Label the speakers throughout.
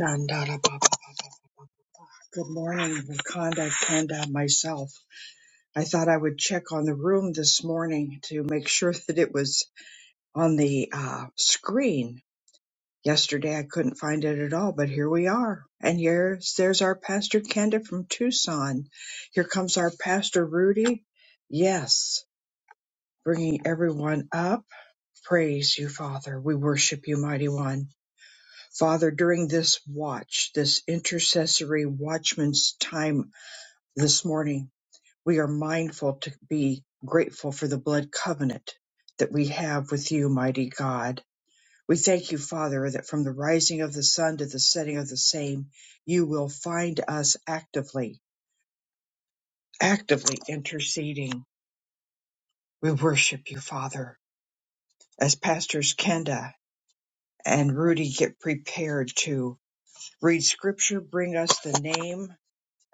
Speaker 1: Shandarabha. Good morning, Wakanda, Kanda, myself. I thought I would check on the room this morning to make sure that it was on the uh, screen. Yesterday I couldn't find it at all, but here we are. And here's there's our Pastor Kenda from Tucson. Here comes our Pastor Rudy. Yes, bringing everyone up. Praise you, Father. We worship you, Mighty One. Father, during this watch, this intercessory watchman's time this morning, we are mindful to be grateful for the blood covenant that we have with you, mighty God. We thank you, Father, that from the rising of the sun to the setting of the same, you will find us actively, actively interceding. We worship you, Father. As Pastors Kenda and Rudy get prepared to read scripture, bring us the name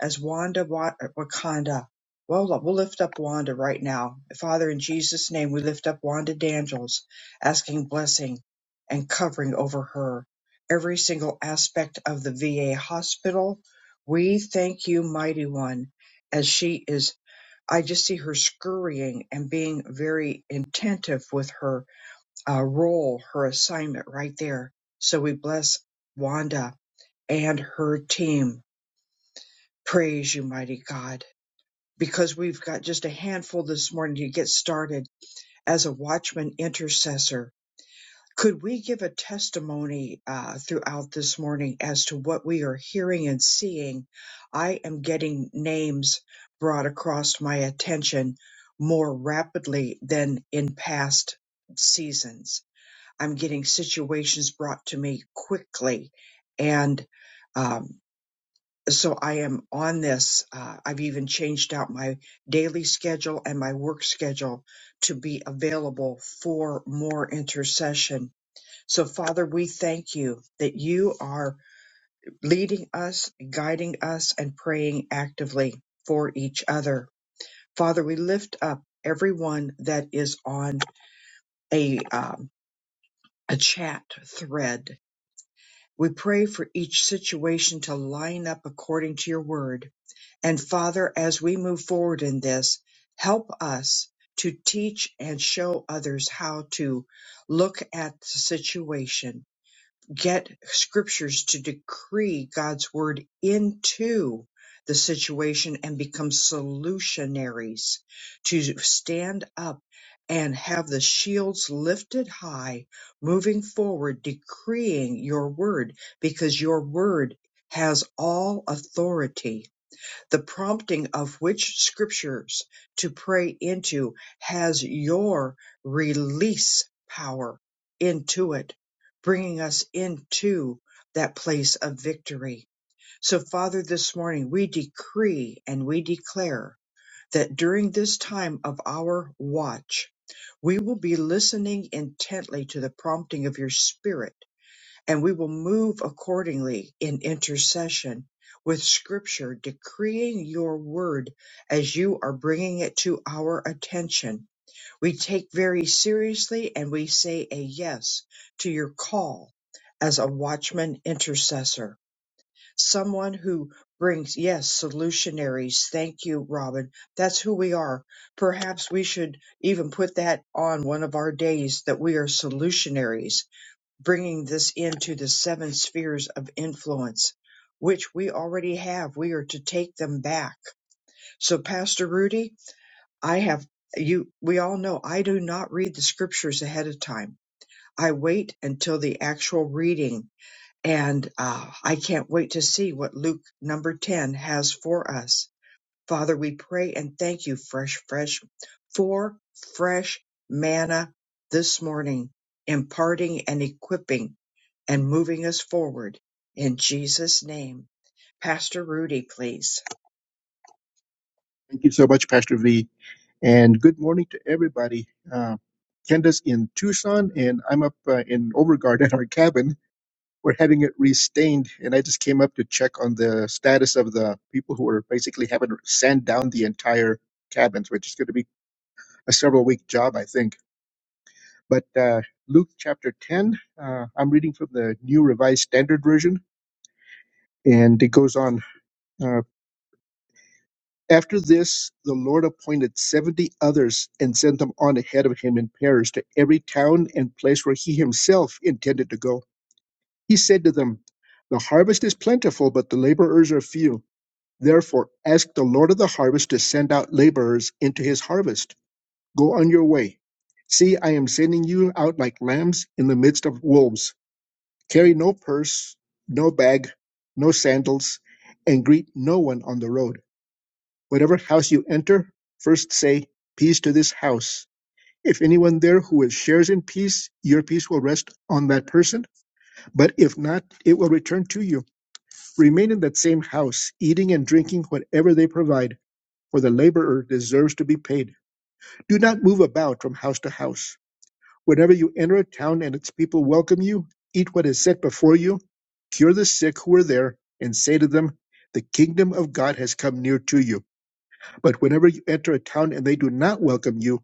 Speaker 1: as Wanda Wa- Wakanda. we we'll lift up Wanda right now. Father, in Jesus' name, we lift up Wanda Daniels, asking blessing and covering over her. Every single aspect of the VA hospital. We thank you, Mighty One, as she is. I just see her scurrying and being very attentive with her uh, role, her assignment right there. So we bless Wanda and her team. Praise you, mighty God because we've got just a handful this morning to get started as a watchman intercessor. Could we give a testimony uh, throughout this morning as to what we are hearing and seeing? I am getting names brought across my attention more rapidly than in past seasons. I'm getting situations brought to me quickly and um, so I am on this. Uh, I've even changed out my daily schedule and my work schedule to be available for more intercession. So, Father, we thank you that you are leading us, guiding us, and praying actively for each other. Father, we lift up everyone that is on a um, a chat thread. We pray for each situation to line up according to your word And Father, as we move forward in this, help us to teach and show others how to look at the situation, get scriptures to decree God's word into the situation and become solutionaries to stand up and have the shields lifted high, moving forward, decreeing your word because your word has all authority the prompting of which scriptures to pray into has your release power into it, bringing us into that place of victory. So, Father, this morning we decree and we declare that during this time of our watch, we will be listening intently to the prompting of your spirit and we will move accordingly in intercession with scripture decreeing your word as you are bringing it to our attention. We take very seriously and we say a yes to your call as a watchman intercessor, someone who brings, yes, solutionaries. Thank you, Robin. That's who we are. Perhaps we should even put that on one of our days that we are solutionaries bringing this into the seven spheres of influence, which we already have. We are to take them back. So, Pastor Rudy, I have you, we all know I do not read the scriptures ahead of time. I wait until the actual reading, and uh, I can't wait to see what Luke number 10 has for us. Father, we pray and thank you, fresh, fresh, for fresh manna this morning, imparting and equipping and moving us forward. In Jesus' name. Pastor Rudy, please.
Speaker 2: Thank you so much, Pastor V. And good morning to everybody. Uh, Kenda's in Tucson, and I'm up uh, in Overguard at our cabin. We're having it restained, and I just came up to check on the status of the people who are basically having to sand down the entire cabins, which is going to be a several week job, I think. But uh, Luke chapter 10, uh, I'm reading from the New Revised Standard Version, and it goes on. uh, After this the Lord appointed seventy others, and sent them on ahead of him in pairs to every town and place where he himself intended to go. He said to them, The harvest is plentiful, but the laborers are few. Therefore ask the Lord of the harvest to send out laborers into his harvest. Go on your way. See, I am sending you out like lambs in the midst of wolves. Carry no purse, no bag, no sandals, and greet no one on the road. Whatever house you enter, first say, Peace to this house. If anyone there who is shares in peace, your peace will rest on that person. But if not, it will return to you. Remain in that same house, eating and drinking whatever they provide, for the laborer deserves to be paid. Do not move about from house to house. Whenever you enter a town and its people welcome you, eat what is set before you, cure the sick who are there, and say to them, The kingdom of God has come near to you. But whenever you enter a town and they do not welcome you,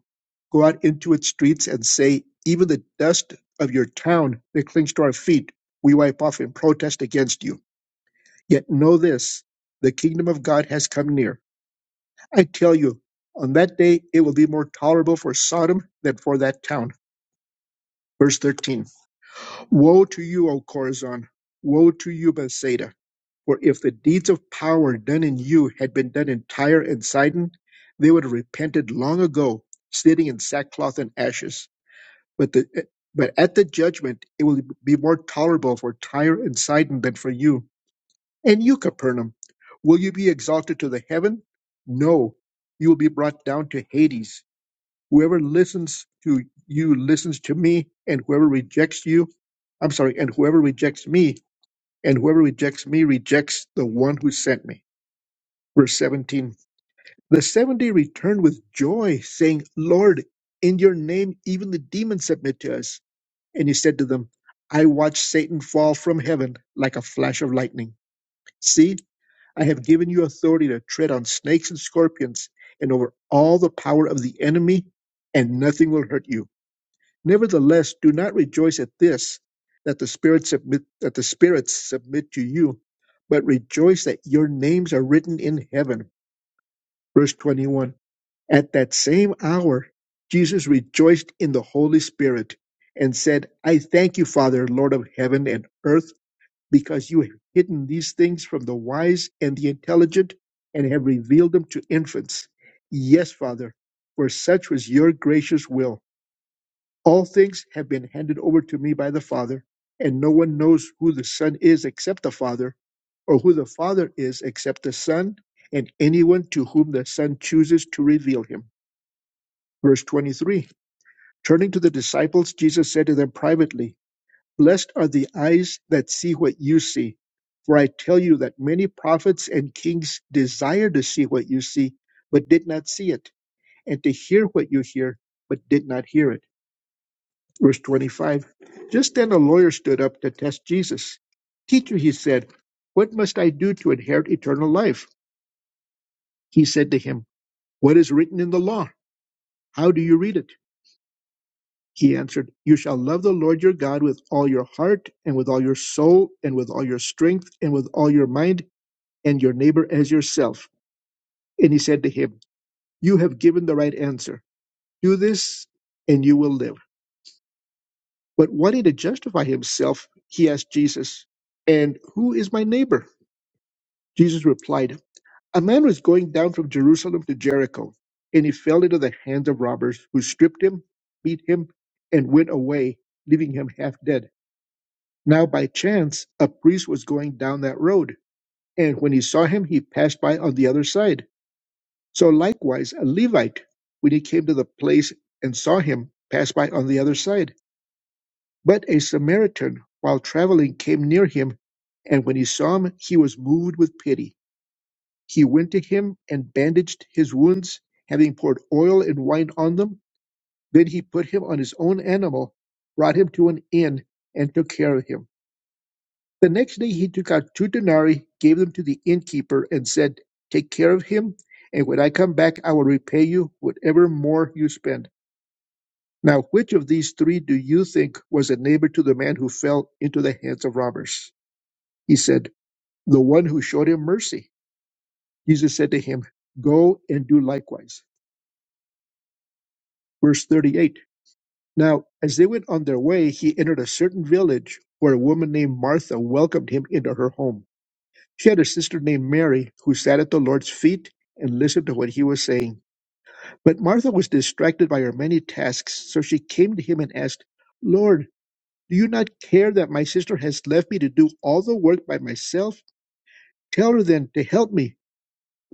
Speaker 2: go out into its streets and say, Even the dust of your town that clings to our feet, we wipe off in protest against you. Yet know this the kingdom of God has come near. I tell you, on that day it will be more tolerable for Sodom than for that town. Verse 13. Woe to you, O Corazon! Woe to you, Bethsaida! For if the deeds of power done in you had been done in Tyre and Sidon, they would have repented long ago, sitting in sackcloth and ashes. But the but at the judgment it will be more tolerable for Tyre and Sidon than for you. And you, Capernaum, will you be exalted to the heaven? No, you will be brought down to Hades. Whoever listens to you listens to me, and whoever rejects you, I'm sorry, and whoever rejects me, and whoever rejects me rejects the one who sent me. Verse 17 The 70 returned with joy, saying, Lord, in your name even the demons submit to us. And he said to them, I watched Satan fall from heaven like a flash of lightning. See, I have given you authority to tread on snakes and scorpions and over all the power of the enemy, and nothing will hurt you. Nevertheless, do not rejoice at this, that the spirits submit that the spirits submit to you, but rejoice that your names are written in heaven. Verse 21. At that same hour, Jesus rejoiced in the Holy Spirit and said, I thank you, Father, Lord of heaven and earth, because you have hidden these things from the wise and the intelligent and have revealed them to infants. Yes, Father, for such was your gracious will. All things have been handed over to me by the Father, and no one knows who the Son is except the Father, or who the Father is except the Son, and anyone to whom the Son chooses to reveal him. Verse 23 Turning to the disciples, Jesus said to them privately, Blessed are the eyes that see what you see. For I tell you that many prophets and kings desired to see what you see, but did not see it, and to hear what you hear, but did not hear it. Verse 25 Just then a lawyer stood up to test Jesus. Teacher, he said, What must I do to inherit eternal life? He said to him, What is written in the law? How do you read it? He answered, You shall love the Lord your God with all your heart, and with all your soul, and with all your strength, and with all your mind, and your neighbor as yourself. And he said to him, You have given the right answer. Do this, and you will live. But wanting to justify himself, he asked Jesus, And who is my neighbor? Jesus replied, A man was going down from Jerusalem to Jericho, and he fell into the hands of robbers, who stripped him, beat him, and went away, leaving him half dead. Now, by chance, a priest was going down that road, and when he saw him, he passed by on the other side. So, likewise, a Levite, when he came to the place and saw him, passed by on the other side. But a Samaritan, while traveling, came near him, and when he saw him, he was moved with pity. He went to him and bandaged his wounds, having poured oil and wine on them. Then he put him on his own animal, brought him to an inn, and took care of him. The next day he took out two denarii, gave them to the innkeeper, and said, Take care of him, and when I come back, I will repay you whatever more you spend. Now, which of these three do you think was a neighbor to the man who fell into the hands of robbers? He said, The one who showed him mercy. Jesus said to him, Go and do likewise. Verse 38 Now, as they went on their way, he entered a certain village where a woman named Martha welcomed him into her home. She had a sister named Mary who sat at the Lord's feet and listened to what he was saying. But Martha was distracted by her many tasks, so she came to him and asked, Lord, do you not care that my sister has left me to do all the work by myself? Tell her then to help me.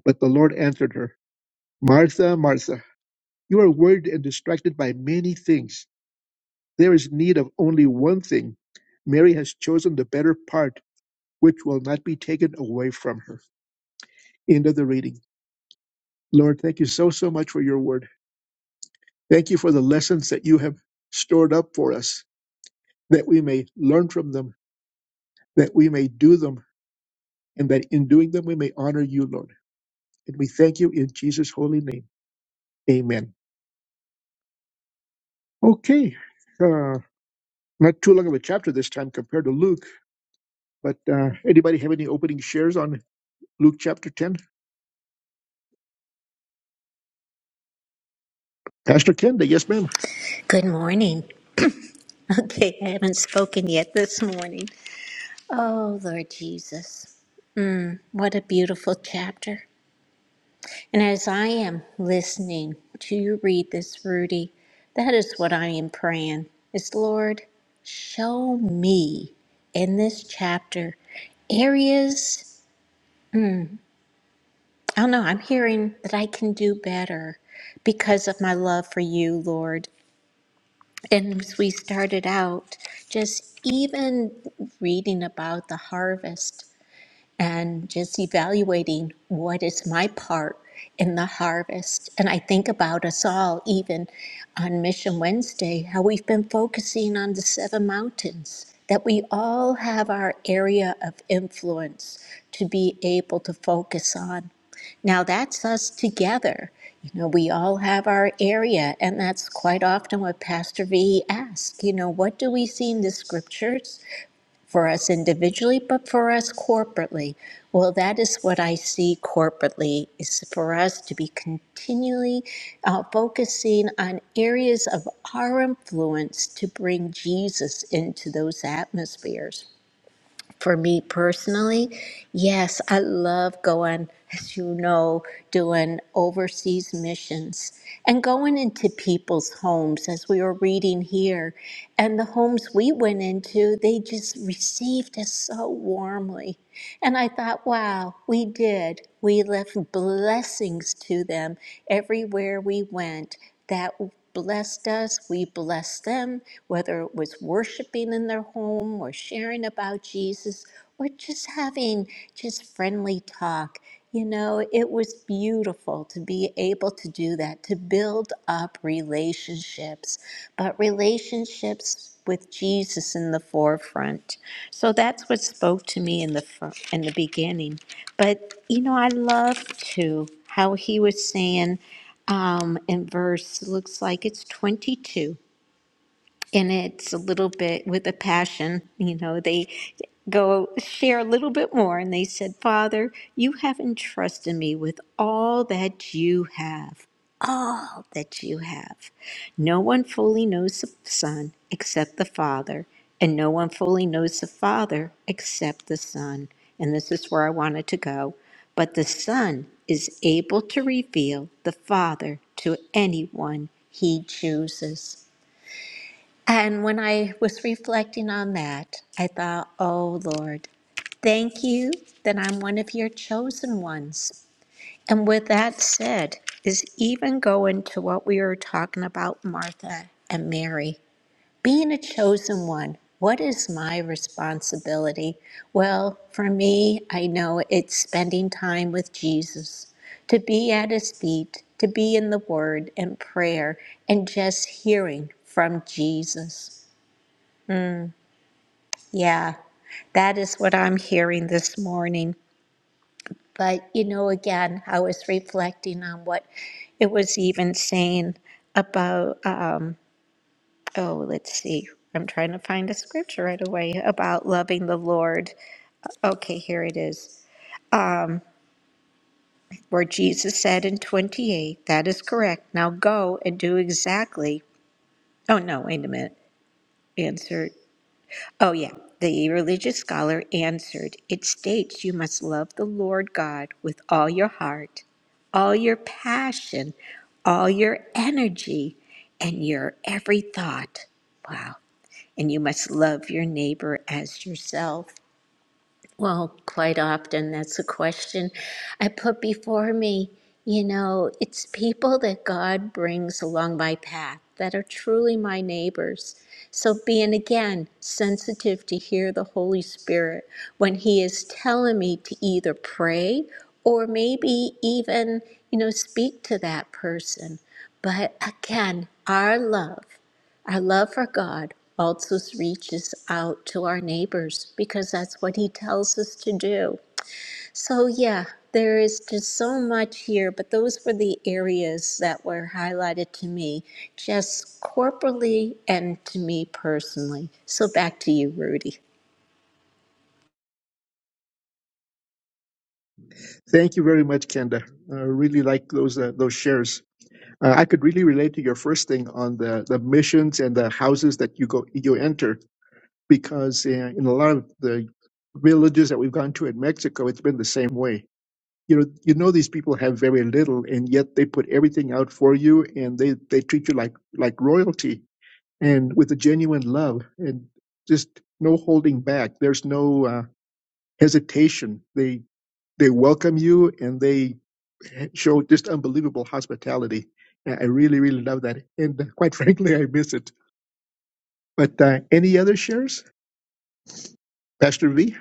Speaker 2: But the Lord answered her, Martha, Martha, you are worried and distracted by many things There is need of only one thing. Mary has chosen the better part, which will not be taken away from her. End of the reading. Lord, thank you so, so much for your word. Thank you for the lessons that you have stored up for us, that we may learn from them, that we may do them, and that in doing them we may honor you, Lord. And we thank you in Jesus' holy name. Amen. Okay. Uh, not too long of a chapter this time compared to Luke, but uh, anybody have any opening shares on Luke chapter 10? Pastor Kenda, yes, ma'am.
Speaker 3: Good morning. Okay, I haven't spoken yet this morning. Oh, Lord Jesus, what a beautiful chapter. And as I am listening to you read this, Rudy, that is what I am praying is Lord, show me in this chapter areas, I don't know, I'm hearing that I can do better because of my love for you, Lord. And as we started out, just even reading about the harvest and just evaluating what is my part in the harvest. And I think about us all, even on Mission Wednesday, how we've been focusing on the seven mountains, that we all have our area of influence to be able to focus on. Now, that's us together. You know, we all have our area, and that's quite often what Pastor V asks. You know, what do we see in the scriptures? for us individually, but for us corporately. Well, that is what I see corporately is for us to be continually uh, focusing on areas of our influence to bring Jesus into those atmospheres for me personally, yes, I love going, as you know, doing overseas missions and going into people's homes, as we were reading here. And the homes we went into, they just received us so warmly. And I thought, wow, we did. We left blessings to them everywhere we went that blessed us. We blessed them, whether it was worshiping in their home or sharing about Jesus or just having just friendly talk. You know, it was beautiful to be able to do that, to build up relationships. But relationships with Jesus in the forefront. So that's what spoke to me in the fir- in the beginning. But you know, I love too how he was saying um, in verse looks like it's twenty two and it's a little bit with a passion you know they go share a little bit more and they said father you have entrusted me with all that you have all that you have no one fully knows the son except the father and no one fully knows the father except the son and this is where i wanted to go but the son is able to reveal the father to anyone he chooses and when I was reflecting on that, I thought, oh Lord, thank you that I'm one of your chosen ones. And with that said, is even going to what we were talking about, Martha and Mary. Being a chosen one, what is my responsibility? Well, for me, I know it's spending time with Jesus, to be at his feet, to be in the word and prayer, and just hearing from Jesus. Yeah, that is what I'm hearing this morning. But, you know, again, I was reflecting on what it was even saying about, um, oh, let's see, I'm trying to find a scripture right away about loving the Lord. Okay, here it is, where Jesus said in 28, that is correct. Now go and do exactly. Oh, no, wait a minute. Answer. Oh, yeah. The religious scholar answered, It states you must love the Lord God with all your heart, all your passion, all your energy, and your every thought. Wow. And you must love your neighbor as yourself. Well, quite often that's a question I put before me. You know, it's people that God brings along my path that are truly my neighbors. So, being again sensitive to hear the Holy Spirit when He is telling me to either pray or maybe even, you know, speak to that person. But again, our love. Our love for God also reaches out to our neighbors because that's what He tells us to do. So, yeah, there is just so much here, but those were the areas that were highlighted to me, just corporally and to me personally. So, back to you, Rudy.
Speaker 2: Thank you very much, Kenda. I really like those uh, those shares. Uh, I could really relate to your first thing on the, the missions and the houses that you go you enter because uh, in a lot of the villages that we've gone to in Mexico, it's been the same way. You know, you know these people have very little, and yet they put everything out for you, and they, they treat you like like royalty and with a genuine love and just no holding back. There's no uh, hesitation. They they welcome you and they showed just unbelievable hospitality. Uh, I really, really love that. And uh, quite frankly, I miss it. But uh, any other shares? Pastor V?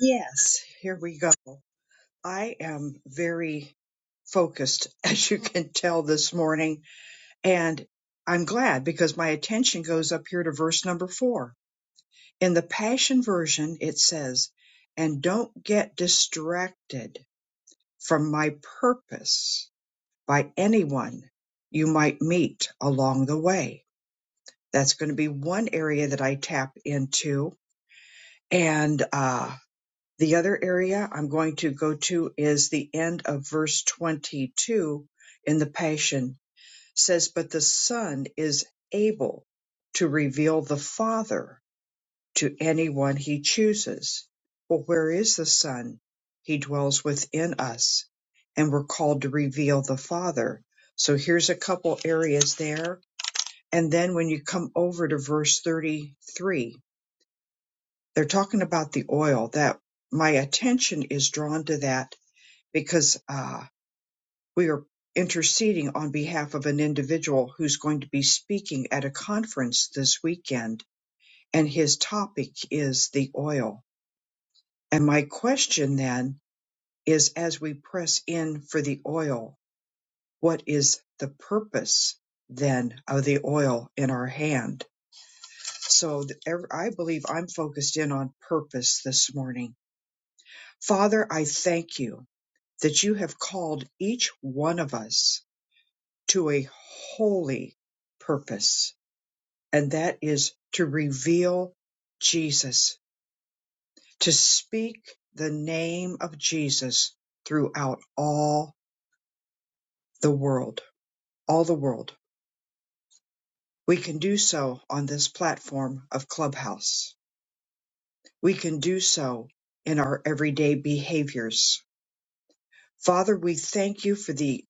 Speaker 1: Yes, here we go. I am very focused, as you can tell this morning, and I'm glad because my attention goes up here to verse number four. In the Passion Version, it says, And don't get distracted from my purpose by anyone you might meet along the way. That's going to be one area that I tap into And uh, the other area I'm going to go to is the end of verse 22 in the Passion says, But the Son is able to reveal the Father to anyone he chooses. Well, where is the Son? He dwells within us, and we're called to reveal the Father. So here's a couple areas there. And then when you come over to verse 33, they're talking about the oil that my attention is drawn to that because uh, we are interceding on behalf of an individual who's going to be speaking at a conference this weekend and his topic is the oil and my question then is as we press in for the oil what is the purpose then of the oil in our hand so th- ev- i believe i'm focused in on purpose this morning Father, I thank you that you have called each one of us to a holy purpose, and that is to reveal Jesus, to speak the name of Jesus throughout all the world, all the world. We can do so on this platform of Clubhouse. We can do so in our everyday behaviors. Father, we thank you for the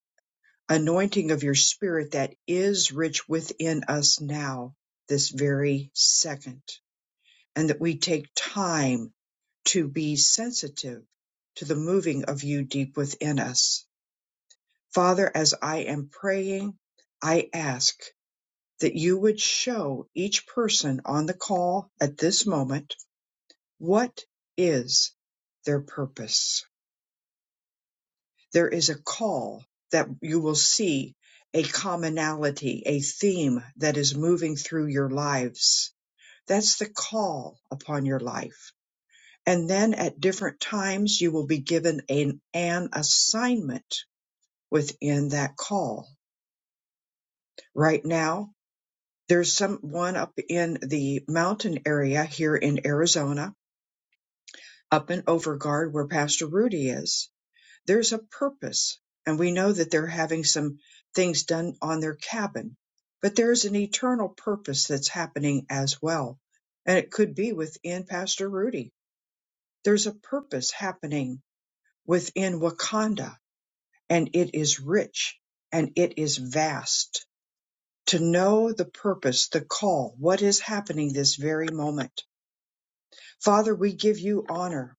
Speaker 1: anointing of your spirit that is rich within us now, this very second, and that we take time to be sensitive to the moving of you deep within us. Father, as I am praying, I ask that you would show each person on the call at this moment what is their purpose there is a call that you will see a commonality, a theme that is moving through your lives. That's the call upon your life. And then at different times, you will be given an, an assignment within that call. Right now, there's someone up in the mountain area here in Arizona, up in Overguard where Pastor Rudy is there's a purpose and we know that they're having some things done on their cabin but there's an eternal purpose that's happening as well and it could be within pastor rudy there's a purpose happening within wakanda and it is rich and it is vast to know the purpose the call what is happening this very moment father we give you honor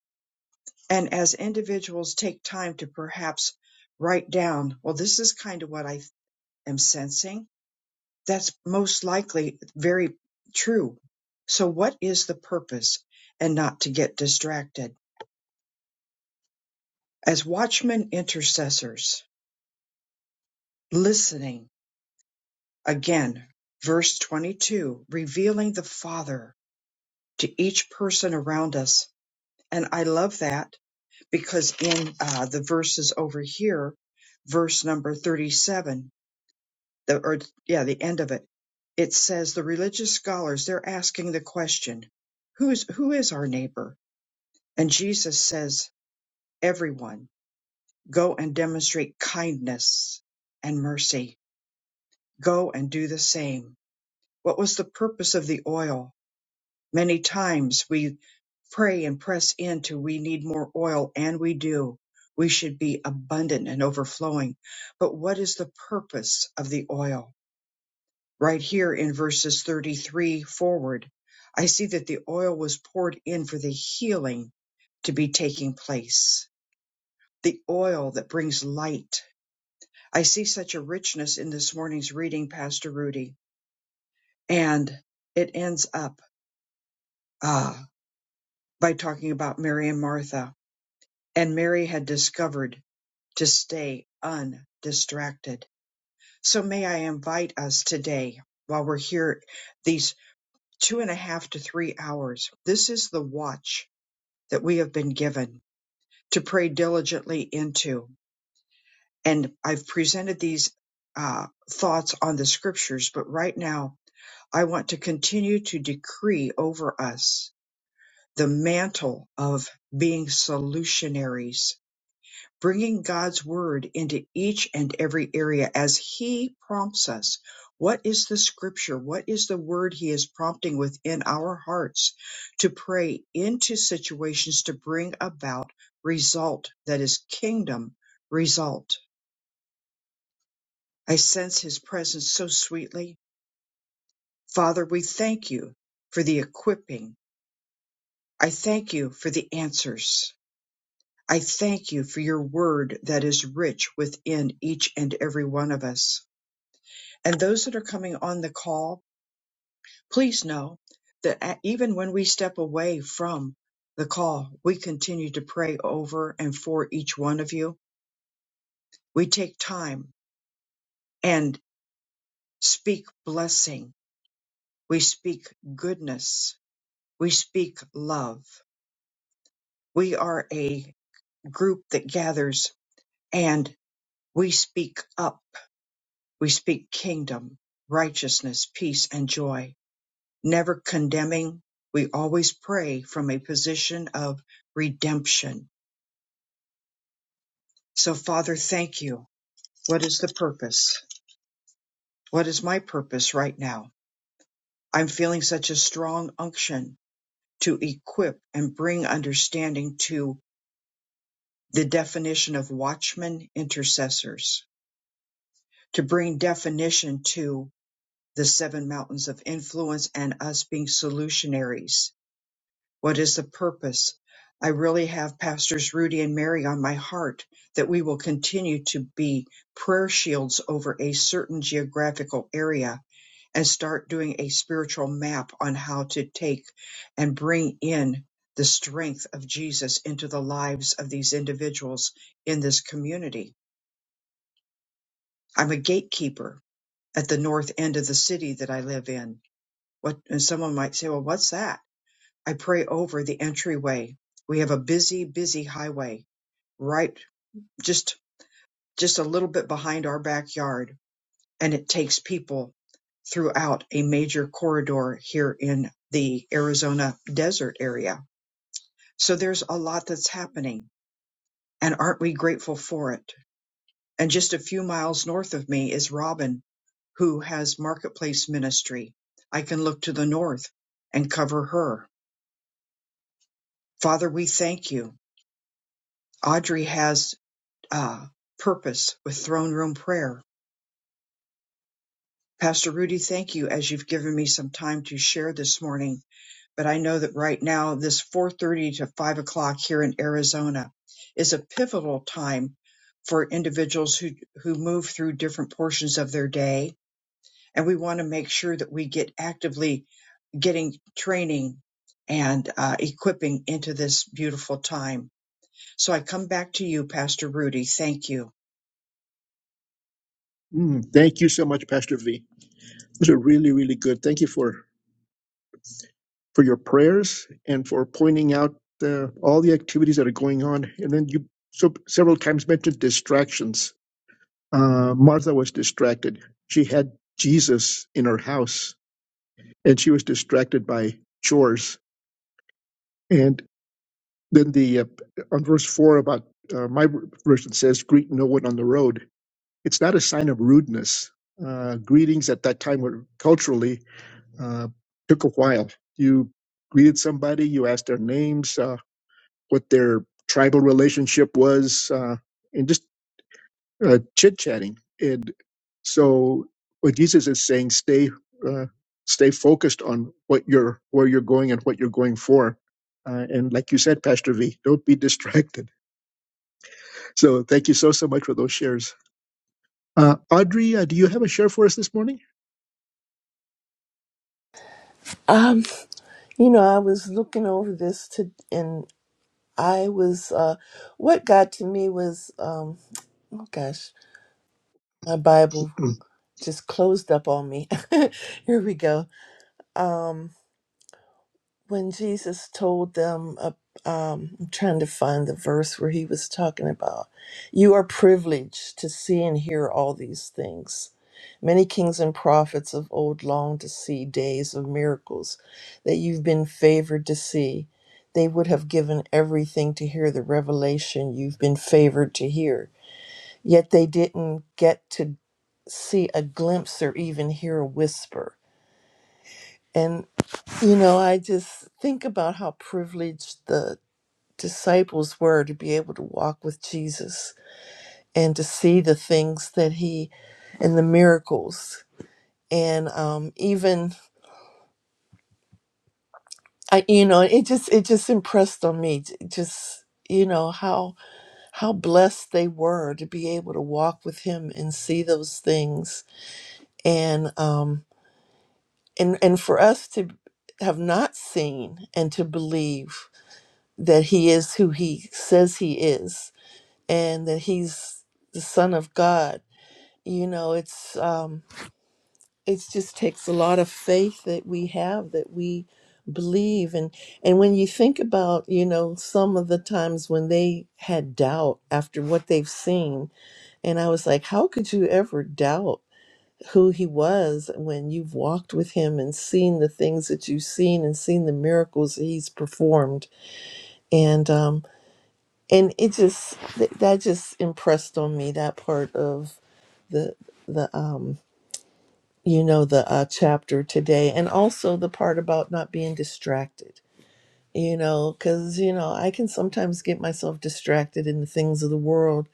Speaker 1: and as individuals take time to perhaps write down well this is kind of what i am sensing. That's most likely very true. So, what is the purpose? And not to get distracted. As watchmen intercessors, listening again, verse 22, revealing the Father to each person around us. And I love that because in uh, the verses over here, verse number 37, the or yeah, the end of it. It says the religious scholars they're asking the question, who is who is our neighbor? And Jesus says, everyone, go and demonstrate kindness and mercy. Go and do the same. What was the purpose of the oil? Many times we pray and press into we need more oil and we do. We should be abundant and overflowing. But what is the purpose of the oil? right here in verses 33 forward, I see that the oil was poured in for the healing to be taking place, the oil that brings light. I see such a richness in this morning's reading, Pastor Rudy, and it ends up ah, by talking about Mary and Martha. And Mary had discovered to stay undistracted. So may I invite us today, while we're here, these. two and a half to three hours. This is the watch that we have been given to pray diligently into. And I've presented these uh, thoughts on the scriptures, but right now I want to continue to decree over us the mantle of being solutionaries bringing God's word into each and every area as He prompts us. What is the scripture? What is the word He is prompting within our hearts to pray into situations to bring about result that is kingdom result? I sense His presence so sweetly. Father, we thank you for the equipping. I thank you for the answers. I thank you for your word that is rich within each and every one of us. And those that are coming on the call, please know that a- even when we step away from the call, we continue to pray over and for each one of you. We take time and speak blessing. We speak goodness. We speak love. We are a group that gathers and we speak up. We speak kingdom, righteousness, peace, and joy never condemning. We always pray from a position of redemption. So, Father, thank you. What is the purpose? What is my purpose right now? I'm feeling such a strong unction to equip and bring understanding to the definition of watchmen intercessors, to bring definition to the seven mountains of influence and us being solutionaries What is the purpose? I really have Pastors Rudy and Mary on my heart that we will continue to be prayer shields over a certain geographical area and start doing a spiritual map on how to take and bring in the strength of Jesus into the lives of these individuals in this community. I'm a gatekeeper at the north end of the city that I live in. What and someone might say, "Well, what's that?" I pray over the entryway. We have a busy, busy highway right just just a little bit behind our backyard, and it takes people throughout a major corridor here in the Arizona desert area. So there's a lot that's happening, and aren't we grateful for it? And just a few miles north of me is Robin, who has marketplace ministry. I can look to the north and cover her. Father, we thank you. Audrey has uh, purpose with throne room prayer. Pastor Rudy, thank you as you've given me some time to share this morning. But I know that right now, this 4:30 to 5 o'clock here in Arizona is a pivotal time for individuals who who move through different portions of their day, and we want to make sure that we get actively getting training and uh, equipping into this beautiful time. So I come back to you, Pastor Rudy. Thank you.
Speaker 2: Mm, thank you so much, Pastor V. Those are really, really good. Thank you for, for your prayers and for pointing out uh, all the activities that are going on. And then you so, several times mentioned distractions. Uh, Martha was distracted. She had Jesus in her house and she was distracted by chores. and. Then the uh, on verse four about uh, my version says, "Greet no one on the road." It's not a sign of rudeness. Uh, greetings at that time were culturally uh, took a while. You greeted somebody, you asked their names, uh, what their tribal relationship was, uh, and just uh, chit chatting. And so, what Jesus is saying, stay. Uh, stay focused on what you're where you're going and what you're going for uh, and like you said pastor v don't be distracted So thank you so, so much for those shares. Uh, Audrey, uh, do you have a share for us this morning?
Speaker 4: Um, you know, I was looking over this to, and I was, uh, what got to me was, um, oh gosh, my Bible
Speaker 2: Mm,
Speaker 4: just closed up on me. Here we go. Um, when Jesus told them, uh, um, I'm trying to find the verse where he was talking about, you are privileged to see and hear all these things. Many kings and prophets of old longed to see days of miracles that you've been favored to see. They would have given everything to hear the revelation you've been favored to hear. Yet they didn't get to see a glimpse or even hear a whisper. You know, I just think about how privileged the disciples were to be able to walk with Jesus and to see the things that he and the miracles and um even I you know, it just it just impressed on me j- just you know how how blessed they were to be able to walk with him and see those things and um and and for us to have not seen and to believe that he is who he says he is and that he's the son of god you know it's um it's just takes a lot of faith that we have that we believe and and when you think about you know some of the times when they had doubt after what they've seen and i was like how could you ever doubt who he was when you've walked with him and seen the things that you've seen and seen the miracles that he's performed and um and it just th- that just impressed on me that part of the the um you know the uh, chapter today and also the part about not being distracted you know because you know i can sometimes get myself distracted in the things of the world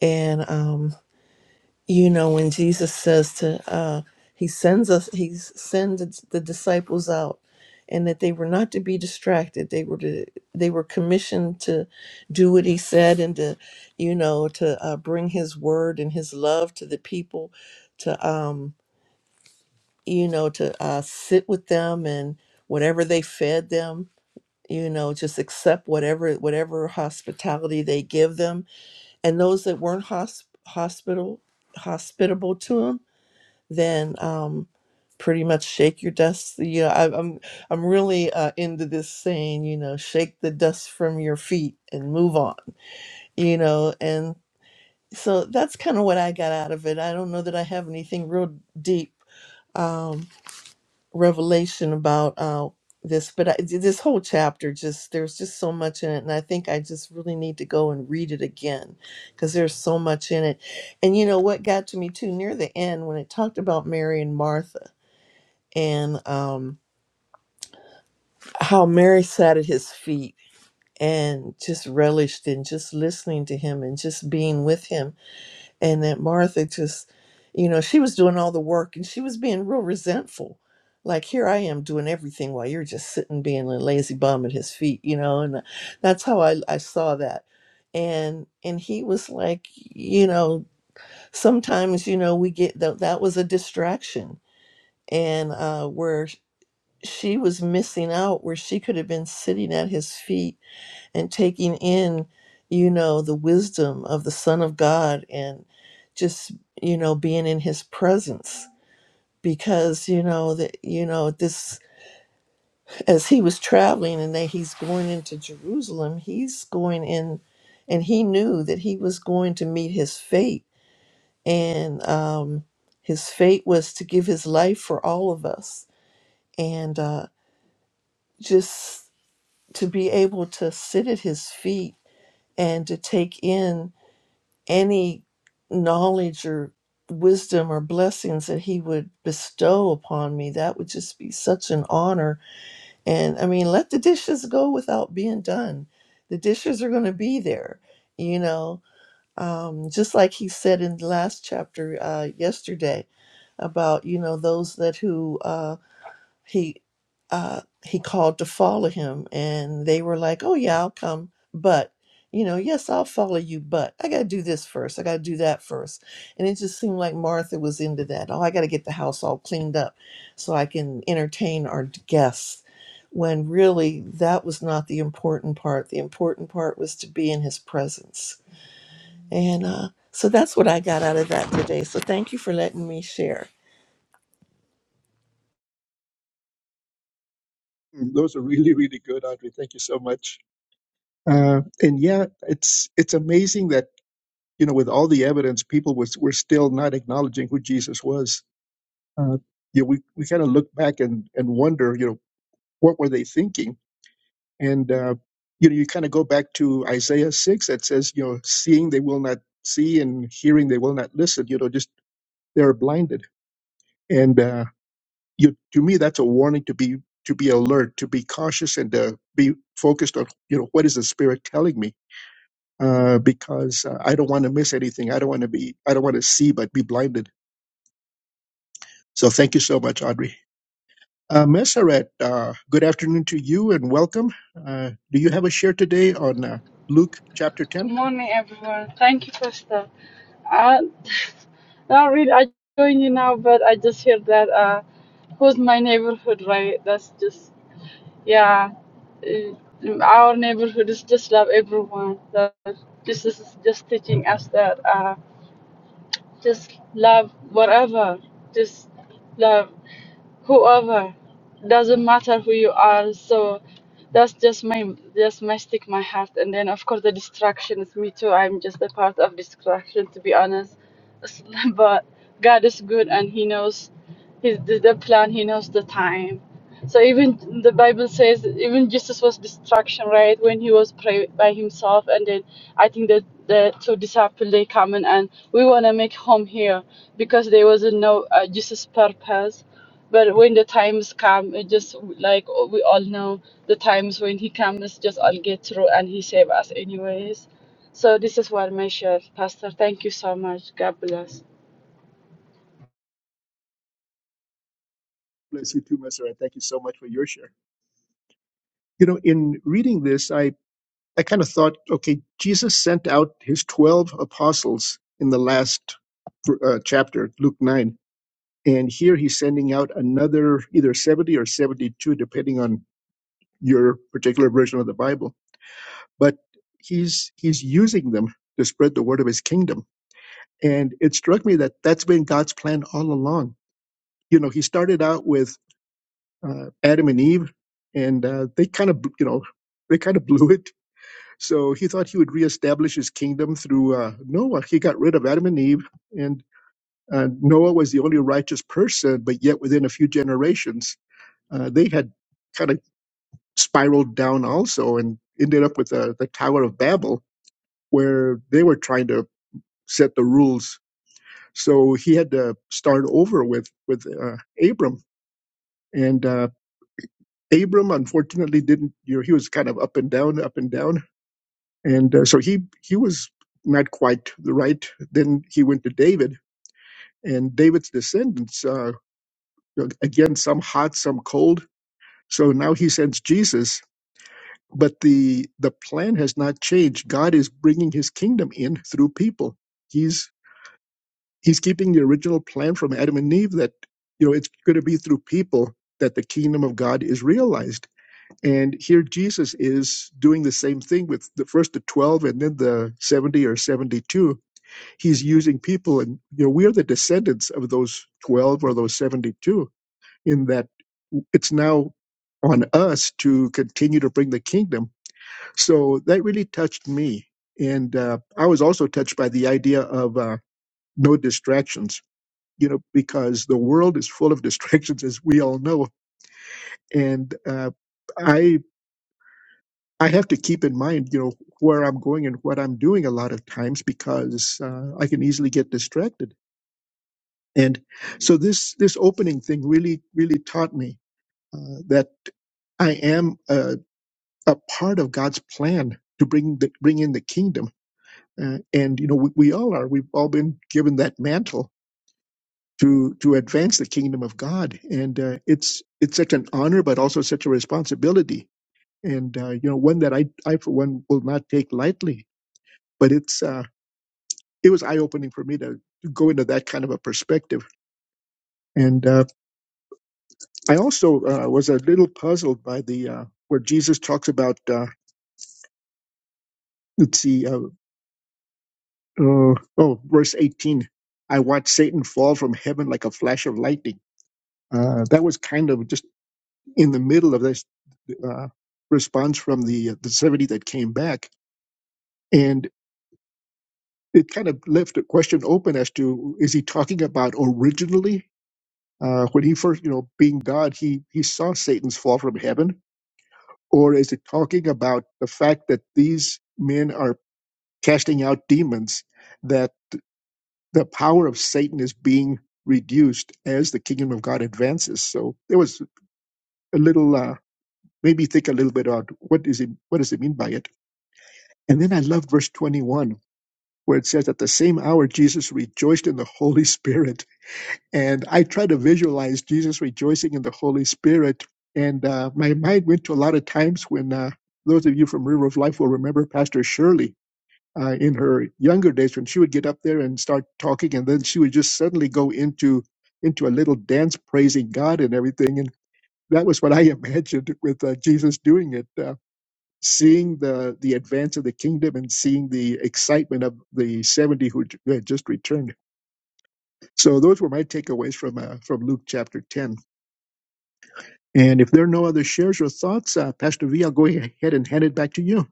Speaker 4: and um you know when jesus says to uh he sends us he sends the disciples out and that they were not to be distracted they were to they were commissioned to do what he said and to you know to uh, bring his word and his love to the people to um you know, to uh, sit with them and whatever they fed them, you know, just accept whatever whatever hospitality they give them. And those that weren't hosp- hospital hospitable to them, then um, pretty much shake your dust. You know, I, I'm I'm really uh, into this saying, you know, shake the dust from your feet and move on. You know, and so that's kind of what I got out of it. I don't know that I have anything real deep um, revelation about uh, this, but I, this whole chapter just there's just so much in it, and I think I just really need to go and read it again because there's so much in it. And you know what got to me too near the end when it talked about Mary and Martha and um, how Mary sat at his feet and just relished in just listening to him and just being with him and that Martha just, you know, she was doing all the work and she was being real resentful. Like here I am doing everything while you're just sitting being a lazy bum at his feet, you know, and uh, that's how I, I saw that. And and he was like, you know, sometimes you know we get that that was a distraction, and uh, where she was missing out, where she could have been sitting at his feet and taking in, you know, the wisdom of the Son of God and just, you know, being in his presence. Because, you know, that you know, this as he was traveling and that he's going into Jerusalem, he's going in and he knew that he was going to meet his fate. And um his fate was to give his life for all of us. And uh just to be able to sit at his feet and to take in any knowledge or wisdom or blessings that he would bestow upon me that would just be such an honor and i mean let the dishes go without being done the dishes are going to be there you know um, just like he said in the last chapter uh, yesterday about you know those that who uh, he uh he called to follow him and they were like oh yeah i'll come but you know yes i'll follow you but i gotta do this first i gotta do that first and it just seemed like martha was into that oh i gotta get the house all cleaned up so i can entertain our guests when really that was not the important part the important part was to be in his presence and uh so that's what i got out of that today so thank you for letting me share
Speaker 2: Those are really, really good, Audrey. Thank you so much. Uh, and yeah, it's it's amazing that you know with all the evidence, people was were still not acknowledging who Jesus was. Uh, you know, we we kind of look back and and wonder, you know, what were they thinking? And uh, you know, you kind of go back to Isaiah six that says, you know, seeing they will not see, and hearing they will not listen. You know, just they're blinded. And uh, you to me that's a warning to be to be alert to be cautious and to be focused on you know what is the spirit telling me uh, because uh, i don't want to miss anything i don't want to be i don't want to see but be blinded so thank you so much audrey uh, Messeret, uh, good afternoon to you and welcome. Uh, do you have a share today on uh, Luke chapter
Speaker 5: Good
Speaker 2: 10?
Speaker 5: morning, everyone. Thank you, Pastor. I, not really. I join you now, but I just heard that uh, who's my neighborhood, right? That's just yeah. Uh, our neighborhood is just love everyone. That this is just teaching us that uh, just love whatever, just love whoever doesn't matter who you are so that's just my just my stick my heart and then of course the distraction is me too i'm just a part of distraction to be honest S- but god is good and he knows his the, the plan he knows the time so even the bible says even jesus was distraction right when he was pray by himself and then i think that the two disciples they come in and we want to make home here because there was no uh, jesus purpose but when the times come, it just like oh, we all know, the times when he comes, just all get through and he save us anyways. So this is what my share, Pastor. Thank you so much. God bless.
Speaker 2: Bless you too, Messeret. Thank you so much for your share. You know, in reading this, I, I kind of thought, okay, Jesus sent out his 12 apostles in the last uh, chapter, Luke 9. And here he's sending out another either 70 or 72, depending on your particular version of the Bible. But he's he's using them to spread the word of his kingdom. And it struck me that that's been God's plan all along. You know, he started out with uh, Adam and Eve, and uh, they kind of, you know, they kind of blew it. So he thought he would reestablish his kingdom through uh, Noah. He got rid of Adam and Eve, and Uh, Noah was the only righteous person, but yet within a few generations, uh, they had kind of spiraled down also and ended up with the, the Tower of Babel, where they were trying to set the rules. So he had to start over with with uh, Abram, and uh, Abram unfortunately didn't. You know, he was kind of up and down, up and down, and uh, so he he was not quite the right. Then he went to David, and David's descendants. Uh, again, some hot, some cold So now he sends Jesus, but the the plan has not changed. God is bringing His kingdom in through people. He's He's keeping the original plan from Adam and Eve that you know it's going to be through people that the kingdom of God is realized. And here Jesus is doing the same thing with the first the twelve and then the seventy or seventy-two. He's using people, and you know we are the descendants of those twelve or those seventy-two in that it's now on us to continue to bring the kingdom. So that really touched me. And uh, I was also touched by the idea of uh, no distractions, you know, because the world is full of distractions, as we all know. And uh, I, I have to keep in mind, you know, where I'm going and what I'm doing a lot of times because uh, I can easily get distracted. And so this, this opening thing really, really taught me uh, that I am a a part of God's plan to bring the, bring in the kingdom. Uh, and you know, we, we all are. We've all been given that mantle to to advance the kingdom of God, and uh, it's it's such an honor, but also such a responsibility, and uh, you know, one that I I for one will not take lightly. But it's uh, it was eye opening for me to, to go into that kind of a perspective, and uh, I also uh, was a little puzzled by the uh, where Jesus talks about. Uh, let's see. uh, Uh, oh, verse 18. I watched Satan fall from heaven like a flash of lightning. Uh, that was kind of just in the middle of this uh, response from the, uh, the 70 that came back. And it kind of left a question open as to is he talking about originally? Uh, when he first, you know, being God, he, he saw Satan's fall from heaven. Or is it talking about the fact that these men are casting out demons? that. the power of Satan is being reduced as the kingdom of God advances. So there was a little, uh, made me think a little bit about what is it, what does it mean by it? And then I love verse 21 where it says, at the same hour, Jesus rejoiced in the Holy Spirit. And I try to visualize Jesus rejoicing in the Holy Spirit. And uh, my mind went to a lot of times when uh, those of you from River of Life will remember Pastor Shirley uh, in her younger days when she would get up there and start talking and then she would just suddenly go into into a little dance praising god and everything and that was what i imagined with uh, jesus doing it uh, seeing the the advance of the kingdom and seeing the excitement of the 70 who j- who had just returned so those were my takeaways from uh, from luke chapter 10 And if there are no other shares or thoughts, uh, Pastor V, I'll go ahead and hand it back to you.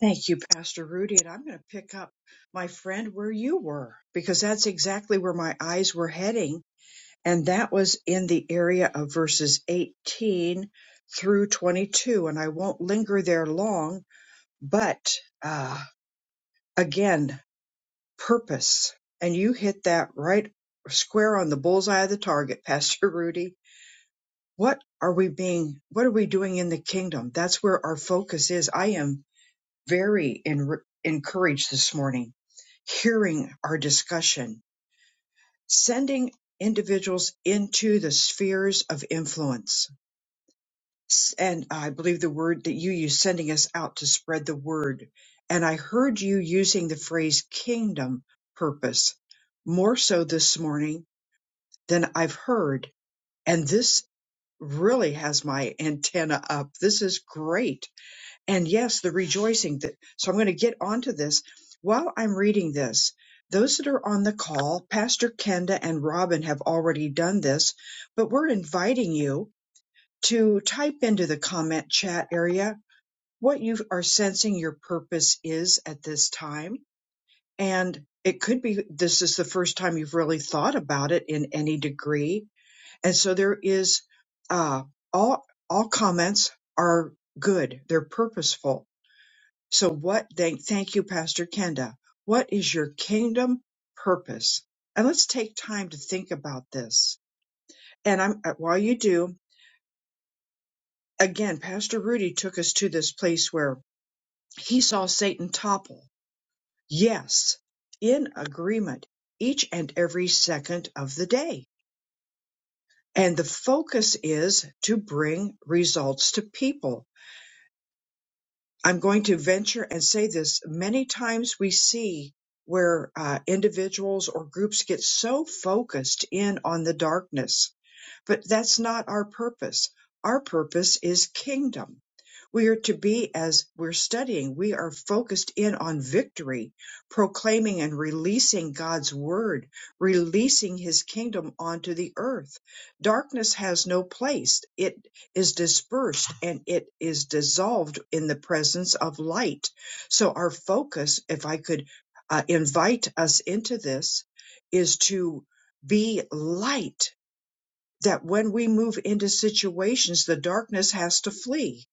Speaker 1: Thank you, Pastor Rudy. And I'm going to pick up my friend where you were, because that's exactly where my eyes were heading. And that was in the area of verses 18 through 22. And I won't linger there long, but uh, again, purpose. And you hit that right square on the bullseye of the target, Pastor Rudy. What are we being, what are we doing in the kingdom? That's where our focus is. I am very en- encouraged this morning, hearing our discussion, sending individuals into the spheres of influence. S- And I believe the word that you use, sending us out to spread the word. And I heard you using the phrase kingdom purpose more so this morning than I've heard. And this really has my antenna up. This is great and yes, the rejoicing. That, so I'm going to get onto this. While I'm reading this, those that are on the call, Pastor Kenda and Robin have already done this, but we're inviting you to type into the comment chat area what you are sensing your purpose is at this time. And it could be this is the first time you've really thought about it in any degree. And so there is uh, all all comments are good. They're purposeful so what thank thank you, Pastor Kenda. What is your kingdom purpose? And let's take time to think about this. And I'm uh, while you do, again, Pastor Rudy took us to this place where he saw Satan topple. Yes, in agreement, each and every second of the day. And the focus is to bring results to people I'm going to venture and say this many times we see where uh, individuals or groups get so focused in on the darkness, but that's not our purpose. Our purpose is kingdom. We are to be, as we're studying, we are focused in on victory, proclaiming and releasing God's word, releasing his kingdom onto the earth. Darkness has no place. It is dispersed and it is dissolved in the presence of light. So, our focus, if I could uh, invite us into this, is to be light. That when we move into situations, the darkness has to flee.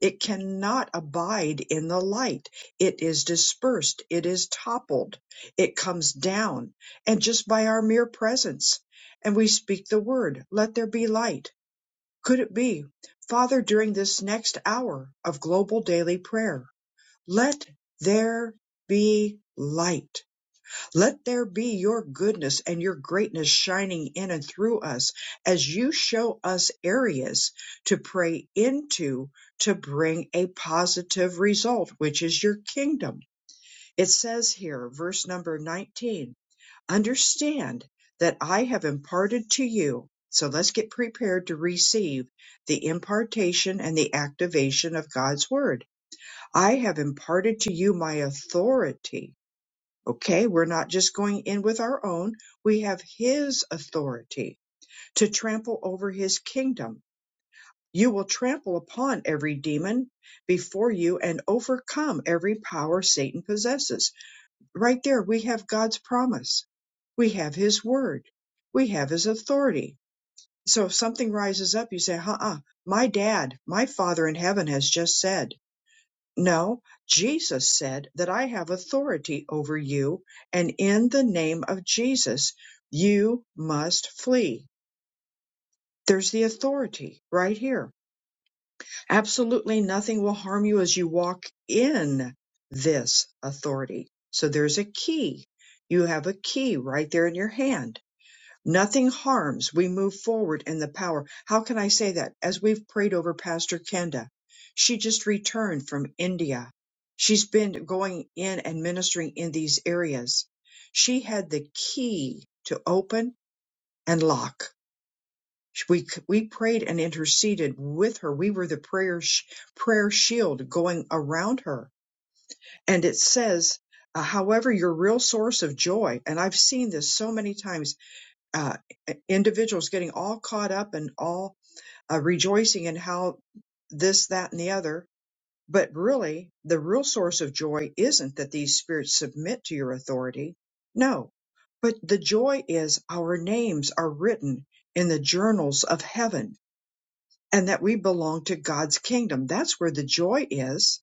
Speaker 1: It cannot abide in the light. It is dispersed. It is toppled. It comes down. And just by our mere presence, and we speak the word, let there be light could it be, Father, during this next hour of global daily prayer, let there be light. Let there be your goodness and your greatness shining in and through us as you show us areas to pray into to bring a positive result, which is your kingdom. It says here, verse number 19 understand that I have imparted to you. So let's get prepared to receive the impartation and the activation of God's word. I have imparted to you my authority. Okay, we're not just going in with our own. We have his authority to trample over his kingdom. You will trample upon every demon before you and overcome every power Satan possesses right there we have God's promise. We have his word. We have his authority. So if something rises up, you say, uh-uh, my dad, my father in heaven has just said, no, Jesus said that I have authority over you. And in the name of Jesus, you must flee. There's the authority right here Absolutely nothing will harm you as you walk in this authority. So there's a key. You have a key right there in your hand. Nothing harms. We move forward in the power. How can I say that? As we've prayed over Pastor Kenda, she just returned from India. She's been going in and ministering in these areas. She had the key to open and lock we we prayed and interceded with her. We were the prayer sh- prayer shield going around her. And it says, uh, however, your real source of joy. And I've seen this so many times. Uh, individuals getting all caught up and all uh, rejoicing in how this, that, and the other. But really, the real source of joy isn't that these spirits submit to your authority. No, but the joy is our names are written in the journals of heaven and that we belong to God's kingdom. That's where the joy is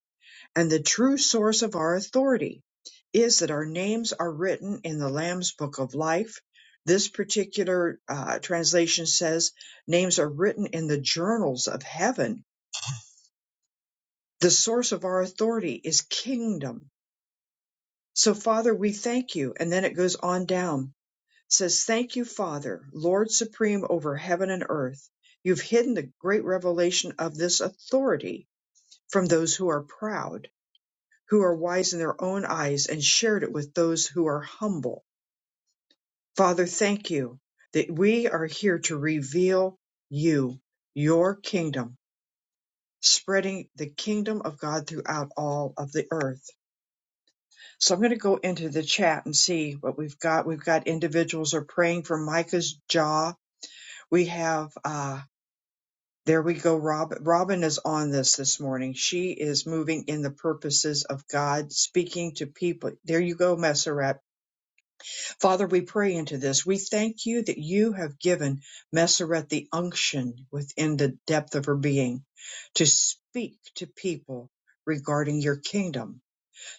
Speaker 1: and the true source of our authority is that our names are written in the Lamb's Book of Life. This particular uh, translation says names are written in the journals of heaven. The source of our authority is kingdom. So, Father, we thank you. And then it goes on down, says, Thank you, Father, Lord supreme over heaven and earth. You've hidden the great revelation of this authority from those who are proud, who are wise in their own eyes, and shared it with those who are humble. Father, thank you that we are here to reveal you, your kingdom, spreading the kingdom of God throughout all of the earth. So I'm going to go into the chat and see what we've got. We've got individuals are praying for Micah's jaw. We have uh, There we go, Rob. Robin is on this this morning. She is moving in the purposes of God, speaking to people. There you go, Messeret. Father, we pray into this. We thank you that you have given Messeret the unction within the depth of her being to speak to people regarding your kingdom.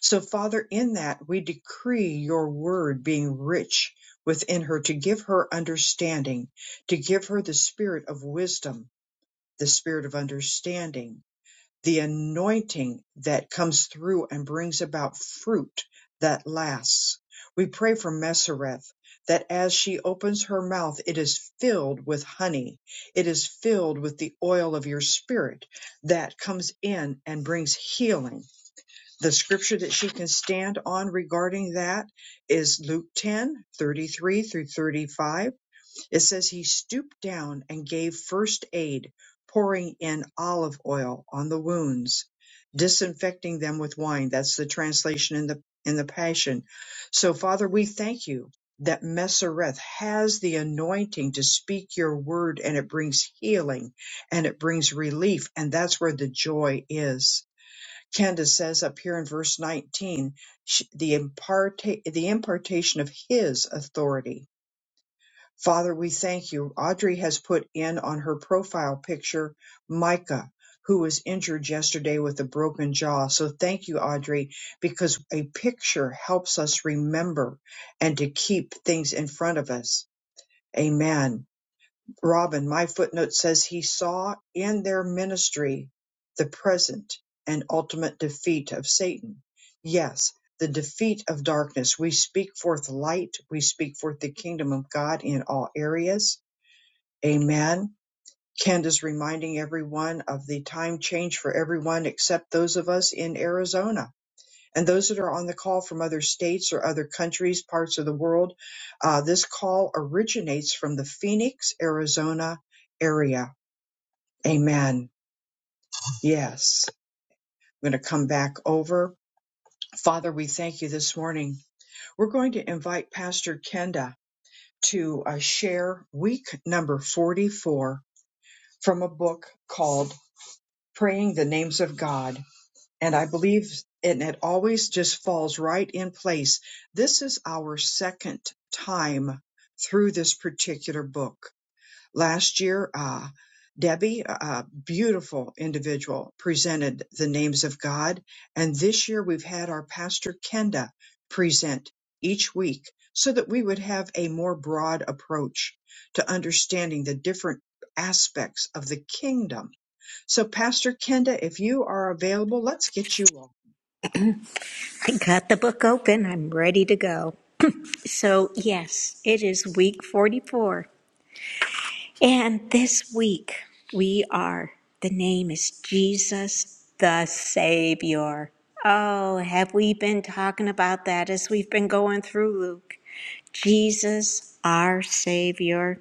Speaker 1: So, Father, in that we decree your word being rich within her to give her understanding, to give her the spirit of wisdom the spirit of understanding, the anointing that comes through and brings about fruit that lasts. We pray for Mesereth that as she opens her mouth, it is filled with honey. It is filled with the oil of your spirit that comes in and brings healing. The scripture that she can stand on regarding that is Luke 10 33 through 35 it says he stooped down and gave first aid, pouring in olive oil on the wounds, disinfecting them with wine. That's the translation in the in the Passion. So Father, we thank you that Messereth has the anointing to speak your word and it brings healing and it brings relief and that's where the joy is. Candace says up here in verse 19 sh- the impart the impartation of his authority Father, we thank you. Audrey has put in on her profile picture Micah, who was injured yesterday with a broken jaw. So thank you, Audrey, because a picture helps us remember and to keep things in front of us. Amen. Robin, my footnote says he saw in their ministry the present and ultimate defeat of Satan. Yes, the defeat of darkness. We speak forth light. We speak forth the kingdom of God in all areas. Amen. Candace reminding everyone of the time change for everyone except those of us in Arizona and those that are on the call from other states or other countries, parts of the world. Uh, this call originates from the Phoenix, Arizona area. Amen. Yes. I'm going to come back over. Father, we thank you this morning. We're going to invite Pastor Kenda to uh, share week number 44 from a book called Praying the Names of God. and I believe and it always just falls right in place. This is our second time through this particular book. Last year, uh, Debbie, a beautiful individual, presented the names of God, and this year we've had our pastor Kenda present each week so that we would have a more broad approach to understanding the different aspects of the kingdom so, Pastor Kenda, if you are available, let's get you on.
Speaker 3: I got the book open, I'm ready to go. So, yes, it is week 44. And this week we are, the name is Jesus the Savior. Oh, have we been talking about that as we've been going through Luke? Jesus, our Savior.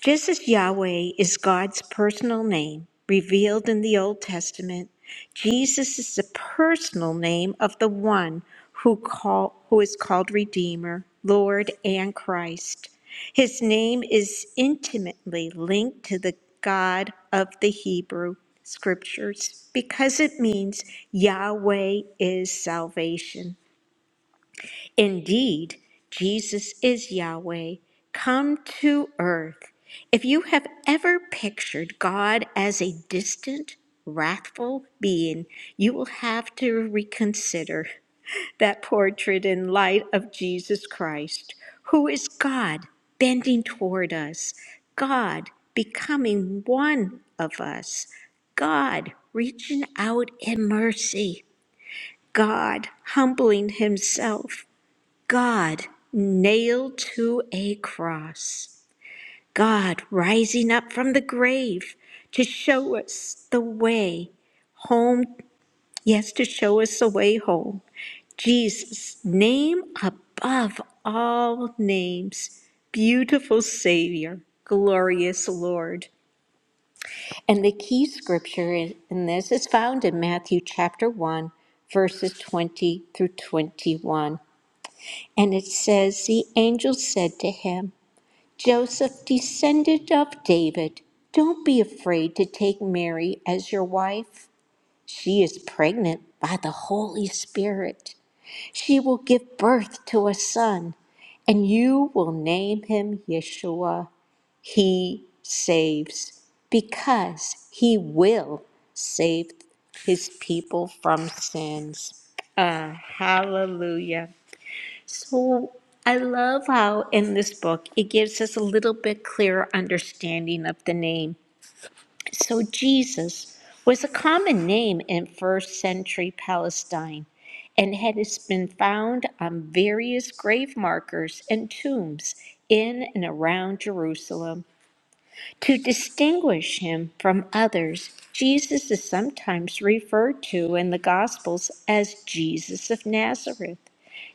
Speaker 3: Just as Yahweh is God's personal name revealed in the Old Testament, Jesus is the personal name of the one who call who is called Redeemer, Lord, and Christ. His name is intimately linked to the God of the Hebrew scriptures because it means Yahweh is salvation. Indeed, Jesus is Yahweh, come to earth. If you have ever pictured God as a distant, wrathful being, you will have to reconsider that portrait in light of Jesus Christ, who is God bending toward us, God becoming one of us, God reaching out in mercy, God humbling himself. God nailed to a cross, God rising up from the grave to show us the way home, yes, to show us the way home. Jesus, name above all names, beautiful Savior, glorious Lord. And the key scripture in this is found in Matthew chapter 1, verses 20 through 21. And it says, The angel said to him, Joseph, descendant of David, don't be afraid to take Mary as your wife. She is pregnant by the Holy Spirit. She will give birth to a son, and you will name him Yeshua. He saves, because he will save his people from sins. Ah, hallelujah. So I love how in this book it gives us a little bit clearer understanding of the name. So Jesus was a common name in first century Palestine and has been found on various grave markers and tombs in and around Jerusalem. To distinguish him from others, Jesus is sometimes referred to in the Gospels as Jesus of Nazareth.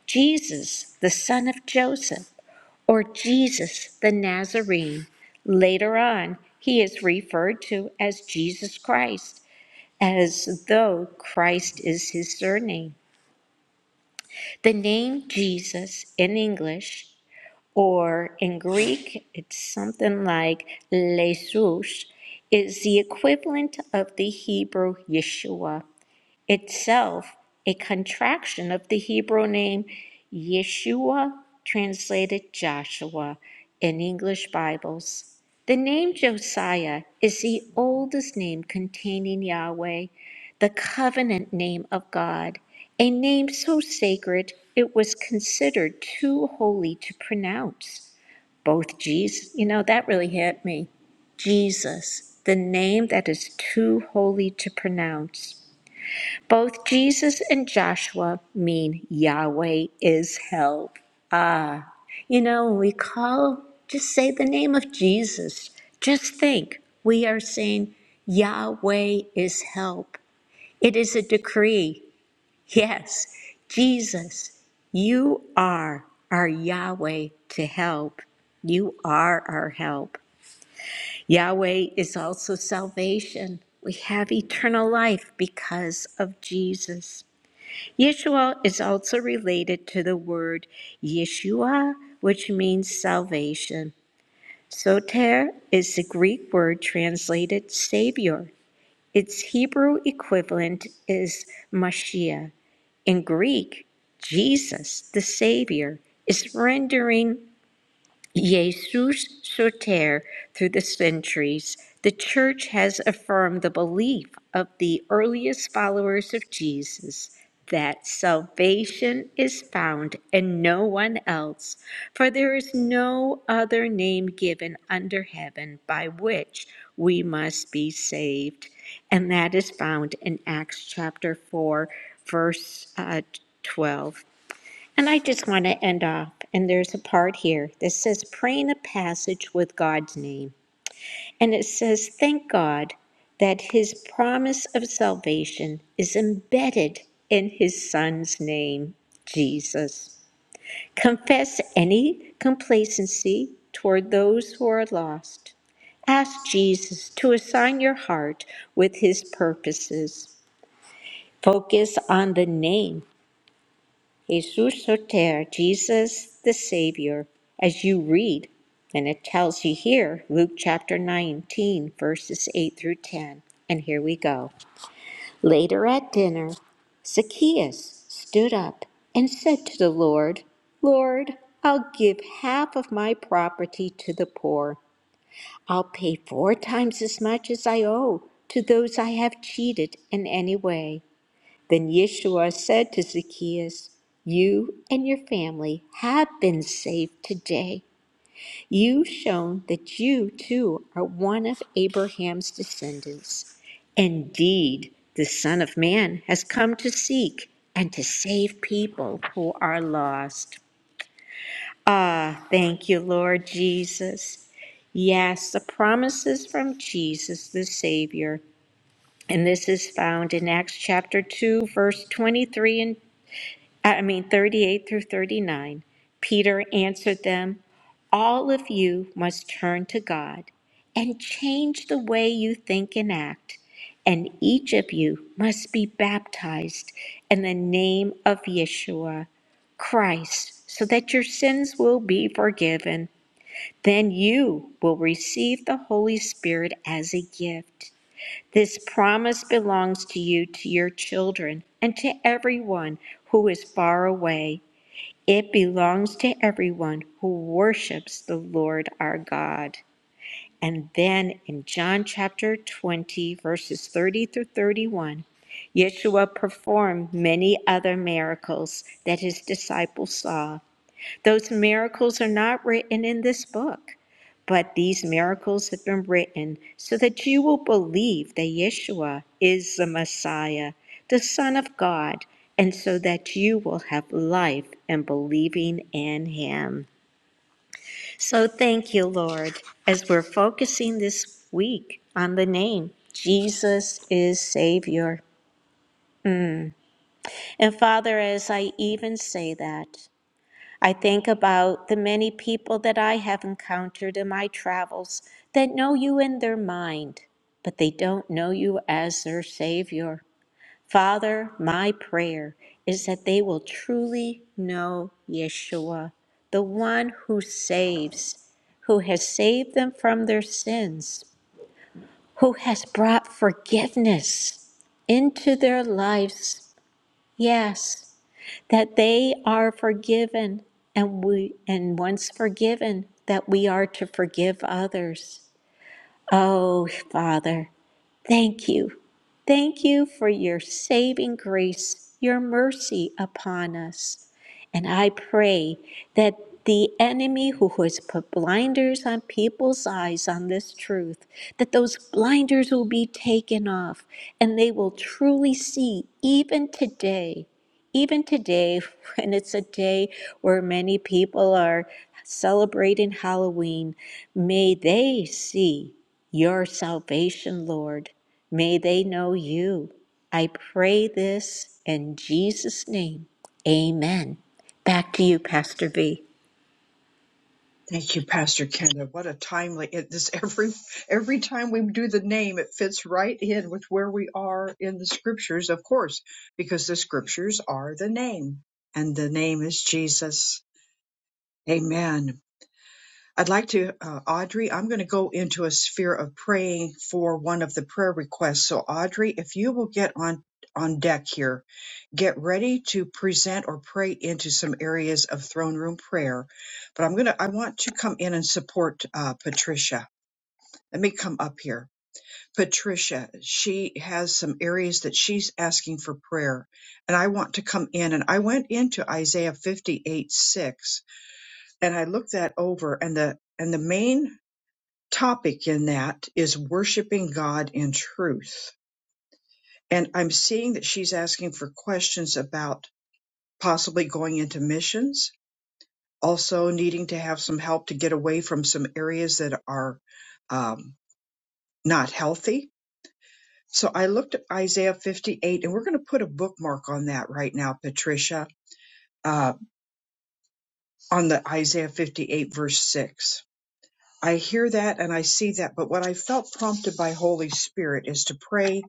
Speaker 3: Jesus, the son of Joseph or Jesus the Nazarene. Later on, he is referred to as Jesus Christ, as though Christ is his surname. The name Jesus in English or in Greek, it's something like Jesus, is the equivalent of the Hebrew Yeshua itself a contraction of the Hebrew name Yeshua, translated Joshua in English Bibles. The name Josiah is the oldest name containing Yahweh, the covenant name of God, a name so sacred it was considered too holy to pronounce. Both Jesus, you know, that really hit me. Jesus, the name that is too holy to pronounce. Both Jesus and Joshua mean Yahweh is help. Ah, you know, we call, just say the name of Jesus. Just think, we are saying Yahweh is help. It is a decree. Yes, Jesus, you are our Yahweh to help. You are our help. Yahweh is also salvation. We have eternal life because of Jesus. Yeshua is also related to the word Yeshua, which means salvation. Soter is the Greek word translated Savior. Its Hebrew equivalent is Mashiach. In Greek, Jesus, the Savior, is rendering Jesus Soter through the centuries, the Church has affirmed the belief of the earliest followers of Jesus that salvation is found in no one else, for there is no other name given under heaven by which we must be saved. And that is found in Acts chapter 4, verse uh, 12. And I just want to end off, and there's a part here that says praying a passage with God's name. And it says, Thank God that his promise of salvation is embedded in his son's name, Jesus. Confess any complacency toward those who are lost. Ask Jesus to assign your heart with his purposes. Focus on the name Jesus Soter, Jesus the Savior, as you read, and it tells you here, Luke chapter 19, verses 8 through 10. And here we go. Later at dinner, Zacchaeus stood up and said to the Lord, Lord, I'll give half of my property to the poor. I'll pay four times as much as I owe to those I have cheated in any way. Then Yeshua said to Zacchaeus, You and your family have been saved today. You've shown that you too are one of Abraham's descendants. Indeed, the Son of Man has come to seek and to save people who are lost. Ah, thank you, Lord Jesus. Yes, the promises from Jesus the Savior. And this is found in Acts chapter 2, verse 23 and I mean, 38 through 39, Peter answered them, All of you must turn to God and change the way you think and act, and each of you must be baptized in the name of Yeshua, Christ, so that your sins will be forgiven. Then you will receive the Holy Spirit as a gift. This promise belongs to you, to your children, and to everyone who is far away. It belongs to everyone who worships the Lord our God. And then in John chapter 20, verses 30 through 31, Yeshua performed many other miracles that his disciples saw. Those miracles are not written in this book, but these miracles have been written so that you will believe that Yeshua is the Messiah, the Son of God, and so that you will have life and believing in Him. So thank you, Lord, as we're focusing this week on the name. Jesus is Savior. And Father, as I even say that, I think about the many people that I have encountered in my travels that know you in their mind, but they don't know you as their Savior. Father, my prayer is that they will truly know Yeshua, the one who saves, who has saved them from their sins, who has brought forgiveness into their lives. Yes, that they are forgiven and we and once forgiven that we are to forgive others oh father Thank you. Thank you for your saving grace, your mercy upon us. And I pray that the enemy who has put blinders on people's eyes on this truth, that those blinders will be taken off and they will truly see even today, even today, when it's a day where many people are celebrating Halloween, may they see your salvation, Lord. May they know you. I pray this in Jesus' name. Amen. Back to you, Pastor V.
Speaker 1: Thank you, Pastor Kenda. What a timely it, this every every time we do the name, it fits right in with where we are in the scriptures, of course, because the scriptures are the name, and the name is Jesus. Amen. I'd like to, uh, Audrey, I'm going to go into a sphere of praying for one of the prayer requests. So, Audrey, if you will get on on deck here, get ready to present or pray into some areas of throne room prayer. But I'm gonna, I want to come in and support uh, Patricia. Let me come up here. Patricia, she has some areas that she's asking for prayer. And I want to come in and I went into Isaiah 58 6 and I looked that over and the and the main topic in that is worshiping God in truth. And I'm seeing that she's asking for questions about possibly going into missions, also needing to have some help to get away from some areas that are um, not healthy. So I looked at Isaiah 58, and we're going to put a bookmark on that right now, Patricia, uh, on the Isaiah 58, verse 6 I hear that and I see that, but what I felt prompted by Holy Spirit is to pray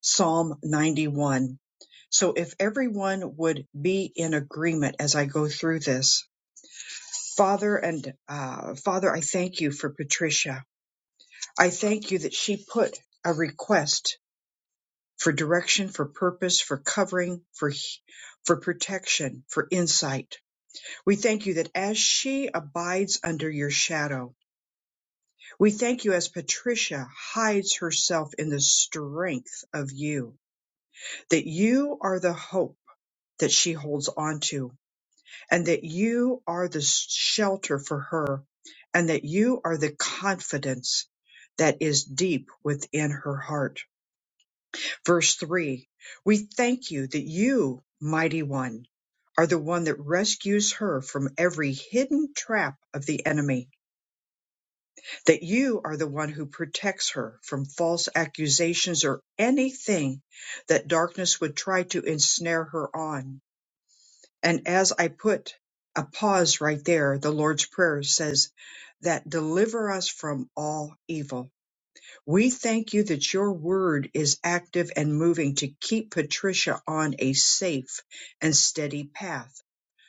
Speaker 1: Psalm 91. So if everyone would be in agreement as I go through this, Father and uh, Father, I thank you for Patricia. I thank you that she put a request for direction, for purpose, for covering, for for protection, for insight. We thank you that as she abides under your shadow, We thank you as Patricia hides herself in the strength of you, that you are the hope that she holds on to, and that you are the shelter for her, and that you are the confidence that is deep within her heart. Verse 3 We thank you that you, mighty one, are the one that rescues her from every hidden trap of the enemy that you are the one who protects her from false accusations or anything that darkness would try to ensnare her on. And as I put a pause right there, the Lord's Prayer says that deliver us from all evil. We thank you that your word is active and moving to keep Patricia on a safe and steady path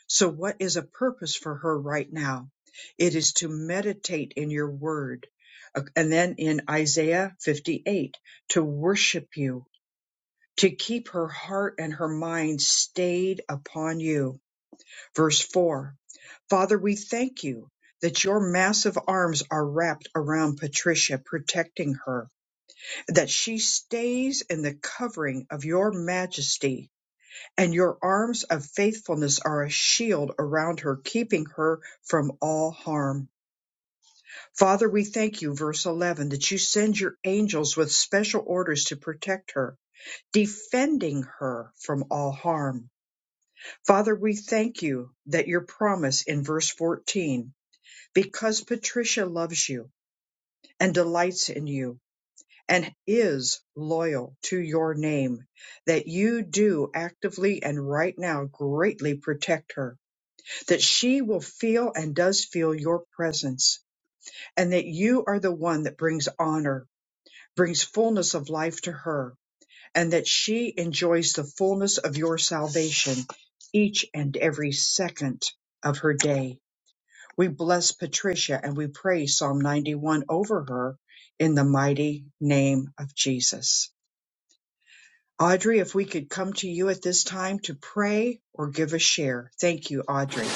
Speaker 1: so, what is a purpose for her right now? It is to meditate in your word. Uh, And then in Isaiah 58, to worship you, to keep her heart and her mind stayed upon you. Verse 4 Father, we thank you that your massive arms are wrapped around Patricia, protecting her, that she stays in the covering of your majesty and your arms of faithfulness are a shield around her, keeping her from all harm. Father, we thank you, verse 11, that you send your angels with special orders to protect her, defending her from all harm. Father, we thank you that your promise in verse 14, because Patricia loves you and delights in you and is loyal to your name, that you do actively and right now greatly protect her that she will feel and does feel your presence, and that you are the one that brings honor, brings fullness of life to her, and that she enjoys the fullness of your salvation each and every second of her day. We bless Patricia and we pray Psalm 91 over her in the mighty name of Jesus. Audrey, if we could come to you at this time to pray or give a share. Thank you, Audrey.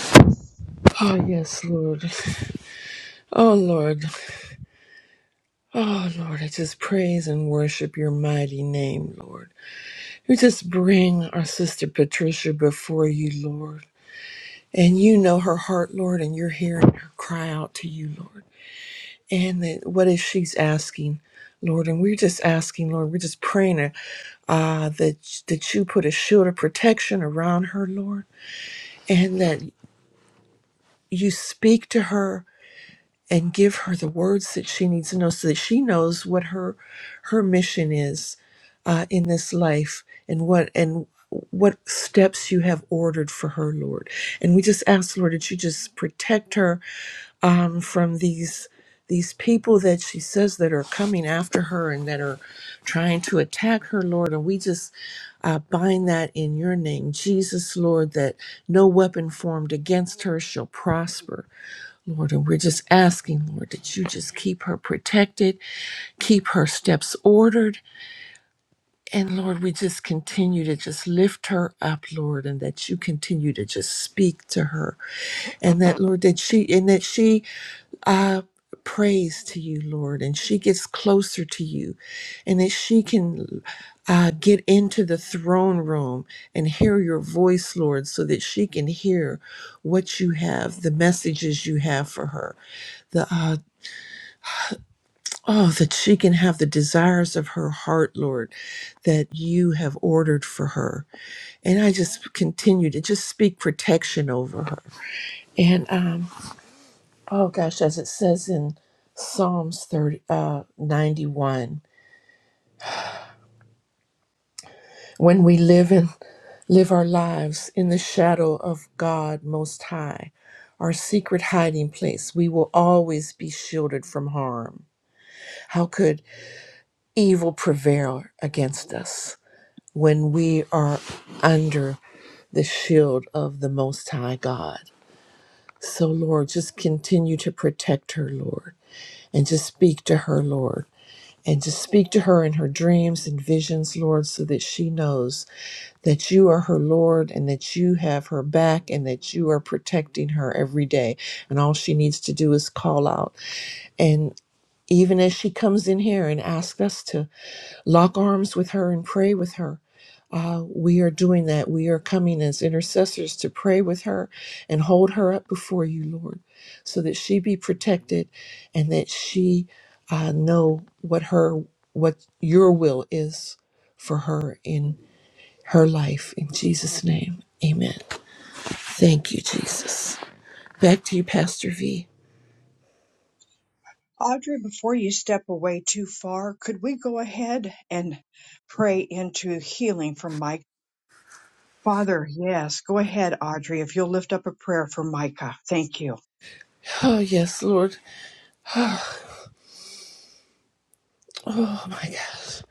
Speaker 4: Oh, yes, Lord. Oh, Lord. Oh, Lord, I just praise and worship your mighty name, Lord. We just bring our sister Patricia before you, Lord. And you know her heart, Lord, and you're hearing her cry out to you, Lord. And that what is she's asking, Lord? And we're just asking, Lord, we're just praying uh, uh, that, that you put a shield of protection around her, Lord, and that you speak to her and give her the words that she needs to know so that she knows what her her mission is uh, in this life and what and what steps you have ordered for her lord and we just ask lord that you just protect her um, from these these people that she says that are coming after her and that are trying to attack her lord and we just uh, bind that in your name jesus lord that no weapon formed against her shall prosper Lord, and we're just asking, Lord, that you just keep her protected, keep her steps ordered. And Lord, we just continue to just lift her up, Lord, and that you continue to just speak to her. And that, Lord, that she, and that she I praise to you, Lord, and she gets closer to you, and that she can uh, get into the throne room and hear your voice, Lord, so that she can hear what you have, the messages you have for her, the uh, oh, that she can have the desires of her heart, Lord, that you have ordered for her. And I just continue to just speak protection over her. and. um, Oh gosh, as it says in Psalms 30, uh, 91, when we live in live our lives in the shadow of God Most High, our secret hiding place, we will always be shielded from harm. How could evil prevail against us when we are under the shield of the Most High God? So, Lord, just continue to protect her, Lord, and just speak to her, Lord and to speak to her in her dreams and visions, Lord, so that she knows that you are her Lord and that you have her back and that you are protecting her every day. And all she needs to do is call out. And even as she comes in here and asks us to lock arms with her and pray with her. Uh, we are doing that. We are coming as intercessors to pray with her and hold her up before you, Lord, so that she be protected and that she uh, know what her what your will is for her in her life. In Jesus' name, Amen. Thank you, Jesus. Back to you, Pastor V.
Speaker 1: Audrey, before you step away too far, could we go ahead and pray into healing for Mike? Father, yes, go ahead, Audrey, if you'll lift up a prayer for Micah. Thank you.
Speaker 4: Oh yes, Lord. Oh my gosh.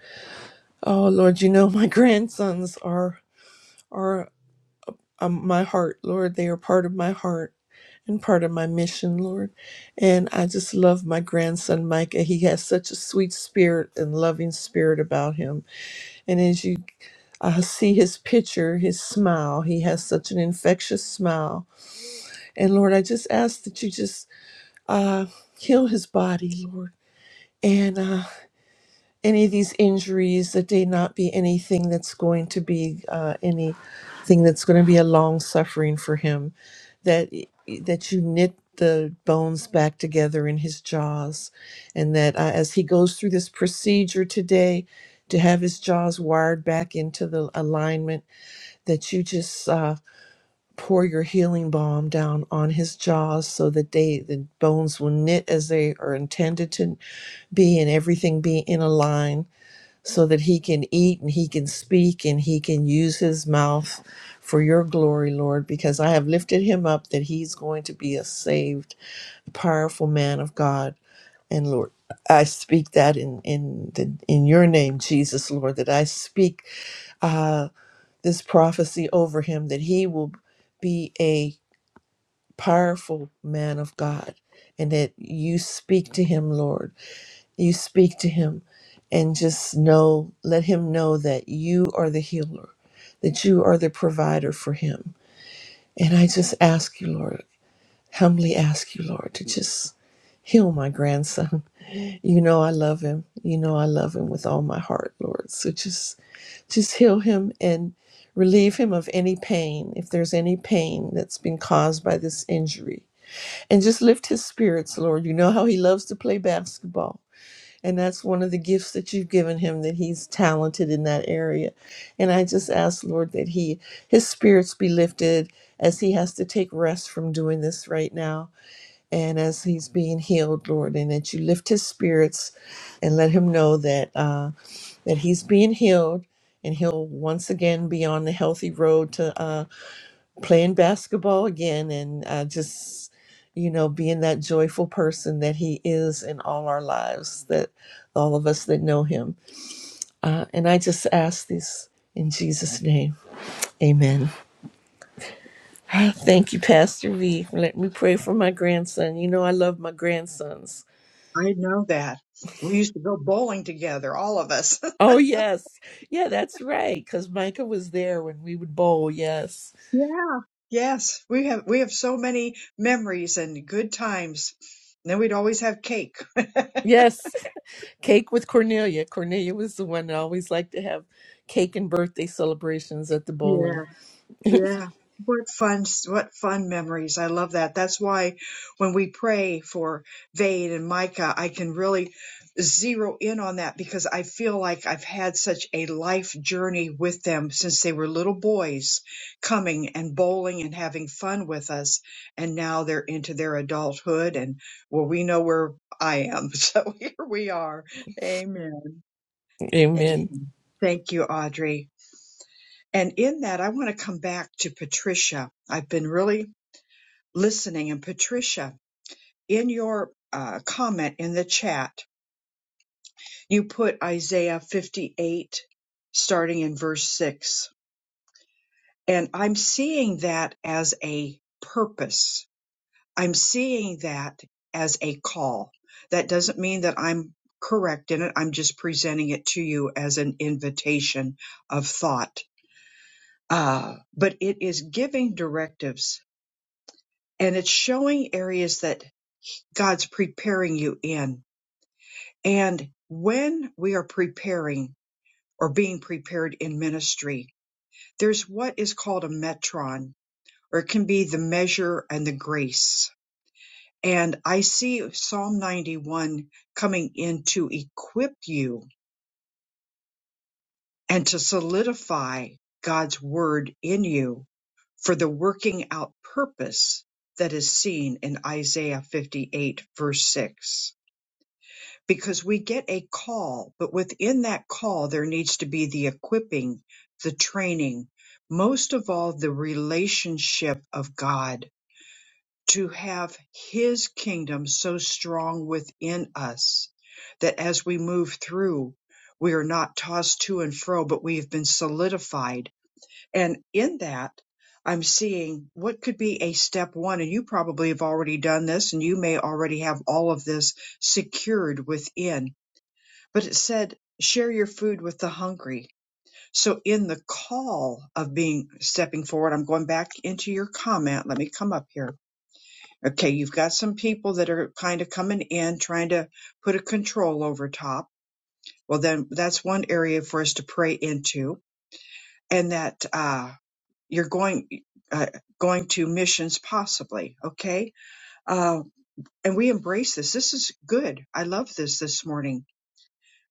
Speaker 4: Oh Lord, you know my grandsons are are um, my heart, Lord. They are part of my heart and part of my mission, Lord. And I just love my grandson, Micah. He has such a sweet spirit and loving spirit about him. And as you uh, see his picture, his smile, he has such an infectious smile. And Lord, I just ask that you just uh, heal his body, Lord. And uh, any of these injuries that they not be anything that's going to be uh, anything that's going to be a long suffering for him that that you knit the bones back together in his jaws and that uh, as he goes through this procedure today to have his jaws wired back into the alignment that you just uh, pour your healing balm down on his jaws so that they the bones will knit as they are intended to be and everything be in a line so that he can eat and he can speak and he can use his mouth for your glory, Lord, because I have lifted him up that he's going to be a saved, powerful man of God. And Lord, I speak that in in the, in your name, Jesus, Lord, that I speak uh, this prophecy over him that he will be a powerful man of God, and that you speak to him, Lord you speak to him and just know, let him know that you are the healer, that you are the provider for him. And I just ask you, Lord, humbly ask you, Lord, to just heal my grandson. You know I love him. You know I love him with all my heart, Lord. So just just heal him and relieve him of any pain, if there's any pain that's been caused by this injury. And just lift his spirits, Lord. You know how he loves to play basketball. And that's one of the gifts that you've given him that he's talented in that area. And I just ask, Lord, that he his spirits be lifted as he has to take rest from doing this right now and as he's being healed, Lord, and that you lift his spirits and let him know that uh that he's being healed and he'll once again be on the healthy road to uh playing basketball again and uh, just you know being that joyful person that he is in all our lives that all of us that know him uh, and i just ask this in jesus name amen thank you pastor v let me pray for my grandson you know i love my grandsons
Speaker 1: I know that. We used to go bowling together, all of us.
Speaker 4: oh yes yeah that's right because micah was there when we would bowl yes
Speaker 1: Yeah. Yes, we have we have so many memories and good times. And then we'd always have cake.
Speaker 4: yes Cake with Cornelia. Cornelia was the one that always liked to have cake and birthday celebrations at the
Speaker 1: Yeah.
Speaker 4: bowling.
Speaker 1: Yeah. What fun, what fun memories. I love that. That's why when we pray for Vade and Micah, I can really zero in on that because I feel like I've had such a life journey with them since they were little boys coming and bowling and having fun with us. And now they're into their adulthood and well, we know where I am. So here we are. Amen.
Speaker 4: Amen.
Speaker 1: Amen. Thank you, Audrey. And in that, I want to come back to Patricia. I've been really listening. And Patricia, in your uh, comment in the chat, you put Isaiah 58, starting in verse 6. And I'm seeing that as a purpose. I'm seeing that as a call. That doesn't mean that I'm correct in it. I'm just presenting it to you as an invitation of thought. Uh, but it is giving directives and it's showing areas that God's preparing you in. And when we are preparing or being prepared in ministry, there's what is called a metron, or it can be the measure and the grace. And I see Psalm 91 coming in to equip you and to solidify God's word in you for the working out purpose that is seen in Isaiah 58, verse 6 because we get a call, but within that call, there needs to be the equipping, the training, most of all, the relationship of God to have His kingdom so strong within us that as we move through, we are not tossed to and fro, but we have been solidified. And in that, I'm seeing what could be a step one, and you probably have already done this, and you may already have all of this secured within but it said share your food with the hungry so in the call of being stepping forward i'm going back into your comment let me come up here okay you've got some people that are kind of coming in trying to put a control over top well then that's one area for us to pray into and that uh you're going uh, going to missions possibly okay uh and we embrace this this is good i love this this morning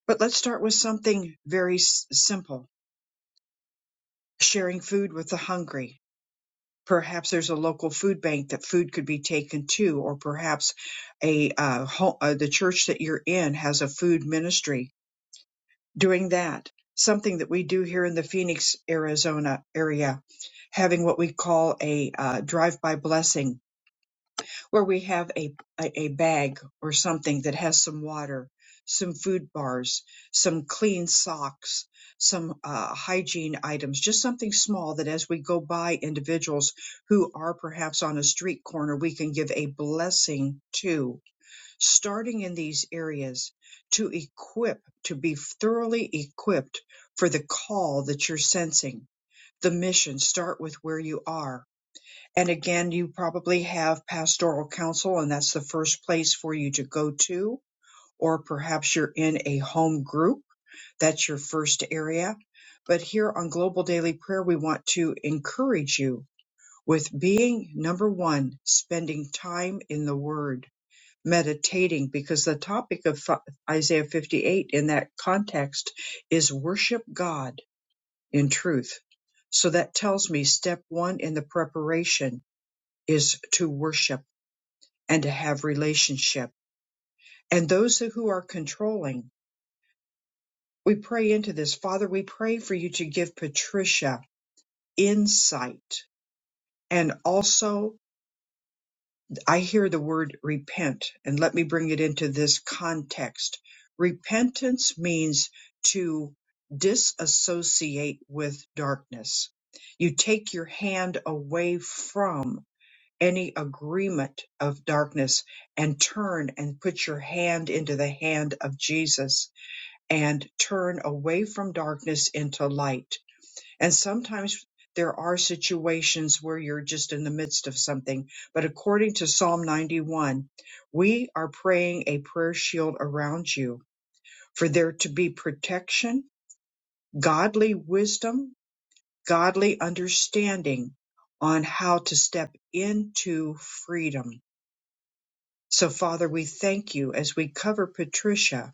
Speaker 1: but let's start with something very s- simple sharing food with the hungry. Perhaps there's a local food bank that food could be taken to, or perhaps a uh, ho- uh, the church that you're in has a food ministry doing that. Something that we do here in the Phoenix, Arizona area, having what we call a uh, drive-by blessing where we have a, a, a bag or something that has some water, some food bars, some clean socks, some uh, hygiene items, just something small that as we go by individuals who are perhaps on a street corner, we can give a blessing to, starting in these areas to equip, to be thoroughly equipped for the call that you're sensing. The mission, start with where you are and again, you probably have pastoral counsel, and that's the first place for you to go to. Or perhaps you're in a home group. That's your first area. But here on Global Daily Prayer, we want to encourage you with being number one, spending time in the Word, meditating, because the topic of fi- Isaiah 58 in that context is worship God in truth. So that tells me step one in the preparation is to worship and to have relationship. And those who are controlling, we pray into this. Father, we pray for you to give Patricia insight. And also, I hear the word repent, and let me bring it into this context. Repentance means to disassociate with darkness. You take your hand away from any agreement of darkness and turn and put your hand into the hand of Jesus and turn away from darkness into light. And sometimes there are situations where you're just in the midst of something, but according to Psalm 91, we are praying a prayer shield around you for there to be protection, godly wisdom, godly understanding on how to step into freedom So, Father, we thank you as we cover Patricia,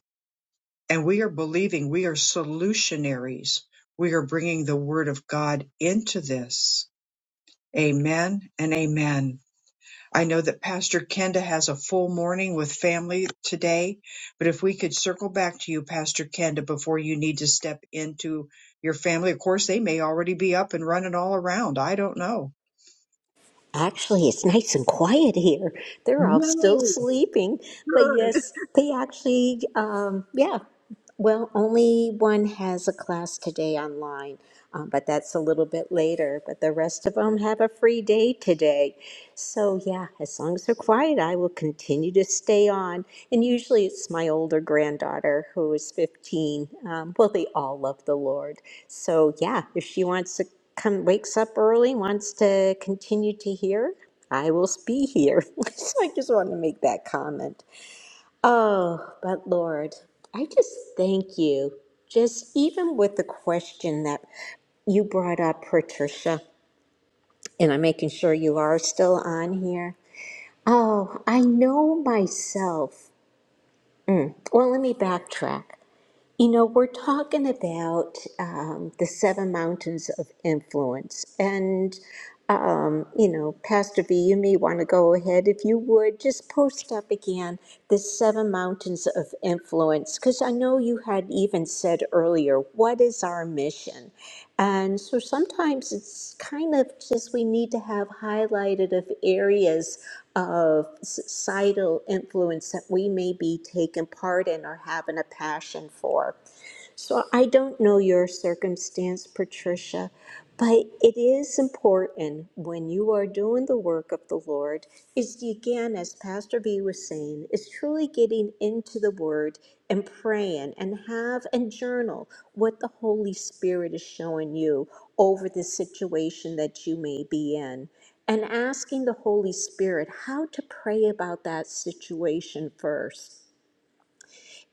Speaker 1: and we are believing we are solutionaries. We are bringing the word of God into this. Amen and amen. I know that Pastor Kenda has a full morning with family today, but if we could circle back to you, Pastor Kenda, before you need to step into your family. Of course, they may already be up and running all around. I don't know.
Speaker 3: Actually, it's nice and quiet here. They're all still
Speaker 1: Yay,
Speaker 3: sleeping. But
Speaker 1: good.
Speaker 3: yes, they actually, um, yeah. Well, only one has a class today online, um, but that's a little bit later. But the rest of them have a free day today. So, yeah, as long as they're quiet, I will continue to stay on. And usually it's my older granddaughter who is 15. Um, well, they all love the Lord. So, yeah, if she wants to come, wakes up early, wants to continue to hear, I will be here. so, I just wanted to make that comment. Oh, but Lord, I just thank you. Just even with the question that you brought up, Patricia, and I'm making sure you are still on here. Oh, I know myself. Well, let me backtrack. You know, we're talking about um, the seven mountains of influence, and um, you know, Pastor V, you may want to go ahead. If you would, just post up again the seven mountains of influence, because I know you had even said earlier, what is our mission? And so sometimes it's kind of just we need to have highlighted of areas of societal influence that we may be taking part in or having a passion for. So I don't know your circumstance, Patricia, but it is important when you are doing the work of the Lord, is again, as Pastor B was saying, is truly getting into the Word and praying and have and journal what the Holy Spirit is showing you over the situation that you may be in. And asking the Holy Spirit how to pray about that situation first.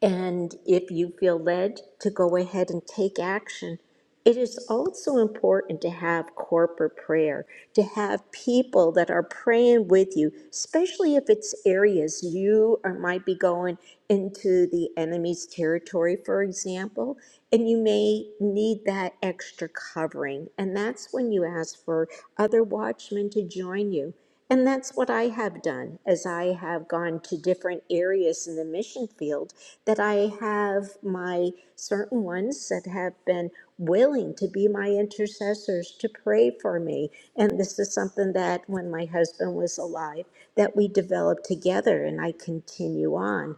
Speaker 3: And if you feel led to go ahead and take action, it is also important to have corporate prayer, to have people that are praying with you, especially if it's areas you or might be going into the enemy's territory, for example, and you may need that extra covering. And that's when you ask for other watchmen to join you. And that's what I have done as I have gone to different areas in the mission field that I have my certain ones that have been willing to be my intercessors to pray for me. And this is something that when my husband was alive that we developed together and I continue on.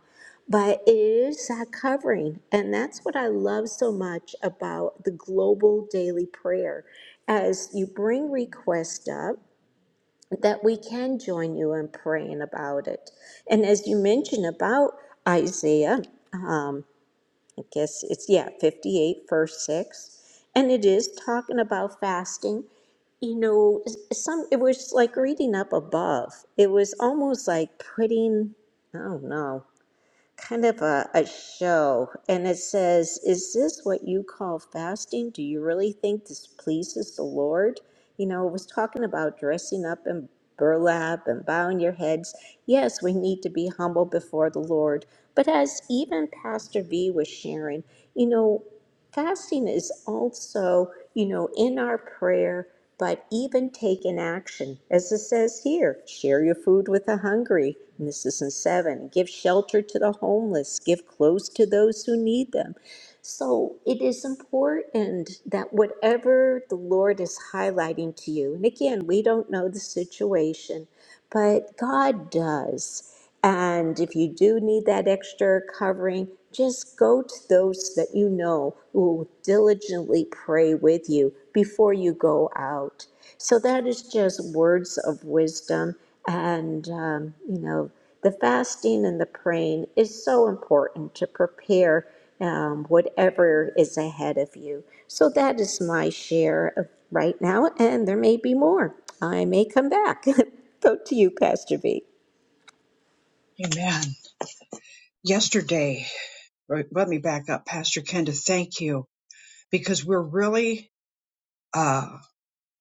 Speaker 3: But it is that covering. And that's what I love so much about the global daily prayer. As you bring requests up, that we can join you in praying about it. And as you mentioned about Isaiah, um, I guess it's, yeah, 58, verse 6, and it is talking about fasting. You know, some it was like reading up above. It was almost like putting, I don't know, kind of a, a show and it says is this what you call fasting do you really think this pleases the lord you know it was talking about dressing up in burlap and bowing your heads yes we need to be humble before the lord but as even pastor v was sharing you know Fasting is also, you know, in our prayer, but even taking action. As it says here, share your food with the hungry. And this is in seven. Give shelter to the homeless. Give clothes to those who need them. So it is important that whatever the Lord is highlighting to you, and again, we don't know the situation, but God does. And if you do need that extra covering, just go to those that you know will diligently pray with you before you go out. So that is just words of wisdom. And, um, you know, the fasting and the praying is so important to prepare um, whatever is ahead of you. So that is my share of right now. And there may be more. I may come back. go to you, Pastor B.
Speaker 1: Amen. Yesterday, right, let me back up. Pastor Kenda, thank you because we're really uh,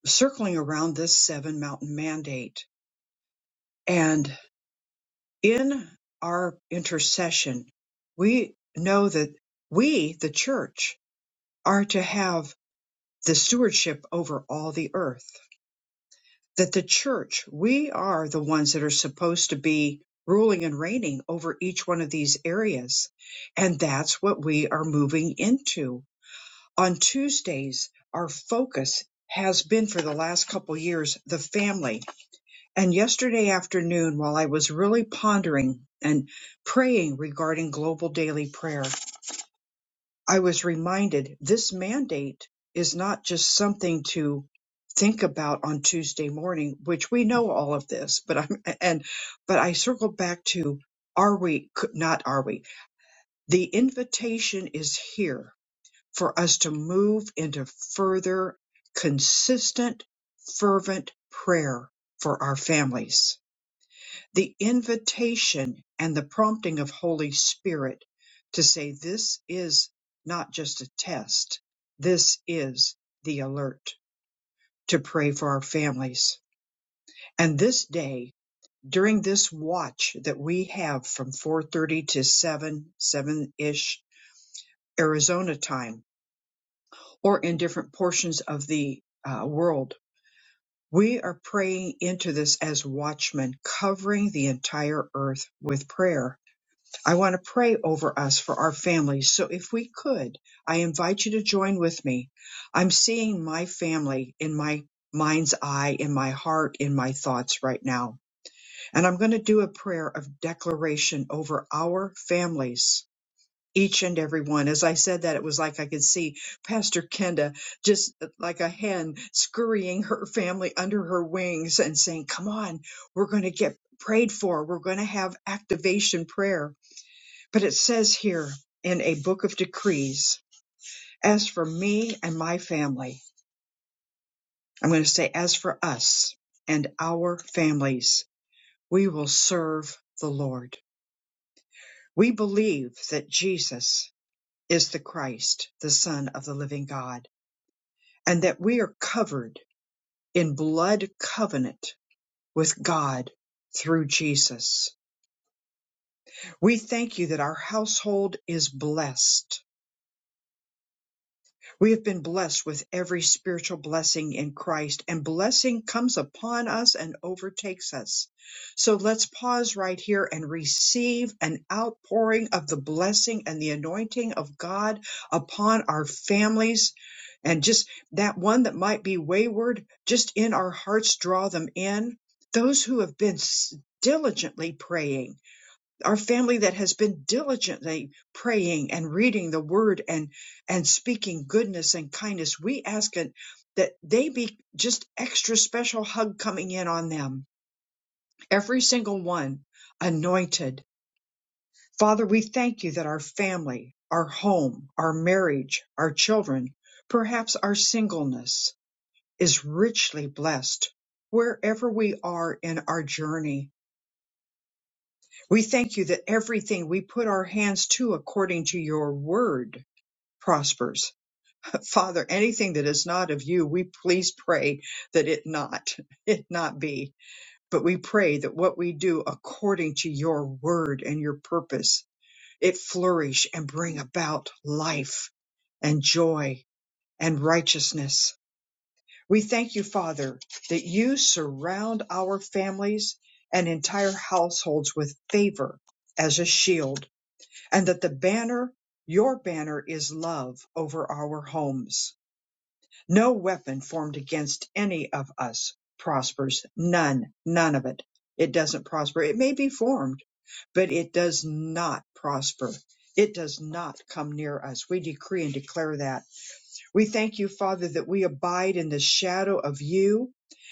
Speaker 1: circling around this seven mountain mandate. And in our intercession, we know that we, the church, are to have the stewardship over all the earth. That the church, we are the ones that are supposed to be ruling and reigning over each one of these areas. And that's what we are moving into On Tuesdays, our focus has been for the last couple years the family. And yesterday afternoon, while I was really pondering and praying regarding global daily prayer, I was reminded this mandate is not just something to think about on Tuesday morning, which we know all of this, but I'm, and, but I circle back to are we, not are we? The invitation is here for us to move into further consistent, fervent prayer for our families. The invitation and the prompting of Holy Spirit to say this is not just a test. This is the alert to pray for our families. And this day, during this watch that we have from 4:30 to 7, 7-ish Arizona time, or in different portions of the uh, world. We are praying into this as watchmen, covering the entire earth with prayer. I want to pray over us for our families. So if we could, I invite you to join with me. I'm seeing my family in my mind's eye, in my heart, in my thoughts right now. And I'm going to do a prayer of declaration over our families each and every one. As I said that, it was like I could see Pastor Kenda just uh, like a hen scurrying her family under her wings and saying, Come on, we're going to get prayed for. We're going to have activation prayer. But it says here in a book of decrees, as for me and my family, I'm going to say, as for us and our families, we will serve the Lord. We believe that Jesus is the Christ, the Son of the living God and that we are covered in blood covenant with God through Jesus. We thank you that our household is blessed. We have been blessed with every spiritual blessing in Christ, and blessing comes upon us and overtakes us. So let's pause right here and receive an outpouring of the blessing and the anointing of God upon our families. And just that one that might be wayward, just in our hearts, draw them in. Those who have been s- diligently praying our family that has been diligently praying and reading the word and and speaking goodness and kindness we ask it that they be just extra special hug coming in on them every single one anointed father we thank you that our family our home our marriage our children perhaps our singleness is richly blessed wherever we are in our journey We thank you that everything we put our hands to according to your word prospers. Father, anything that is not of you, we please pray that it not, it not be. But we pray that what we do according to your word and your purpose, it flourish and bring about life and joy and righteousness. We thank you, Father, that you surround our families and entire households with favor as a shield and that the banner, your banner is love over our homes. No weapon formed against any of us prospers. None, none of it. It doesn't prosper. It may be formed, but it does not prosper. It does not come near us. We decree and declare that. We thank you, Father, that we abide in the shadow of you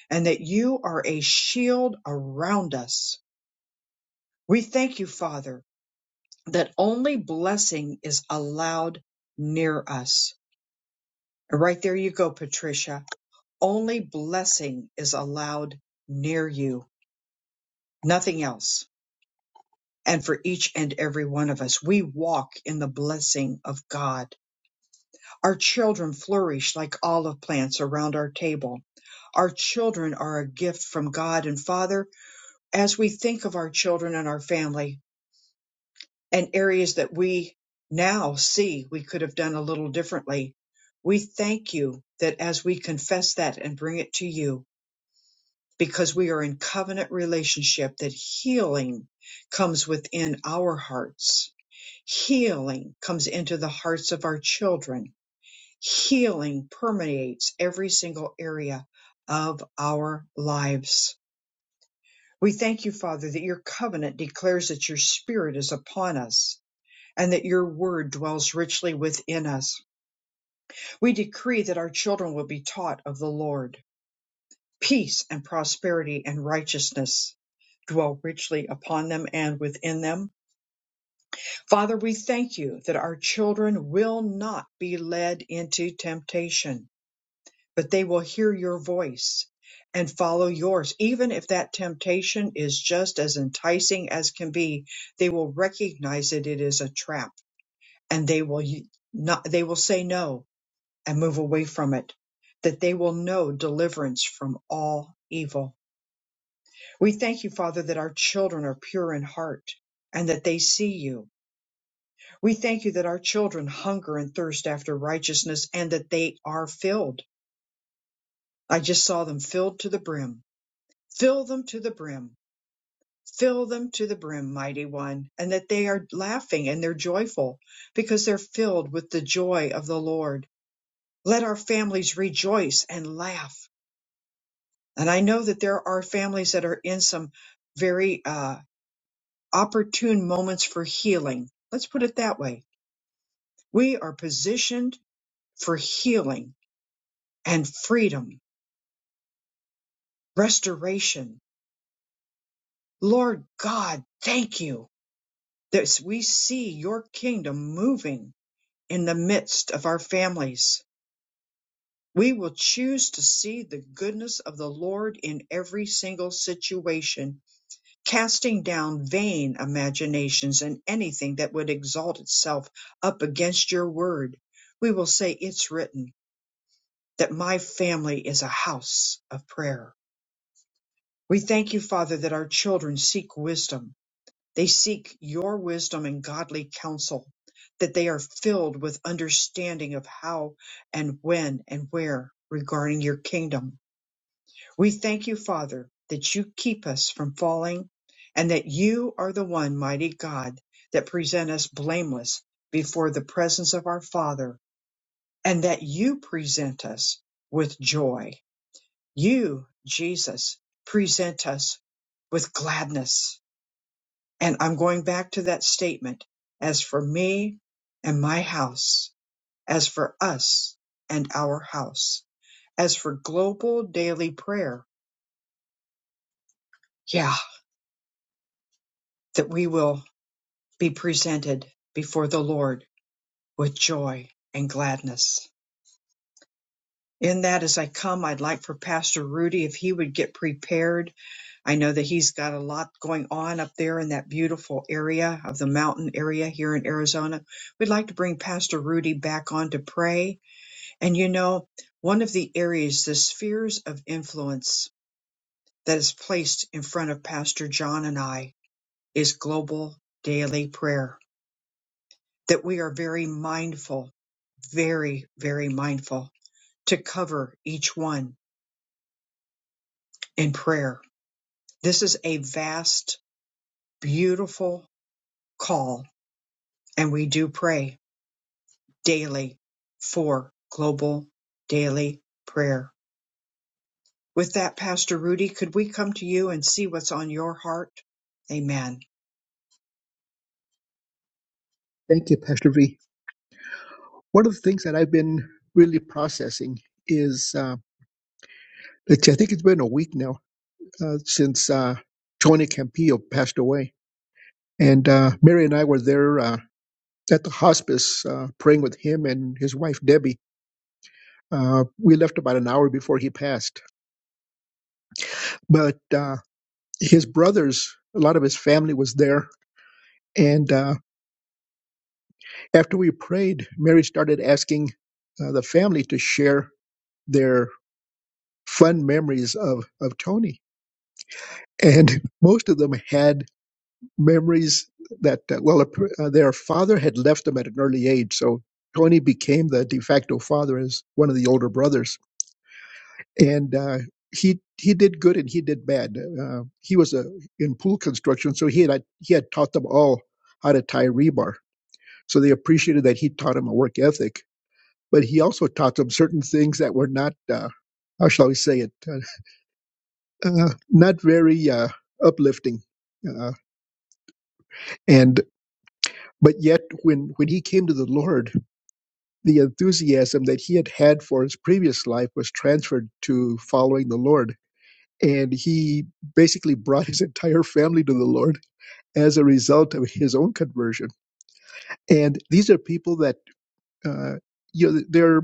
Speaker 1: and that you are a shield around us. We thank you, Father, that only blessing is allowed near us. Right there you go, Patricia. Only blessing is allowed near you, nothing else. And for each and every one of us, we walk in the blessing of God. Our children flourish like olive plants around our table. Our children are a gift from God. And Father, as we think of our children and our family, and areas that we now see we could have done a little differently. We thank you that as we confess that and bring it to you, because we are in covenant relationship, that healing comes within our hearts. Healing comes into the hearts of our children. Healing permeates every single area of our lives. We thank you, Father, that your covenant declares that your spirit is upon us and that your word dwells richly within us. We decree that our children will be taught of the Lord. Peace and prosperity and righteousness dwell richly upon them and within them. Father, we thank you that our children will not be led into temptation, but they will hear your voice and follow yours. Even if that temptation is just as enticing as can be, they will recognize that it is a trap and they will y- not, they will say no and move away from it, that they will know deliverance from all evil. We thank you, Father, that our children are pure in heart and that they see you. We thank you that our children hunger and thirst after righteousness and that they are filled. I just saw them filled to the brim. Fill them to the brim. Fill them to the brim, mighty one, and that they are laughing and they're joyful because they're filled with the joy of the Lord. Let our families rejoice and laugh And I know that there are families that are in some very uh, opportune moments for healing. Let's put it that way. We are positioned for healing and freedom, restoration. Lord God, thank you that we see your kingdom moving in the midst of our families. We will choose to see the goodness of the Lord in every single situation casting down vain imaginations and anything that would exalt itself up against your word. We will say, It's written that my family is a house of prayer. We thank you, Father, that our children seek wisdom. They seek your wisdom and godly counsel, that they are filled with understanding of how and when and where regarding your kingdom We thank you, Father, that you keep us from falling and that you are the one mighty God that present us blameless before the presence of our Father and that you present us with joy. You, Jesus, present us with gladness. And I'm going back to that statement. As for me and my house, as for us and our house, as for global daily prayer, yeah, that we will be presented before the Lord with joy and gladness. In that, as I come, I'd like for Pastor Rudy, if he would get prepared. I know that he's got a lot going on up there in that beautiful area of the mountain area here in Arizona. We'd like to bring Pastor Rudy back on to pray. And you know, one of the areas, the spheres of influence that is placed in front of Pastor John and I is global daily prayer that we are very mindful, very, very mindful to cover each one in prayer. This is a vast, beautiful call, and we do pray daily for global daily prayer. With that, Pastor Rudy, could we come to you and see what's on your heart? Amen.
Speaker 2: Thank you, Pastor V. One of the things that I've been really processing is uh, it's, I think it's been a week now uh, since uh, Tony Campillo passed away. And uh, Mary and I were there. Uh, at the hospice uh, praying with him and his wife Debbie. Uh, we left about an hour before he passed, but uh, his brothers, a lot of his family was there, and uh, after we prayed, Mary started asking uh, the family to share their fun memories of of Tony, and most of them had memories that uh, well, uh, their father had left them at an early age, so. Tony became the de facto father as one of the older brothers and uh, he he did good and he did bad. Uh, he was a, in pool construction, so he had he had taught them all how to tie rebar. So they appreciated that he taught them a work ethic, but he also taught them certain things that were not uh, how shall we say it uh, uh, not very uh, uplifting. Uh, and but yet when when he came to the Lord, the enthusiasm that he had had for his previous life was transferred to following the Lord and he basically brought his entire family to the Lord as a result of his own conversion. And these are people that uh, you know they're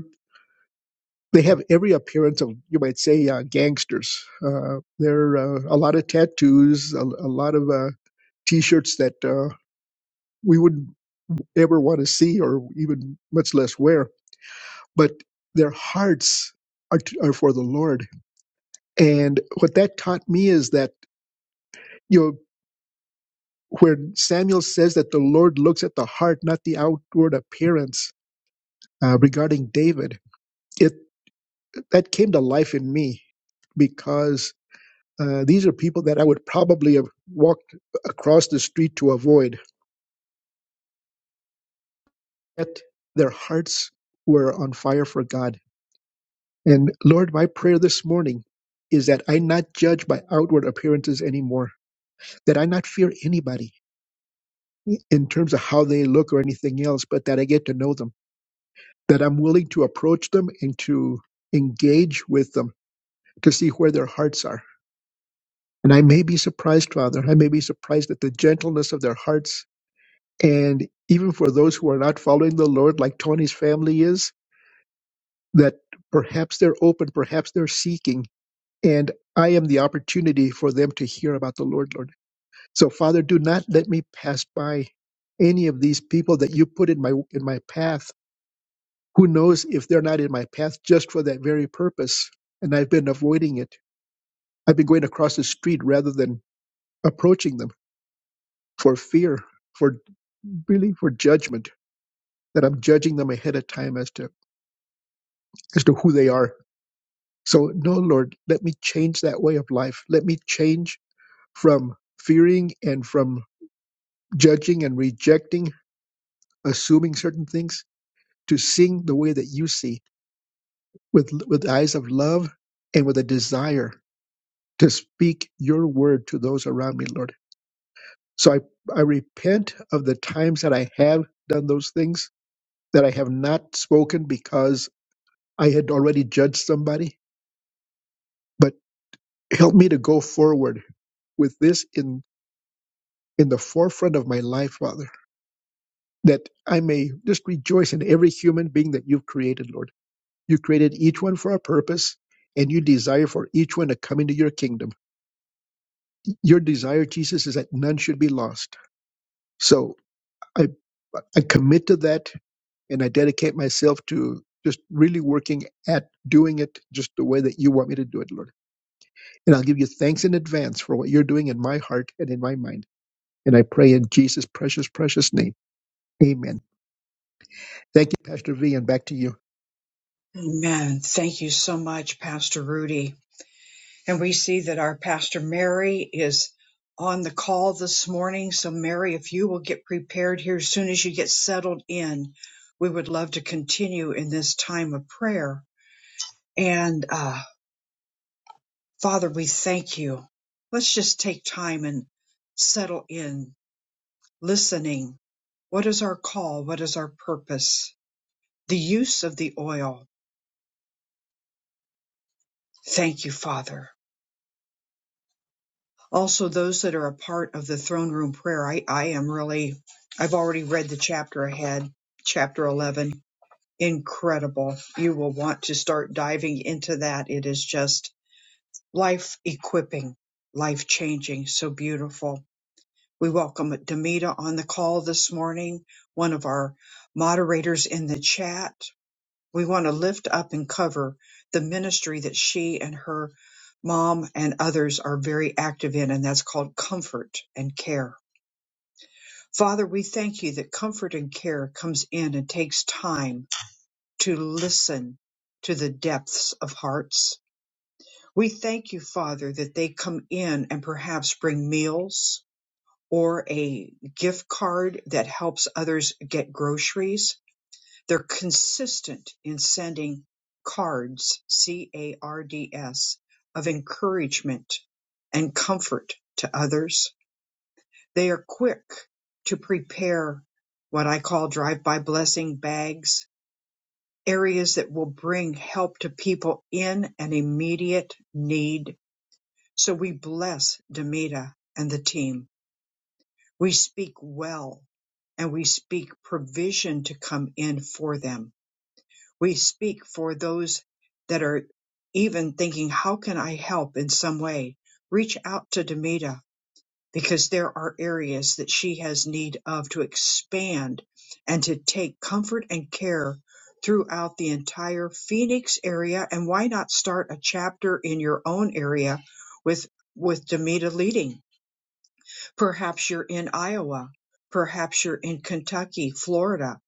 Speaker 2: they have every appearance of you might say uh, gangsters. Uh, they're uh, a lot of tattoos, a, a lot of uh, t-shirts that uh, we wouldn't ever want to see or even much less wear but their hearts are, t- are for the lord and what that taught me is that you know. where Samuel says that the Lord looks at the heart, not the outward appearance uh, regarding David. It that came to life in me because uh, these are people that I would probably have walked across the street to avoid. Yet their hearts were on fire for God. And Lord, my prayer this morning is that I not judge by outward appearances anymore, that I not fear anybody in terms of how they look or anything else, but that I get to know them that I'm willing to approach them and to engage with them to see where their hearts are. And I may be surprised, Father. I may be surprised at the gentleness of their hearts. And even for those who are not following the Lord, like Tony's family is, that perhaps they're open, perhaps they're seeking. And I am the opportunity for them to hear about the Lord, Lord. So, Father, do not let me pass by any of these people that you put in my in my path Who knows if they're not in my path just for that very purpose? And I've been avoiding it. I've been going across the street rather than approaching them for fear, for really for judgment, that I'm judging them ahead of time as to as to who they are. So no, Lord, let me change that way of life. Let me change from fearing and from judging and rejecting, assuming certain things, to seeing the way that you see, with with eyes of love and with a desire to speak your word to those around me, Lord. So I, I repent of the times that I have done those things, that I have not spoken because I had already judged somebody. But help me to go forward with this in, in the forefront of my life, Father, that I may just rejoice in every human being that you've created, Lord. You created each one for a purpose. And you desire for each one to come into your kingdom. Your desire, Jesus, is that none should be lost. So I I commit to that and I dedicate myself to just really working at doing it just the way that you want me to do it, Lord. And I'll give you thanks in advance for what you're doing in my heart and in my mind. And I pray in Jesus' precious, precious name. Amen. Thank you, Pastor V, and back to you.
Speaker 1: Amen. Thank you so much, Pastor Rudy. And we see that our pastor Mary is on the call this morning. So, Mary, if you will get prepared here as soon as you get settled in, we would love to continue in this time of prayer. And uh, Father, we thank you. Let's just take time and settle in, listening. What is our call? What is our purpose? The use of the oil. Thank you, Father. Also, those that are a part of the throne room prayer, I, I am really, I've already read the chapter ahead, chapter 11. Incredible. You will want to start diving into that. It is just life equipping, life changing. So beautiful. We welcome Demita on the call this morning, one of our moderators in the chat. We want to lift up and cover the ministry that she and her mom and others are very active in, and that's called comfort and care. Father, we thank you that comfort and care comes in and takes time to listen to the depths of hearts. We thank you, Father, that they come in and perhaps bring meals or a gift card that helps others get groceries They're consistent in sending cards, C-A-R-D-S, of encouragement and comfort to others. They are quick to prepare what I call drive-by blessing bags, areas that will bring help to people in an immediate need. So we bless Demita and the team. We speak well and we speak provision to come in for them We speak for those that are even thinking, how can I help in some way? Reach out to Demita because there are areas that she has need of to expand and to take comfort and care throughout the entire Phoenix area. And why not start a chapter in your own area with, with Demita leading? Perhaps you're in Iowa. Perhaps you're in Kentucky, Florida,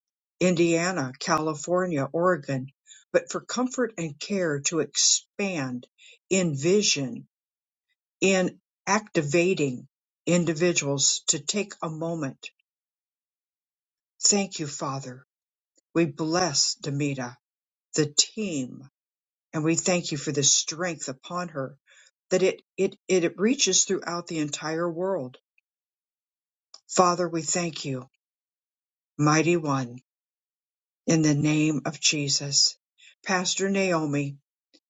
Speaker 1: Indiana, California, Oregon. But for comfort and care to expand in vision, in activating individuals to take a moment. Thank you, Father. We bless Demita, the team, and we thank you for the strength upon her that it, it, it reaches throughout the entire world. Father, we thank you, mighty one. in the name of Jesus. Pastor Naomi,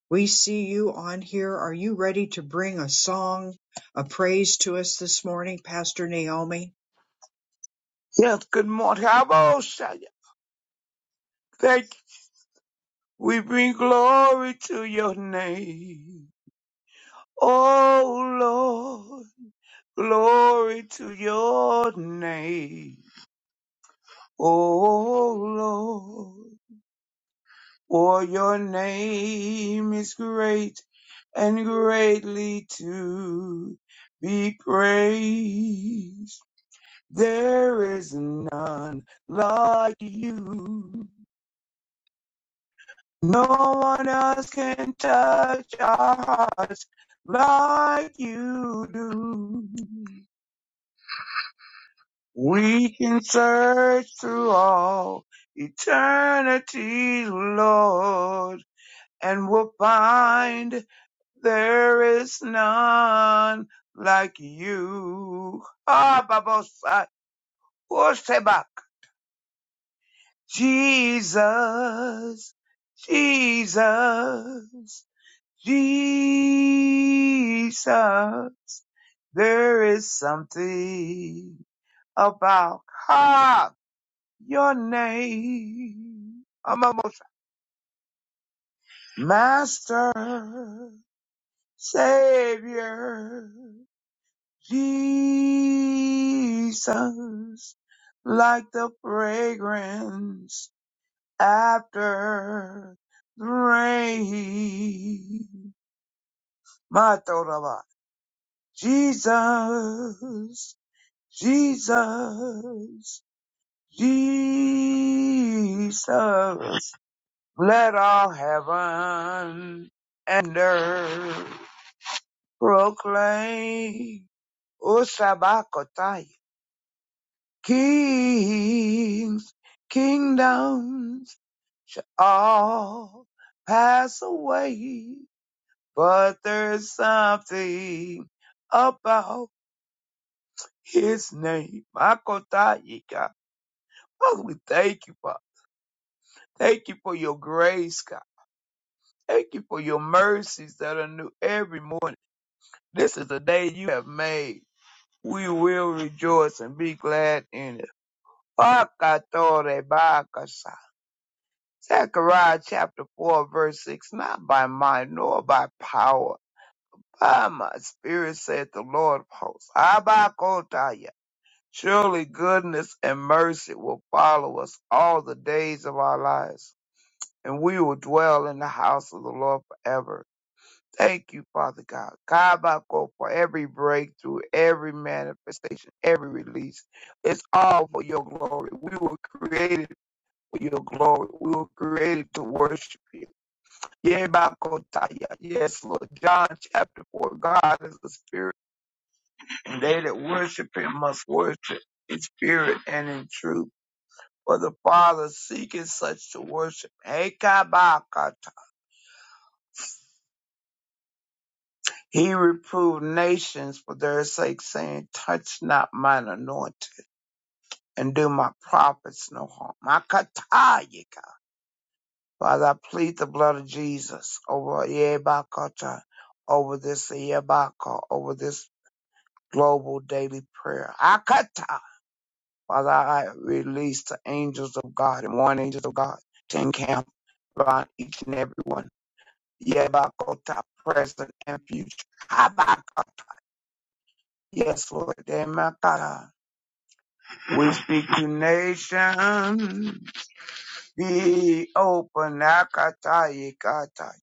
Speaker 1: we see you on here. Are you ready to bring a song a praise to us this morning, Pastor Naomi?
Speaker 6: Yes, good morning. Abba, Thank you. We bring glory to your name. Oh Lord, glory to your name. Oh Lord, for your name is great and greatly to be praised. There is none like you. No one else can touch our hearts like you do. We can search through all eternity, Lord, and we'll find there is none like you. Ah, Babosai, Osebak. Jesus, Jesus. Jesus, there is something about God, your name. I'm almost Master, Savior, Jesus, like the fragrance after the rain. My throat, about Jesus. Jesus, Jesus, let all heaven and earth proclaim, O Sabakotaya, kings, kingdoms shall all pass away, but there's something about his name, Makotayika. Oh, we thank you, Father. Thank you for your grace, God. Thank you for your mercies that are new every morning. This is the day you have made. We will rejoice and be glad in it. Pakatore Zechariah chapter 4 verse 6, not by might nor by power, by my spirit saith the Lord of hosts. Abakotaya. Surely goodness and mercy will follow us all the days of our lives, and we will dwell in the house of the Lord forever. Thank you, Father God. Kabako for every breakthrough, every manifestation, every release. It's all for your glory. We were created for your glory. We were created to worship you. Yebakotaya. Yes, Lord. John chapter 4. God is the Spirit, and they that worship him must worship in spirit and in truth. For the Father seeketh such to worship. Hey, Kabaka, He reproved nations for their sake, saying, Touch not mine anointed, and do my prophets no harm. Makatayika. Father, I plead the blood of Jesus over Yebakota, over this Yebaka, over this global daily prayer. Akata. Father, I release the angels of God and one angel of God to encamp around each and every one. Yebakota, present and future. Habaka. Yes, Lord. Yemakata. We speak to nations, be open, Akatai, Katai,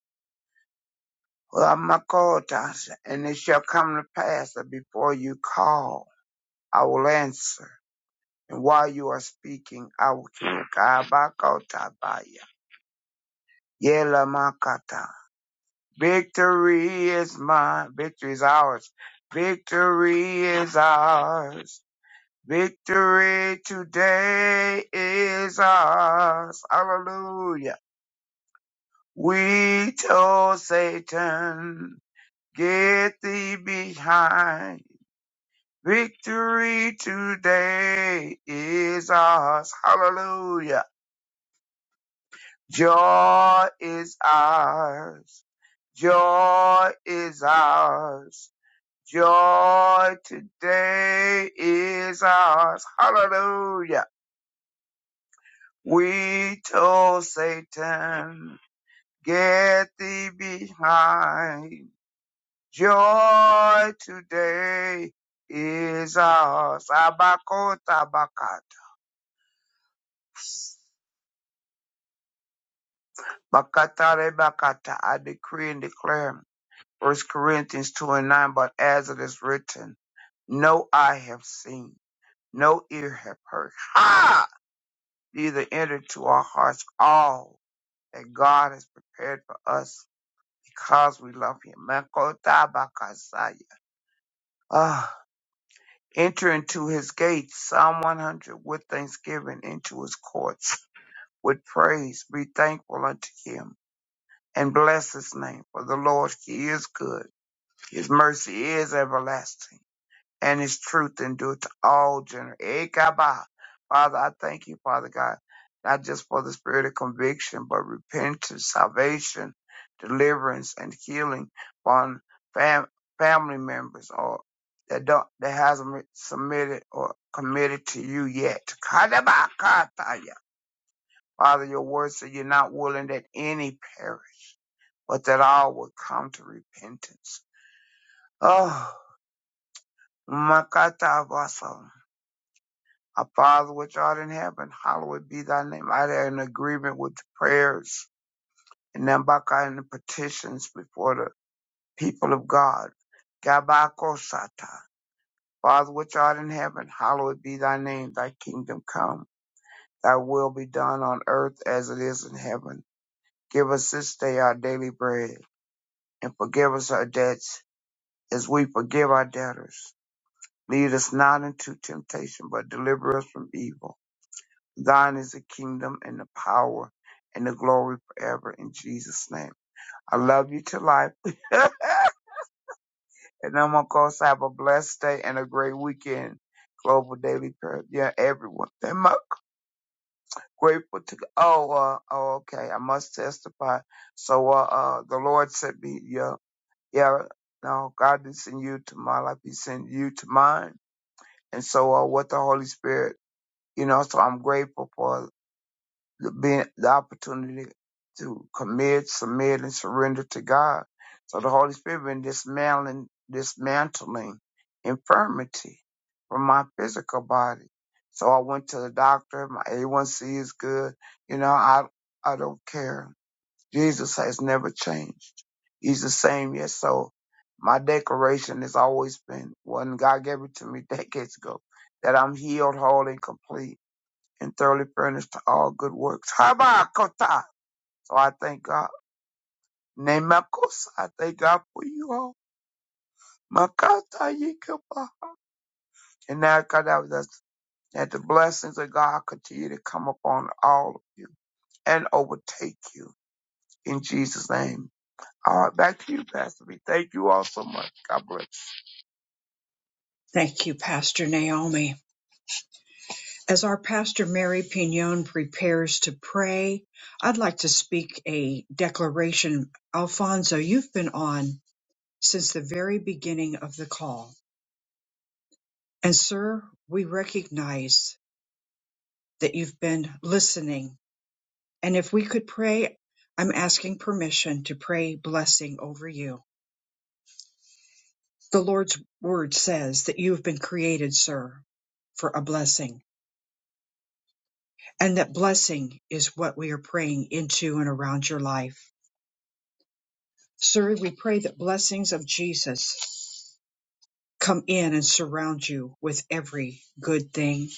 Speaker 6: Ramakotas, and it shall come to pass that before you call, I will answer. And while you are speaking, I will hear. Kabakotabaya, Yelamakata. Victory is mine, victory is ours. Victory is ours. Victory today is ours. Hallelujah. We told Satan, get thee behind. Victory today is ours. Hallelujah. Joy is ours. Joy is ours. Joy today is ours. Hallelujah. We told Satan, get thee behind. Joy today is ours. Abakota bakata. Bakatare bakata. I decree and declare. First Corinthians 2 and 9, but as it is written, no eye have seen, no ear have heard. Ha! Neither entered to our hearts all that God has prepared for us because we love him. Makota bakasaya. Ah. Enter into his gates, Psalm 100, with thanksgiving, into his courts with praise. Be thankful unto him and bless his name. For the Lord, he is good. His mercy is everlasting and his truth endure to all generations. Father, I thank you, Father God, not just for the spirit of conviction, but repentance, salvation, deliverance, and healing on fam- family members or that don't that hasn't submitted or committed to you yet. Kadabakataya. Father, your word said you're not willing that any perish, but that all would come to repentance. Oh, Makata Vasa. Our Father which art in heaven, hallowed be thy name. I there in agreement with the prayers and them back and the petitions before the people of God. Gabakosata. Father which art in heaven, hallowed be thy name, thy kingdom come, thy will be done on earth as it is in heaven. Give us this day our daily bread, and forgive us our debts as we forgive our debtors. Lead us not into temptation, but deliver us from evil. Thine is the kingdom and the power and the glory forever in Jesus' name. I love you to life. and I'm going to go so have a blessed day and a great weekend. Global Daily Prayer. Yeah, everyone. I'm grateful to, oh, uh, oh, okay. I must testify. So, uh, uh, the Lord sent me, yeah, yeah, no, God didn't send you to my life. He sent you to mine. And so, uh, with the Holy Spirit, you know, so I'm grateful for. the, being, the opportunity to commit, submit, and surrender to God. So the Holy Spirit been dismantling, dismantling infirmity from my physical body. So I went to the doctor. My A1C is good. You know, I I don't care. Jesus has never changed. He's the same. Yes. So my declaration has always been when God gave it to me decades ago that I'm healed, whole, and complete and thoroughly furnished to all good works. Habakota. So I thank God. Nemakosa. I thank God for you all. Makata yikapa. And now God that, that, that the blessings of God continue to come upon all of you and overtake you in Jesus' name. All right, back to you, Pastor B. Thank you all so much. God bless.
Speaker 1: Thank you, Pastor Naomi. As our Pastor Mary Pignon prepares to pray, I'd like to speak a declaration. Alfonso, you've been on since the very beginning of the call. And, sir, we recognize that you've been listening And if we could pray, I'm asking permission to pray blessing over you. The Lord's word says that you have been created, sir, for a blessing, and that blessing is what we are praying into and around your life. Sir, we pray that blessings of Jesus come in and surround you with every good thing,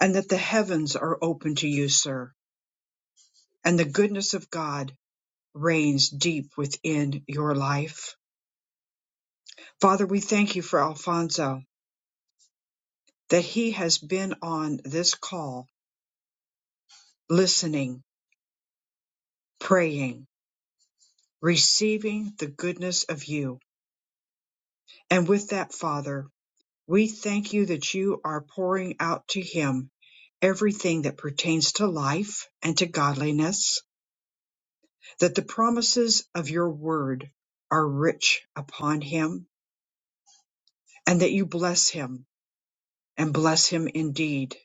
Speaker 1: and that the heavens are open to you, sir, and the goodness of God reigns deep within your life. Father, we thank you for Alfonso. that he has been on this call, listening, praying, receiving the goodness of you. And with that, Father, we thank you that you are pouring out to him everything that pertains to life and to godliness, that the promises of your word are rich upon him, and that you bless him and bless him indeed,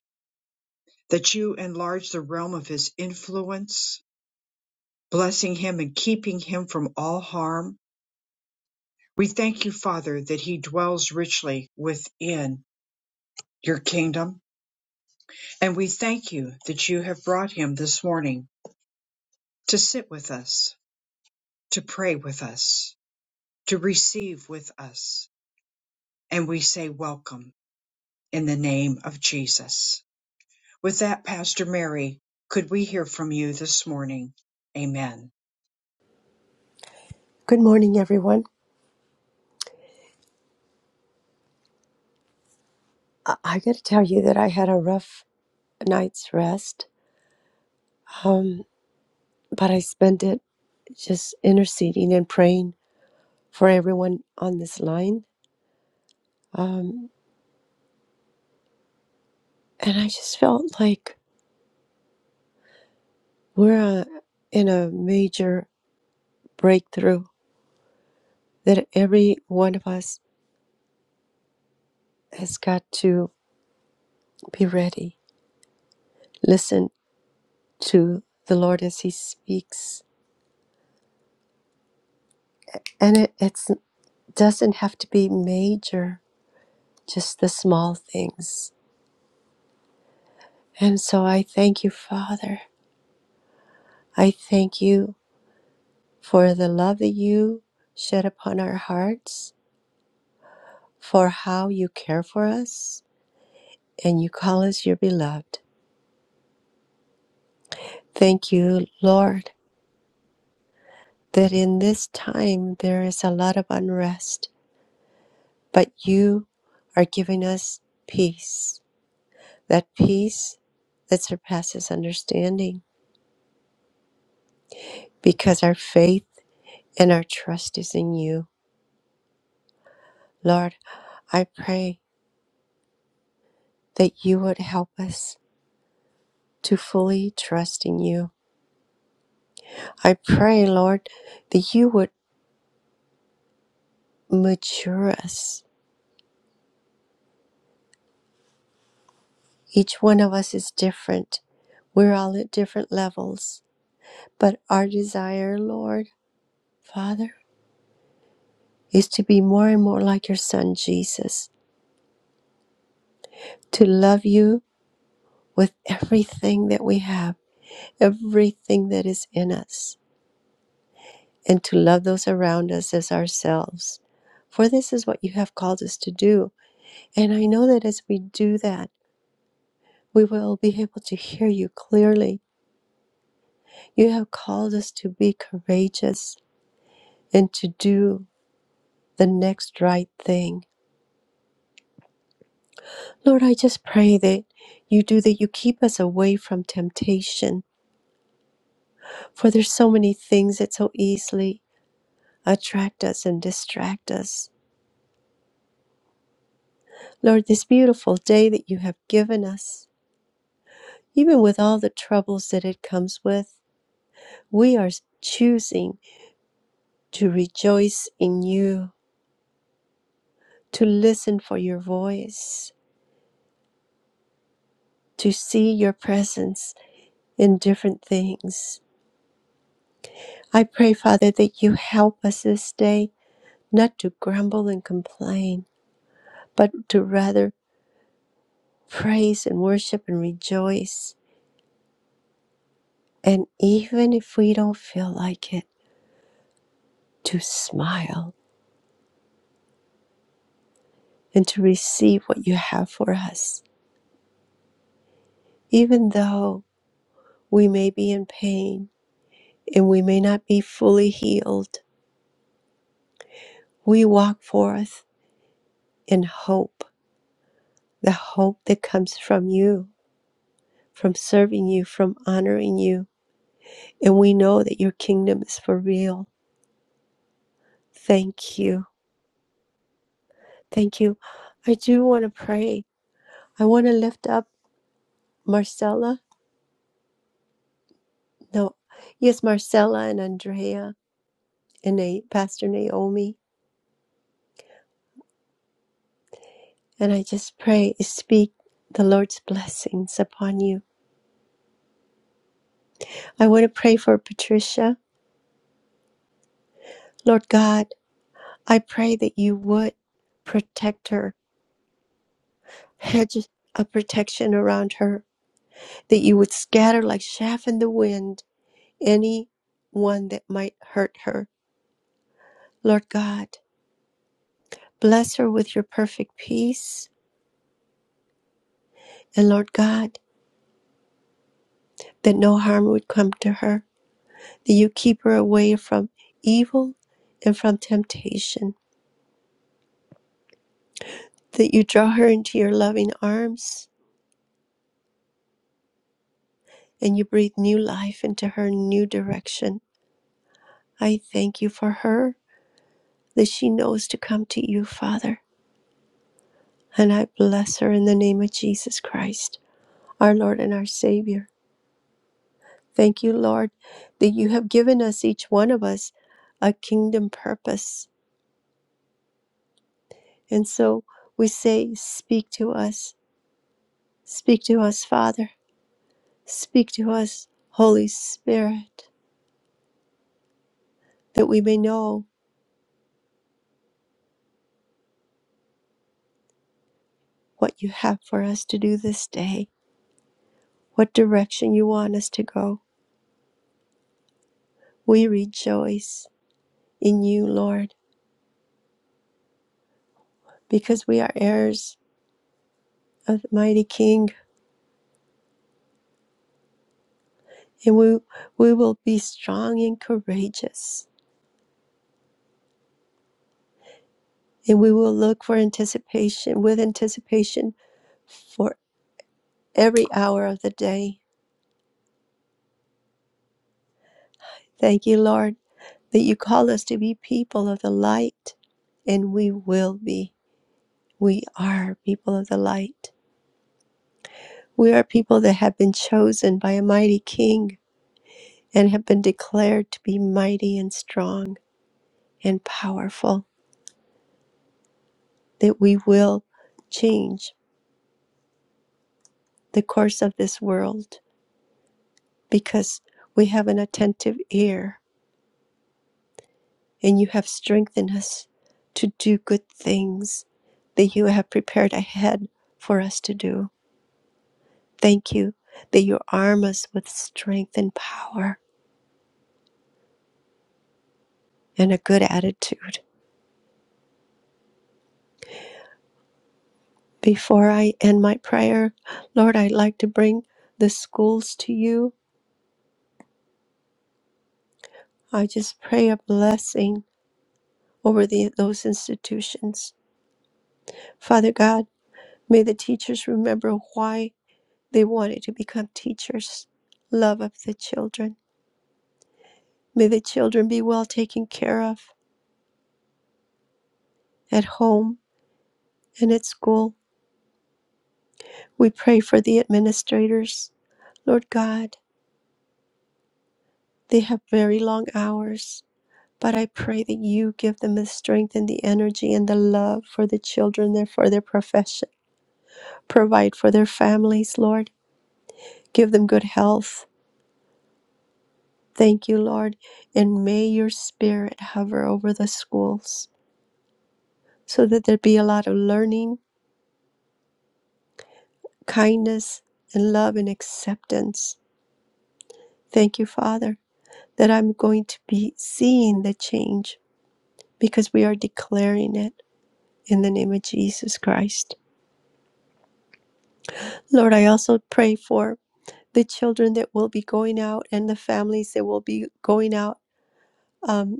Speaker 1: that you enlarge the realm of his influence, blessing him and keeping him from all harm We thank you, Father, that he dwells richly within your kingdom. And we thank you that you have brought him this morning to sit with us, to pray with us, to receive with us. And we say welcome in the name of Jesus. With that, Pastor Mary, could we hear from you this morning? Amen.
Speaker 7: Good morning, everyone. I, I got to tell you that I had a rough night's rest, um, but I spent it just interceding and praying for everyone on this line. And I just felt like we're uh, in a major breakthrough that every one of us has got to be ready, listen to the Lord as He speaks. And it it's, doesn't have to be major, just the small things And so I thank you, Father. I thank you for the love that you shed upon our hearts, for how you care for us, and you call us your beloved. Thank you, Lord, that in this time there is a lot of unrest, but you are giving us peace, that peace that surpasses understanding, because our faith and our trust is in you. Lord, I pray that you would help us to fully trust in you. I pray, Lord, that you would mature us. Each one of us is different. We're all at different levels. But our desire, Lord, Father, is to be more and more like your Son, Jesus, to love you with everything that we have, everything that is in us, and to love those around us as ourselves. For this is what you have called us to do. And I know that as we do that, we will be able to hear you clearly. You have called us to be courageous and to do the next right thing. Lord, I just pray that you do that. You keep us away from temptation, for there's so many things that so easily attract us and distract us. Lord, this beautiful day that you have given us, even with all the troubles that it comes with, we are choosing to rejoice in you, to listen for your voice to see your presence in different things. I pray, Father, that you help us this day not to grumble and complain, but to rather praise and worship and rejoice. And even if we don't feel like it, to smile and to receive what you have for us. Even though we may be in pain and we may not be fully healed, we walk forth in hope, the hope that comes from you from serving you, from honoring you. And we know that your kingdom is for real. Thank you. Thank you. I do want to pray. I want to lift up Marcella. No, yes, Marcella and Andrea and Na- Pastor Naomi. And I just pray, speak the Lord's blessings upon you. I want to pray for Patricia. Lord God, I pray that you would protect her, hedge a protection around her that you would scatter like chaff in the wind any one that might hurt her. Lord God, bless her with your perfect peace. And Lord God, that no harm would come to her, that you keep her away from evil and from temptation, that you draw her into your loving arms and you breathe new life into her new direction. I thank you for her, that she knows to come to you, Father. And I bless her in the name of Jesus Christ. our Lord and our Savior. Thank you, Lord, that you have given us, each one of us, a kingdom purpose. And so we say, Speak to us. Speak to us, Father. Speak to us, Holy Spirit, that we may know what you have for us to do this day, what direction you want us to go. We rejoice in you, Lord, because we are heirs of the mighty King, and we, we will be strong and courageous and we will look for anticipation with anticipation for every hour of the day. Thank you, Lord, that you call us to be people of the light, and we will be. We are people of the light. We are people that have been chosen by a mighty king and have been declared to be mighty and strong and powerful, that we will change the course of this world because we have an attentive ear and you have strengthened us to do good things that you have prepared ahead for us to do. Thank you that you arm us with strength and power and a good attitude. Before I end my prayer, Lord, I'd like to bring the schools to you. I just pray a blessing over the, those institutions. Father God, may the teachers remember why they wanted to become teachers love of the children May the children be well taken care of at home and at school. We pray for the administrators. Lord God, they have very long hours, but I pray that you give them the strength and the energy and the love for the children and for their profession. Provide for their families, Lord. Give them good health. Thank you, Lord. And may your spirit hover over the schools so that there be a lot of learning, kindness, and love and acceptance. Thank you, Father. that I'm going to be seeing the change because we are declaring it in the name of Jesus Christ. Lord, I also pray for the children that will be going out and the families that will be going out um,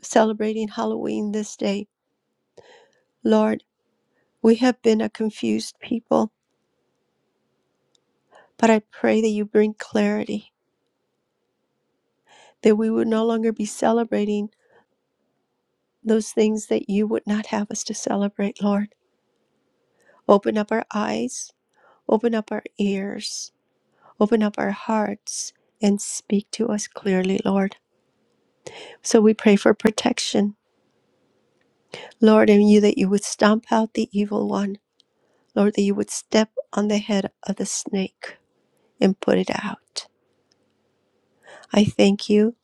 Speaker 7: celebrating Halloween this day. Lord, we have been a confused people, but I pray that you bring clarity, that we would no longer be celebrating those things that you would not have us to celebrate, Lord. Open up our eyes, open up our ears, Open up our hearts and speak to us clearly, Lord. So we pray for protection, Lord, and you that you would stomp out the evil one, Lord, that you would step on the head of the snake and put it out. I thank you,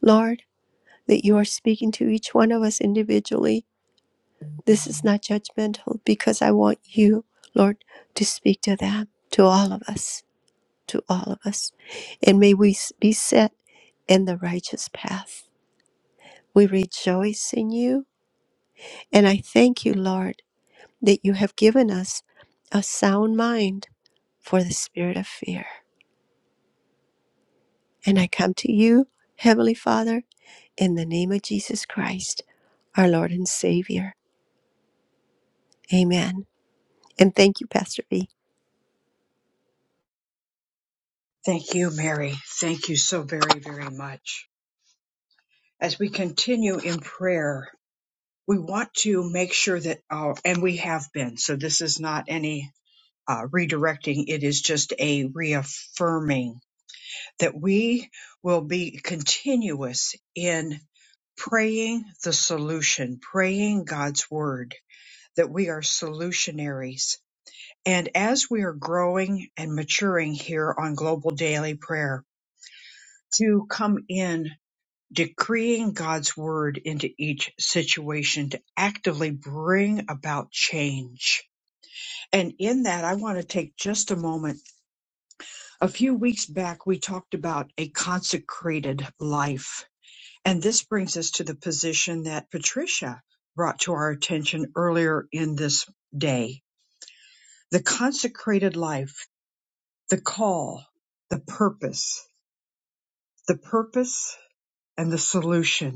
Speaker 7: Lord, that you are speaking to each one of us individually. This is not judgmental because I want you, Lord, to speak to them, to all of us, to all of us. And may we be set in the righteous path. We rejoice in you. And I thank you, Lord, that you have given us a sound mind for the spirit of fear. And I come to you, Heavenly Father, in the name of Jesus Christ, our Lord and Savior. Amen. And thank you, Pastor V.
Speaker 1: Thank you, Mary. Thank you so very, very much. As we continue in prayer, we want to make sure that, uh, and we have been, so this is not any uh, redirecting, it is just a reaffirming that we will be continuous in praying the solution, praying God's word, that we are solutionaries. And as we are growing and maturing here on Global Daily Prayer, to come in decreeing God's word into each situation to actively bring about change. And in that, I want to take just a moment. A few weeks back, we talked about a consecrated life. And this brings us to the position that Patricia brought to our attention earlier in this day the consecrated life, the call, the purpose, the purpose and the solution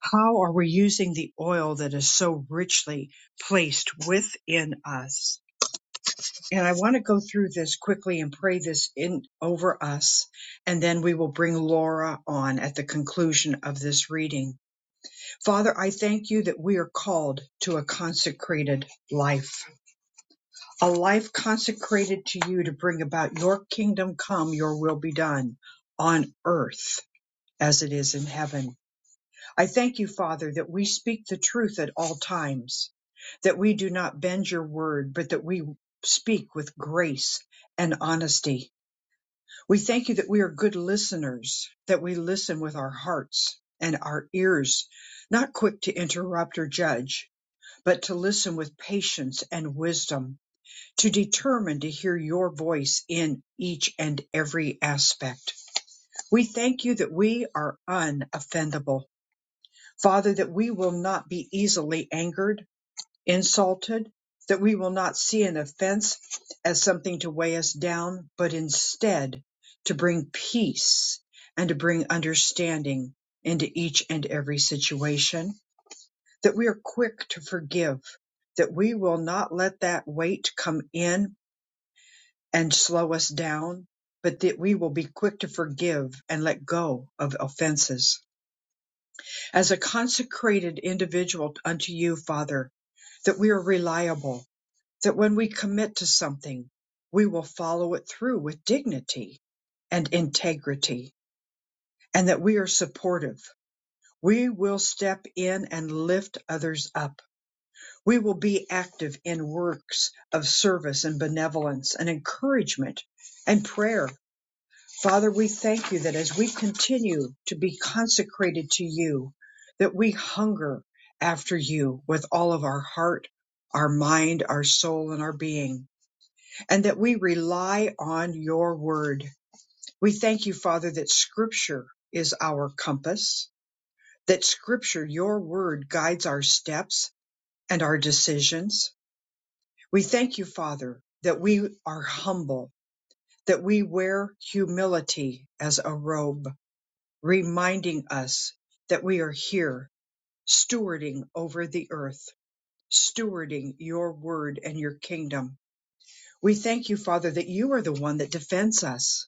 Speaker 1: How are we using the oil that is so richly placed within us? And I want to go through this quickly and pray this in over us, and then we will bring Laura on at the conclusion of this reading. Father, I thank you that we are called to a consecrated life, a life consecrated to you to bring about your kingdom come, your will be done on earth as it is in heaven. I thank you, Father, that we speak the truth at all times, that we do not bend your word, but that we speak with grace and honesty. We thank you that we are good listeners, that we listen with our hearts and our ears, not quick to interrupt or judge, but to listen with patience and wisdom, to determine to hear your voice in each and every aspect. We thank you that we are unoffendable Father, that we will not be easily angered, insulted, that we will not see an offense as something to weigh us down, but instead to bring peace and to bring understanding into each and every situation, that we are quick to forgive, that we will not let that weight come in and slow us down, but that we will be quick to forgive and let go of offenses as a consecrated individual unto you, Father, that we are reliable, that when we commit to something, we will follow it through with dignity and integrity, and that we are supportive. We will step in and lift others up. We will be active in works of service and benevolence and encouragement and prayer Father, we thank you that as we continue to be consecrated to you, that we hunger after you with all of our heart, our mind, our soul, and our being, and that we rely on your word. We thank you, Father, that scripture is our compass, that scripture, your word, guides our steps and our decisions. We thank you, Father, that we are humble, that we wear humility as a robe reminding us that we are here stewarding over the earth, stewarding your word and your kingdom. We thank you, Father, that you are the one that defends us.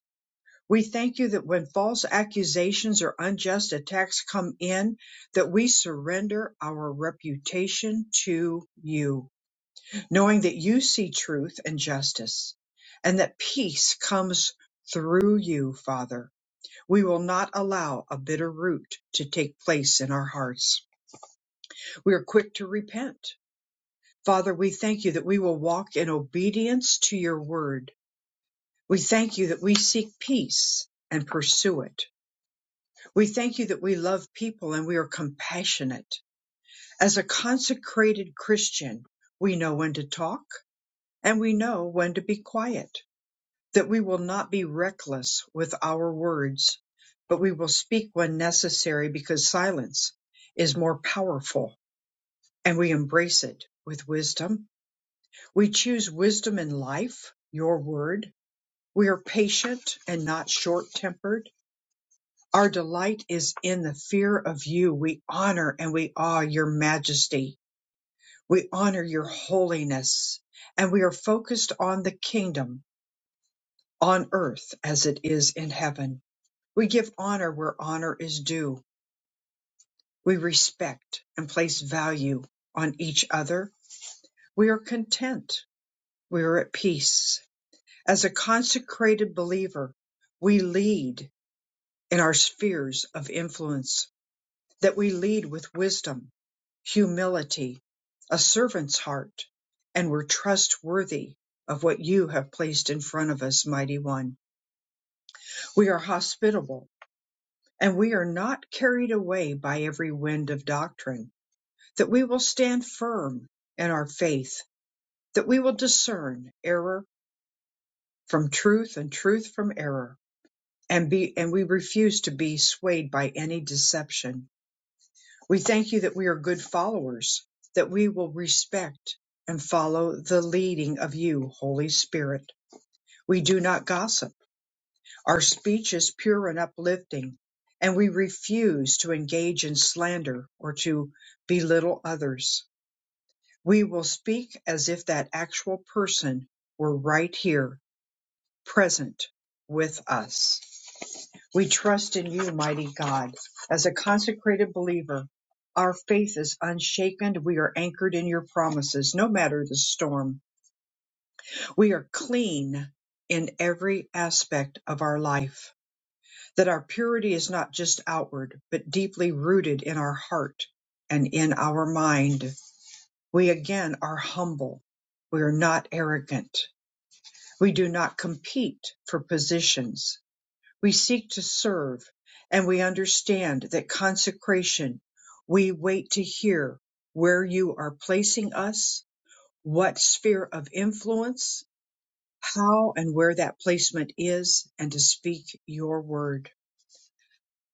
Speaker 1: We thank you that when false accusations or unjust attacks come in, that we surrender our reputation to you, knowing that you see truth and justice and that peace comes through you, Father we will not allow a bitter root to take place in our hearts. We are quick to repent. Father, we thank you that we will walk in obedience to your word. We thank you that we seek peace and pursue it. We thank you that we love people and we are compassionate. As a consecrated Christian, we know when to talk and we know when to be quiet. that we will not be reckless with our words, but we will speak when necessary because silence is more powerful and we embrace it with wisdom. We choose wisdom in life, your word. We are patient and not short tempered. Our delight is in the fear of you. We honor and we awe your majesty. We honor your holiness and we are focused on the kingdom on earth as it is in heaven We give honor where honor is due. We respect and place value on each other. We are content. We are at peace. As a consecrated believer, we lead in our spheres of influence, that we lead with wisdom, humility, a servant's heart, and we're trustworthy of what you have placed in front of us, mighty one. We are hospitable and we are not carried away by every wind of doctrine that we will stand firm in our faith, that we will discern error from truth and truth from error, and be and we refuse to be swayed by any deception. We thank you that we are good followers, that we will respect and follow the leading of you, Holy Spirit. We do not gossip. Our speech is pure and uplifting, and we refuse to engage in slander or to belittle others. We will speak as if that actual person were right here, present with us. We trust in you, mighty God. As a consecrated believer, our faith is unshaken. We are anchored in your promises, no matter the storm. We are clean in every aspect of our life, that our purity is not just outward, but deeply rooted in our heart and in our mind. We again are humble. We are not arrogant We do not compete for positions. We seek to serve, and we understand that consecration, we wait to hear where you are placing us, what sphere of influence, how and where that placement is, and to speak your word.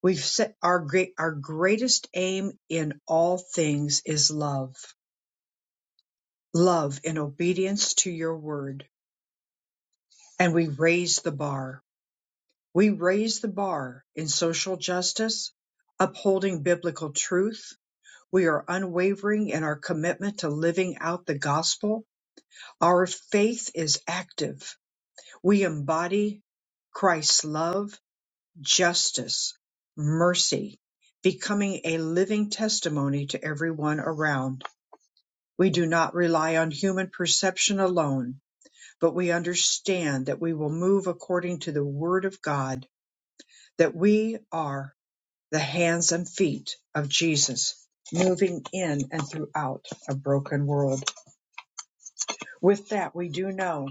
Speaker 1: We've set our great, our greatest aim in all things is love, love in obedience to your word, and we raise the bar We raise the bar in social justice, upholding biblical truth. We are unwavering in our commitment to living out the gospel. Our faith is active. We embody Christ's love, justice, mercy, becoming a living testimony to everyone around. We do not rely on human perception alone, but we understand that we will move according to the Word of God, that we are the hands and feet of Jesus moving in and throughout a broken world. With that, we do know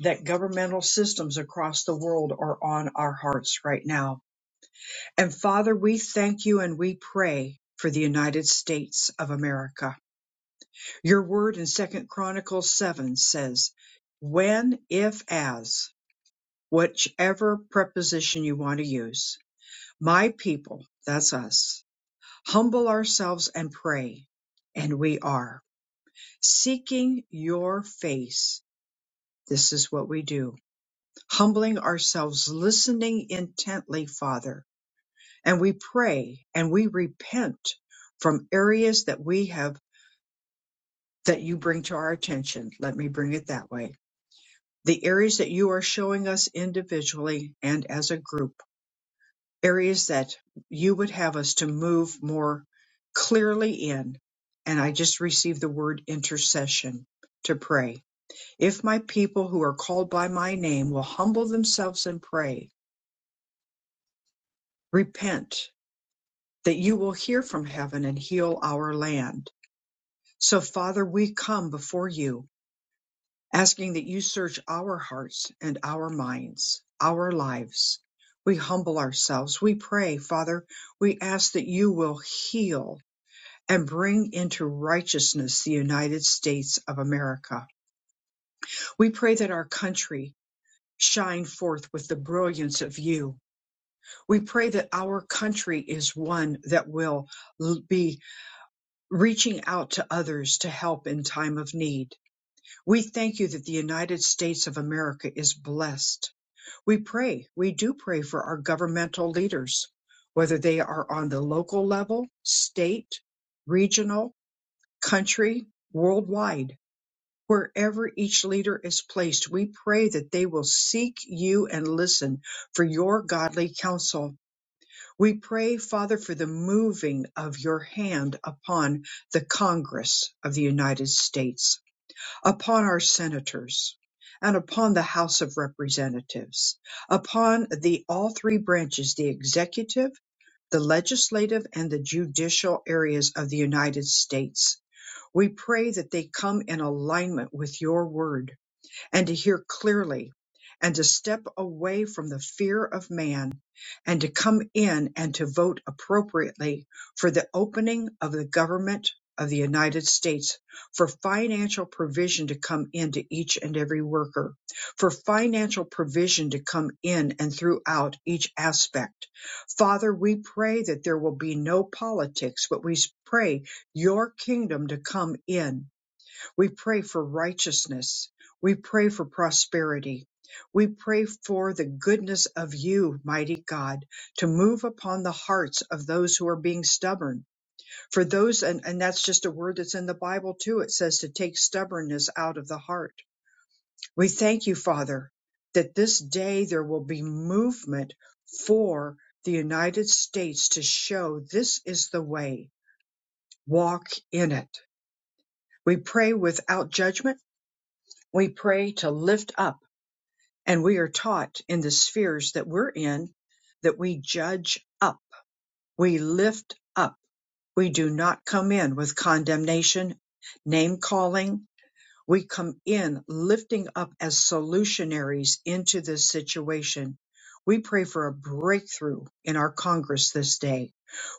Speaker 1: that governmental systems across the world are on our hearts right now. And Father, we thank you and we pray for the United States of America. Your word in 2nd Chronicles 7 says, "When if as, whichever preposition you want to use, my people, that's us, humble ourselves and pray. And we are seeking your face. This is what we do. Humbling ourselves, listening intently, Father. And we pray and we repent from areas that we have that you bring to our attention. Let me bring it that way. The areas that you are showing us individually and as a group areas that you would have us to move more clearly in. And I just received the word intercession to pray. If my people who are called by my name will humble themselves and pray, repent, that you will hear from heaven and heal our land. So, Father, we come before you, asking that you search our hearts and our minds, our lives. We humble ourselves. We pray, Father, we ask that you will heal and bring into righteousness the United States of America. We pray that our country shine forth with the brilliance of you. We pray that our country is one that will be reaching out to others to help in time of need. We thank you that the United States of America is blessed. We pray, we do pray for our governmental leaders, whether they are on the local level, state, regional, country, worldwide Wherever each leader is placed, we pray that they will seek you and listen for your godly counsel. We pray, Father, for the moving of your hand upon the Congress of the United States, upon our senators, and upon the House of Representatives, upon the all three branches, the executive, the legislative, and the judicial areas of the United States. We pray that they come in alignment with your word and to hear clearly and to step away from the fear of man and to come in and to vote appropriately for the opening of the government of the United States for financial provision to come into each and every worker, for financial provision to come in and throughout each aspect. Father, we pray that there will be no politics, but we pray your kingdom to come in we pray for righteousness. We pray for prosperity. We pray for the goodness of you, mighty God, to move upon the hearts of those who are being stubborn. For those, and, and that's just a word that's in the Bible too, it says to take stubbornness out of the heart. We thank you, Father, that this day there will be movement for the United States to show this is the way. Walk in it. We pray without judgment We pray to lift up, and we are taught in the spheres that we're in that we judge up, we lift up. We do not come in with condemnation, name calling, we come in lifting up as solutionaries into this situation. We pray for a breakthrough in our Congress this day.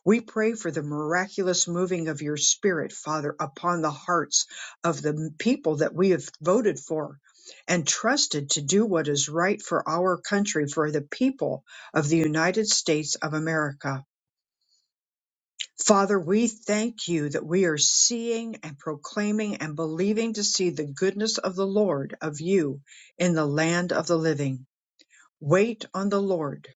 Speaker 1: We pray for the miraculous moving of your spirit, Father, upon the hearts of the people that we have voted for and trusted to do what is right for our country, for the people of the United States of America. Father, we thank you that we are seeing and proclaiming and believing to see the goodness of the Lord of you in the land of the living. Wait on the Lord.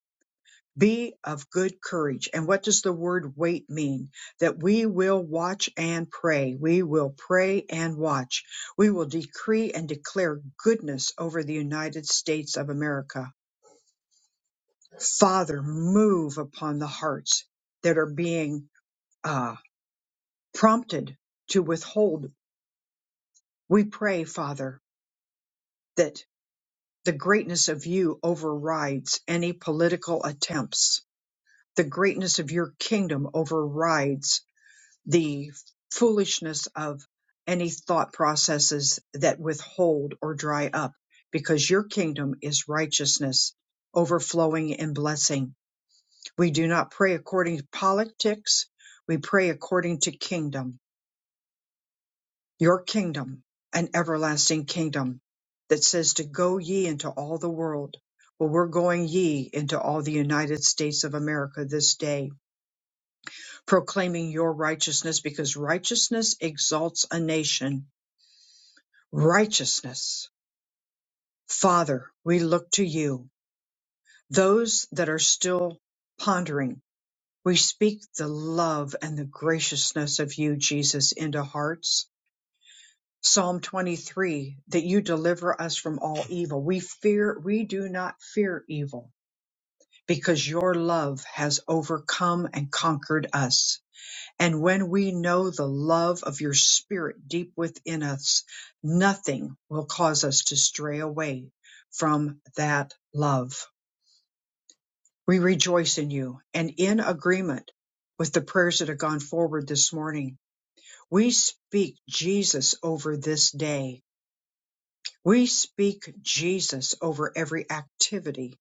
Speaker 1: Be of good courage. And what does the word wait mean? That we will watch and pray. We will pray and watch. We will decree and declare goodness over the United States of America. Father, move upon the hearts that are being uh, prompted to withhold We pray, Father, that the greatness of you overrides any political attempts. The greatness of your kingdom overrides the foolishness of any thought processes that withhold or dry up, because your kingdom is righteousness overflowing in blessing. We do not pray according to politics, we pray according to kingdom. your kingdom, an everlasting kingdom that says to go ye into all the world. Well, we're going ye into all the United States of America this day, proclaiming your righteousness because righteousness exalts a nation. Righteousness. Father, we look to you. Those that are still pondering, we speak the love and the graciousness of you, Jesus, into hearts Psalm 23 that you deliver us from all evil. We fear, we do not fear evil because your love has overcome and conquered us. And when we know the love of your spirit deep within us, nothing will cause us to stray away from that love. We rejoice in you and in agreement with the prayers that have gone forward this morning. We speak Jesus over this day We speak Jesus over every activity.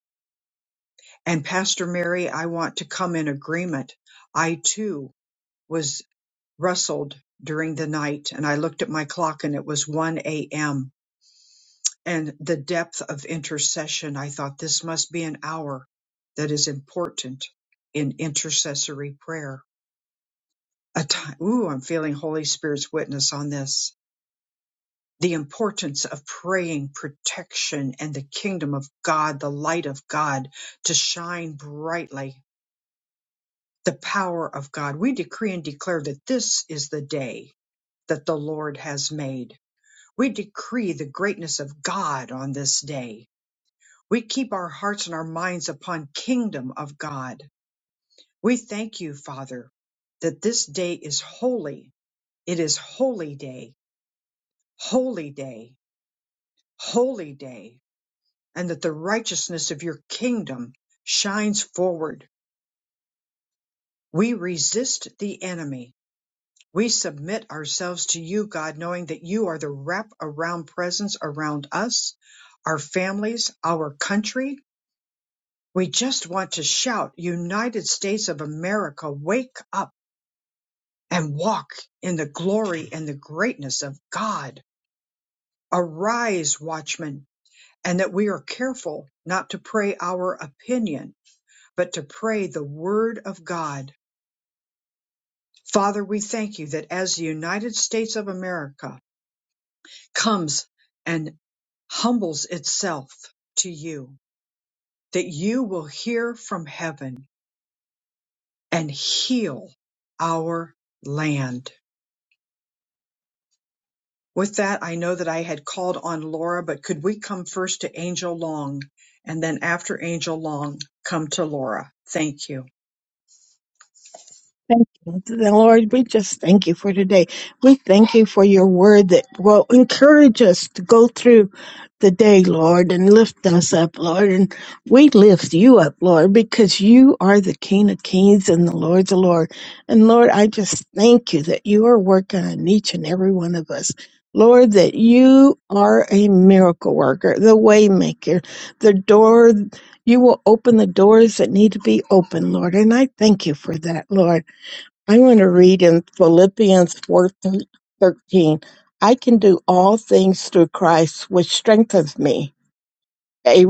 Speaker 1: And Pastor Mary, I want to come in agreement. I too was wrestled during the night and I looked at my clock and it was 1 a.m. and the depth of intercession. I thought this must be an hour that is important in intercessory prayer. A time, ooh, I'm feeling Holy Spirit's witness on this the importance of praying protection and the kingdom of God, the light of God to shine brightly, the power of God. We decree and declare that this is the day that the Lord has made. We decree the greatness of God on this day. We keep our hearts and our minds upon kingdom of God. We thank you, Father, that this day is holy. It is holy day, holy day, holy day. and that the righteousness of your kingdom shines forward. We resist the enemy. We submit ourselves to you, God, knowing that you are the wrap around presence around us, our families, our country. We just want to shout, United States of America, wake up and walk in the glory and the greatness of God. Arise, watchmen, and that we are careful not to pray our opinion but to pray the word of God. Father, we thank you that as the United States of America comes and humbles itself to you, that you will hear from heaven and heal our land. With that, I know that I had called on Laura, but could we come first to Angel Long and then after Angel Long, come to Laura? Thank you.
Speaker 8: Thank you. Then, Lord, we just thank you for today. We thank you for your word that will encourage us to go through the day, Lord, and lift us up, Lord. And we lift you up, Lord, because you are the King of Kings and the Lord of Lord. And Lord, I just thank you that you are working on each and every one of us. Lord, that you are a miracle worker, the way maker, the door you will open the doors that need to be open, Lord. And I thank you for that, Lord. I want to read in Philippians 4 13. I can do all things through Christ, which strengthens me. A,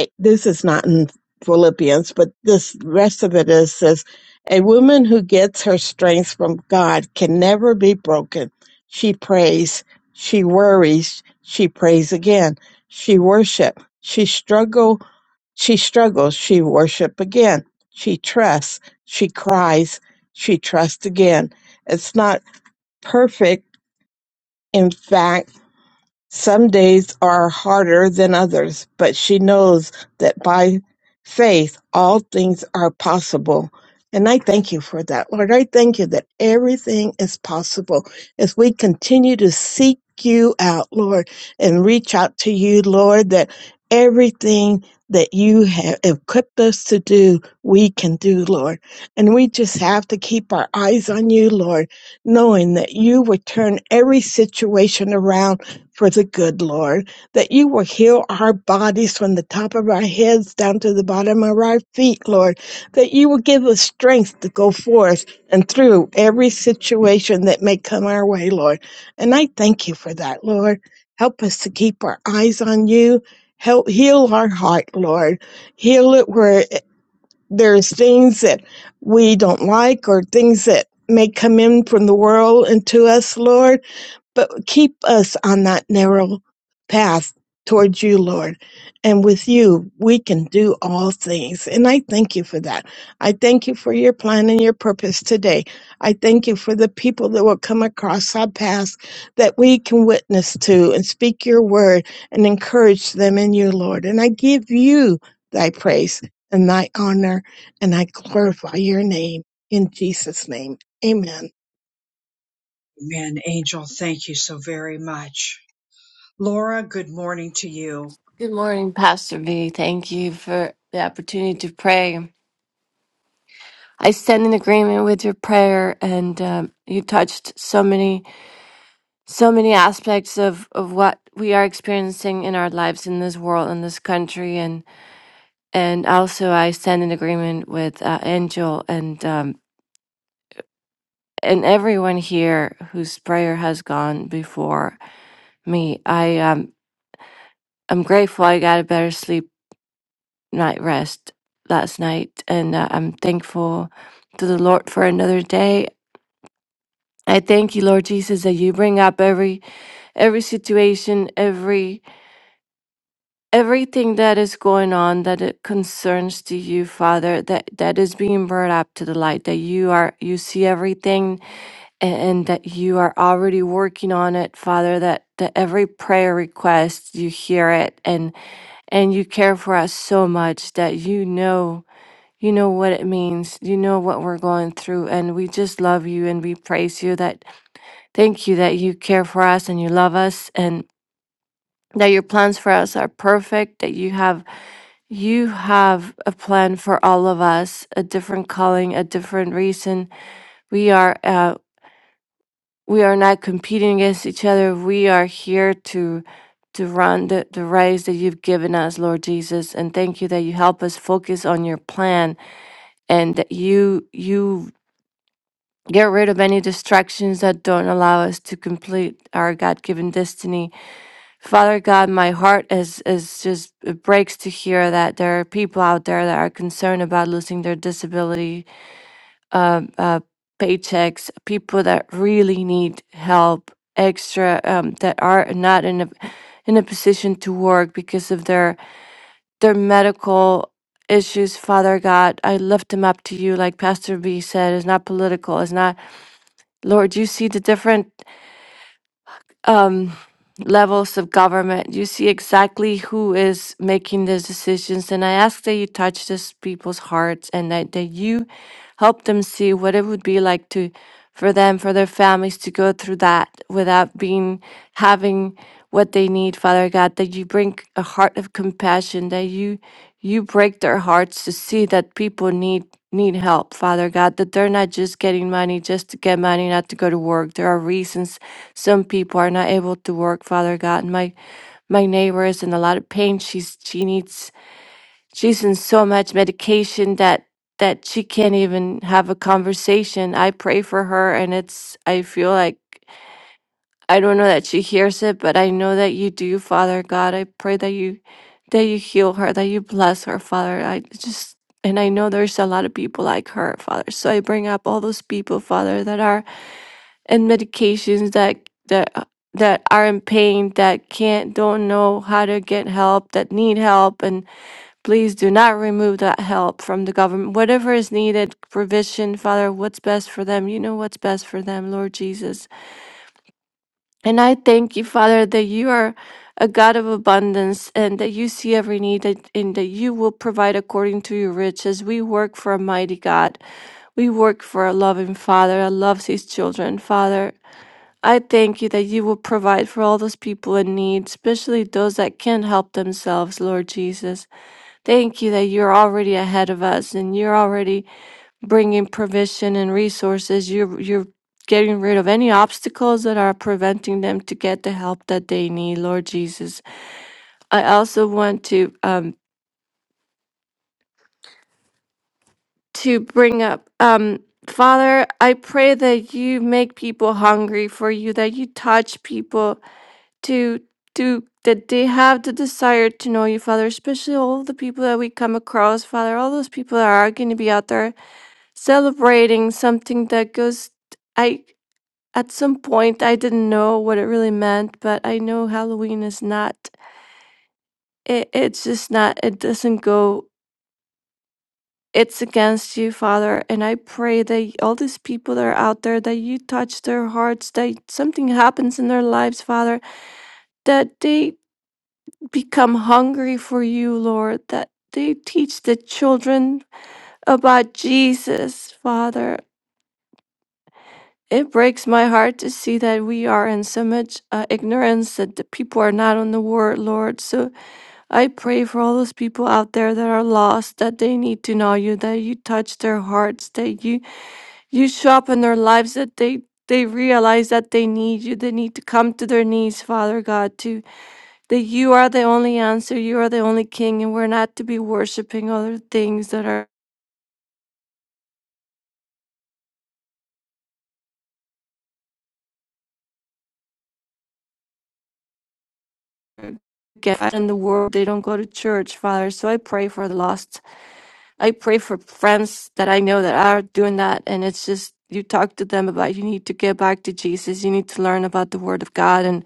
Speaker 8: a- this is not in Philippians, but this rest of it is says, A woman who gets her strength from God can never be broken. She prays, she worries, she prays again, she worship, she struggles she struggles, she worship again. She trusts, she cries, she trusts again. It's not perfect. In fact, some days are harder than others, but she knows that by faith all things are possible. And I thank you for that, Lord. I thank you that everything is possible as we continue to seek you out, Lord, and reach out to you, Lord, that everything that you have equipped us to do, we can do, Lord. And we just have to keep our eyes on you, Lord, knowing that you would turn every situation around for the good Lord, that you will heal our bodies from the top of our heads down to the bottom of our feet, Lord, that you will give us strength to go forth and through every situation that may come our way, Lord. And I thank you for that, Lord. Help us to keep our eyes on you. Help heal our heart, Lord. Heal it where there's things that we don't like or things that may come in from the world into us, Lord but keep us on that narrow path towards you, Lord. And with you, we can do all things. And I thank you for that. I thank you for your plan and your purpose today. I thank you for the people that will come across our path that we can witness to and speak your word and encourage them in you, Lord. And I give you thy praise and thy honor, and I glorify your name in Jesus' name. Amen.
Speaker 1: Amen. Angel, thank you so very much. Laura, good morning to you.
Speaker 9: Good morning, Pastor V. Thank you for the opportunity to pray. I stand in agreement with your prayer, and um, you touched so many, so many aspects of, of what we are experiencing in our lives in this world, in this country, and and also I stand in agreement with uh, Angel and um, and everyone here whose prayer has gone before me. I um, I'm grateful I got a better sleep night rest last night, and uh, I'm thankful to the Lord for another day. I thank you, Lord Jesus, that you bring up every every situation, every everything that is going on that it concerns to you, Father, that that is being brought up to the light. That you are you see everything, and, and that you are already working on it, Father. That that every prayer request you hear it, and and you care for us so much that you know You know what it means. You know what we're going through. And we just love you and we praise you that thank you that you care for us and you love us and that your plans for us are perfect, that you have you have a plan for all of us, a different calling, a different reason. We are uh, we are not competing against each other. We are here to to run the, the race that you've given us, Lord Jesus. And thank you that you help us focus on your plan and that you you Get rid of any distractions that don't allow us to complete our God given destiny. Father God, my heart is, is just, it breaks to hear that there are people out there that are concerned about losing their disability, uh, uh, paychecks, people that really need help, extra, um, that are not in a, in a position to work because of their, their medical issues, Father God. I lift them up to you. Like Pastor B said, it's not political, it's not Lord, you see the different um, levels of government. You see exactly who is making those decisions. And I ask that you touch these people's hearts and that, that you help them see what it would be like to for them, for their families to go through that without being having what they need, Father God, that you bring a heart of compassion, that you you break their hearts to see that people need need help, Father God, that they're not just getting money just to get money, not to go to work. There are reasons some people are not able to work, Father God. My my neighbor is in a lot of pain. She's she needs she's in so much medication that that she can't even have a conversation. I pray for her and it's I feel like I don't know that she hears it, but I know that you do, Father God. I pray that you that you heal her, that you bless her, Father. I just and I know there's a lot of people like her, Father. So I bring up all those people, Father, that are and medications that that uh, that are in pain that can't don't know how to get help that need help and please do not remove that help from the government whatever is needed provision father what's best for them you know what's best for them lord jesus and i thank you father that you are a god of abundance and that you see every need that, and that you will provide according to your riches we work for a mighty god we work for a loving father that loves his children father I thank you that you will provide for all those people in need, especially those that can't help themselves, Lord Jesus. Thank you that you're already ahead of us and you're already bringing provision and resources. You're, you're getting rid of any obstacles that are preventing them to get the help that they need, Lord Jesus. I also want to, um, to bring up, um, Father, I pray that you make people hungry for you, that you touch people to to that they have the desire to know you, Father, especially all the people that we come across, Father, all those people that are going to be out there celebrating something that goes I at some point I didn't know what it really meant, but I know Halloween is not it, it's just not it doesn't go it's against you, Father, and I pray that all these people that are out there that you touch their hearts, that something happens in their lives, Father, that they become hungry for you, Lord, that they teach the children about Jesus, Father. It breaks my heart to see that we are in so much uh, ignorance that the people are not on the word, Lord. So I pray for all those people out there that are lost, that they need to know you, that you touch their hearts, that you you show up in their lives, that they they realize that they need you. They need to come to their knees, Father God, to that you are the only answer, you are the only king, and we're not to be worshiping other things that are God in the world. They don't go to church, Father. So I pray for the lost. I pray for friends that I know that are doing that, and it's just you talk to them about you need to get back to Jesus. You need to learn about the Word of God, and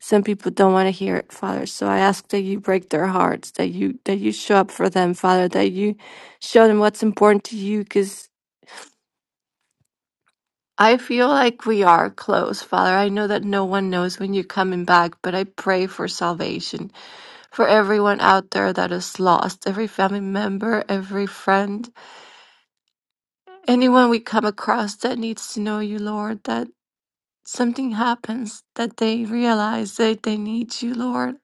Speaker 9: some people don't want to hear it, Father. So I ask that you break their hearts, that you that you show up for them, Father, that you show them what's important to you, because. I feel like we are close, Father. I know that no one knows when you're coming back, but I pray for salvation for everyone out there that is lost, every family member, every friend, anyone we come across that needs to know you, Lord, that something happens, that they realize that they need you, Lord,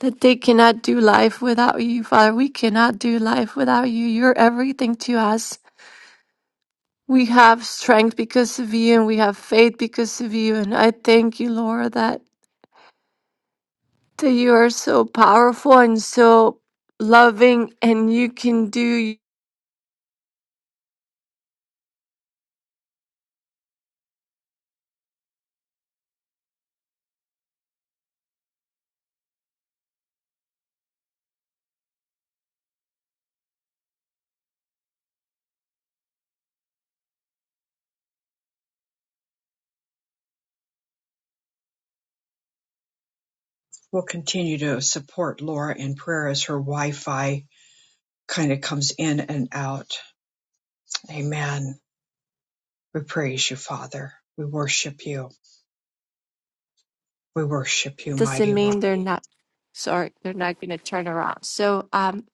Speaker 9: that they cannot do life without you, Father. We cannot do life without you. You're everything to us. We have strength because of you and we have faith because of you. And I thank you, Lord, that. that you are so powerful and so loving and you can do
Speaker 1: we'll continue to support Laura in prayer as her Wi Fi kind of comes in and out. Amen. We praise you, Father. We worship you. We worship you,
Speaker 9: doesn't
Speaker 1: mighty one.
Speaker 9: mean they're not sorry they're not going to turn around so um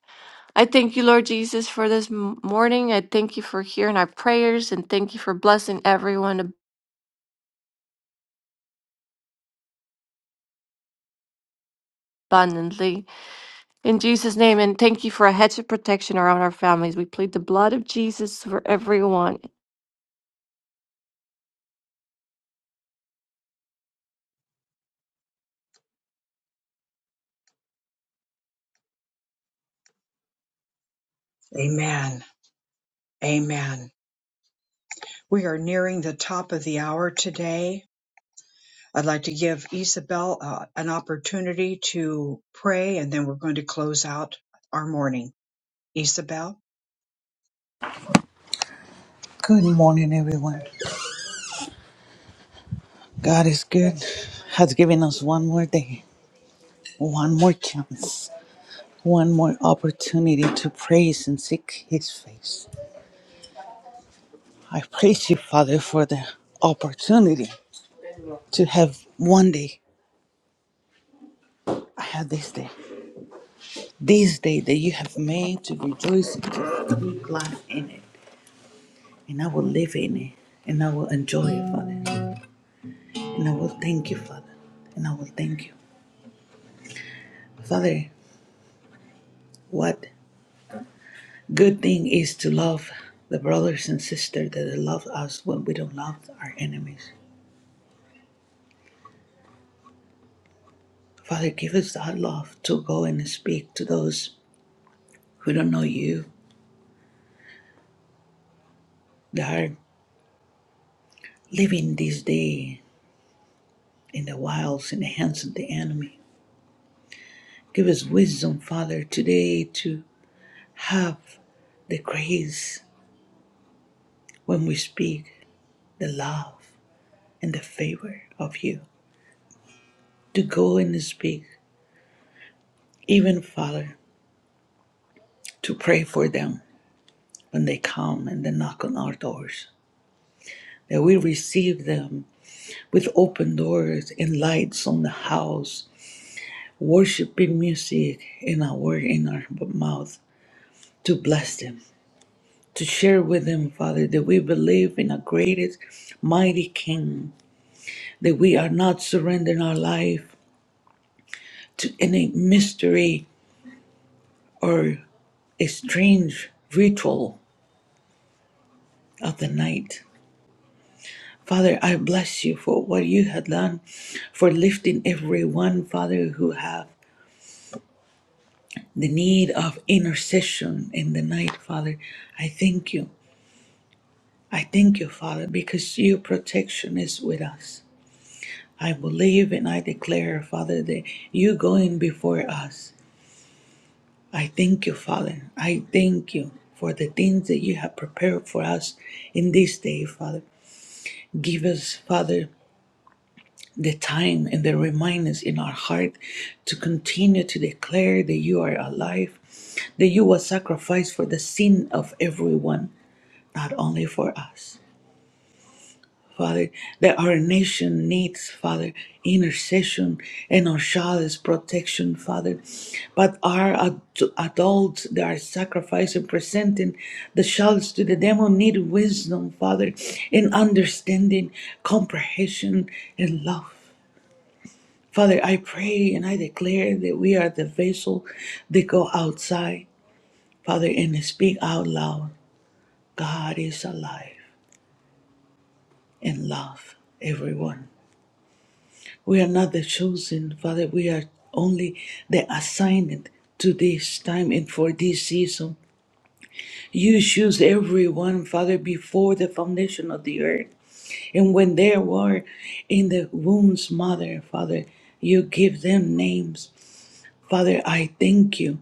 Speaker 9: i thank you lord jesus for this m- morning i thank you for hearing our prayers and thank you for blessing everyone abundantly in jesus name and thank you for a hedge of protection around our families we plead the blood of jesus for everyone
Speaker 1: Amen. Amen. We are nearing the top of the hour today. I'd like to give Isabel uh, an opportunity to pray, and then we're going to close out our morning. Isabel?
Speaker 10: Good morning, everyone. God is good, has given us one more day, one more chance, one more opportunity to praise and seek His face. I praise you, Father, for the opportunity to have one day. I have this day, this day that you have made to rejoice and to be glad in it. And I will live in it, and I will enjoy it, Father. And I will thank you, Father. And I will thank you. Father, what Good thing is to love the brothers and sisters that love us when we don't love our enemies. Father, give us that love to go and speak to those who don't know you, that are living this day in the wilds in the hands of the enemy. Give us wisdom, Father, today to have the grace when we speak, the love and the favor of you, to go and speak, even, Father, to pray for them when they come and they knock on our doors. That we receive them with open doors and lights on the house, worshiping music in our word in our mouth to bless them, to share with them, Father, that we believe in a greatest, mighty King, that we are not surrendering our life to any mystery or a strange ritual of the night, Father, I bless you for what you have done, for lifting everyone, Father, who have the need of intercession in the night, Father. I thank you. I thank you, Father, because your protection is with us. I believe and I declare, Father, that you going before us. I thank you, Father. I thank you for the things that you have prepared for us in this day, Father. Give us, Father, the time and the reminders in our heart to continue to declare that you are alive, that you were sacrificed for the sin of everyone, not only for us. Father, that our nation needs, Father, intercession and our child's protection, Father. But our ad- adults that are sacrificing, presenting the childs to the demon need wisdom, Father, and understanding, comprehension, and love. Father, I pray and I declare that we are the vessel that go outside, Father, and speak out loud. God is alive and love everyone. We are not the chosen, Father. We are only the assigned to this time and for this season. You choose everyone, Father, before the foundation of the earth. And when they were in the womb's mother, Father, you give them names. Father, I thank you.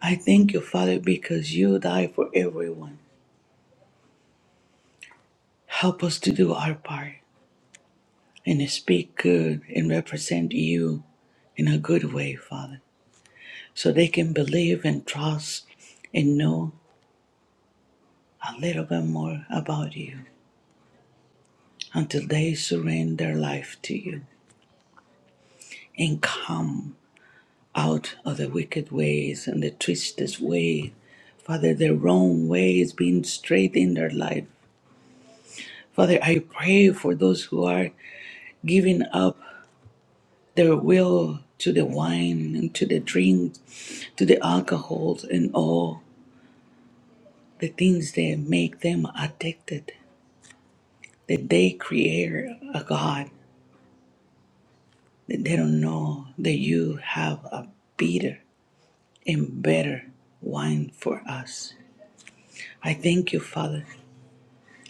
Speaker 10: I thank you, Father, because you die for everyone. Help us to do our part and speak good and represent you in a good way, Father, so they can believe and trust and know a little bit more about you until they surrender their life to you and come out of the wicked ways and the twisted ways. Father, the wrong way is being straight in their life Father, I pray for those who are giving up their will to the wine and to the drink, to the alcohol and all the things that make them addicted, that they create a God that they don't know that you have a better and better wine for us. I thank you, Father.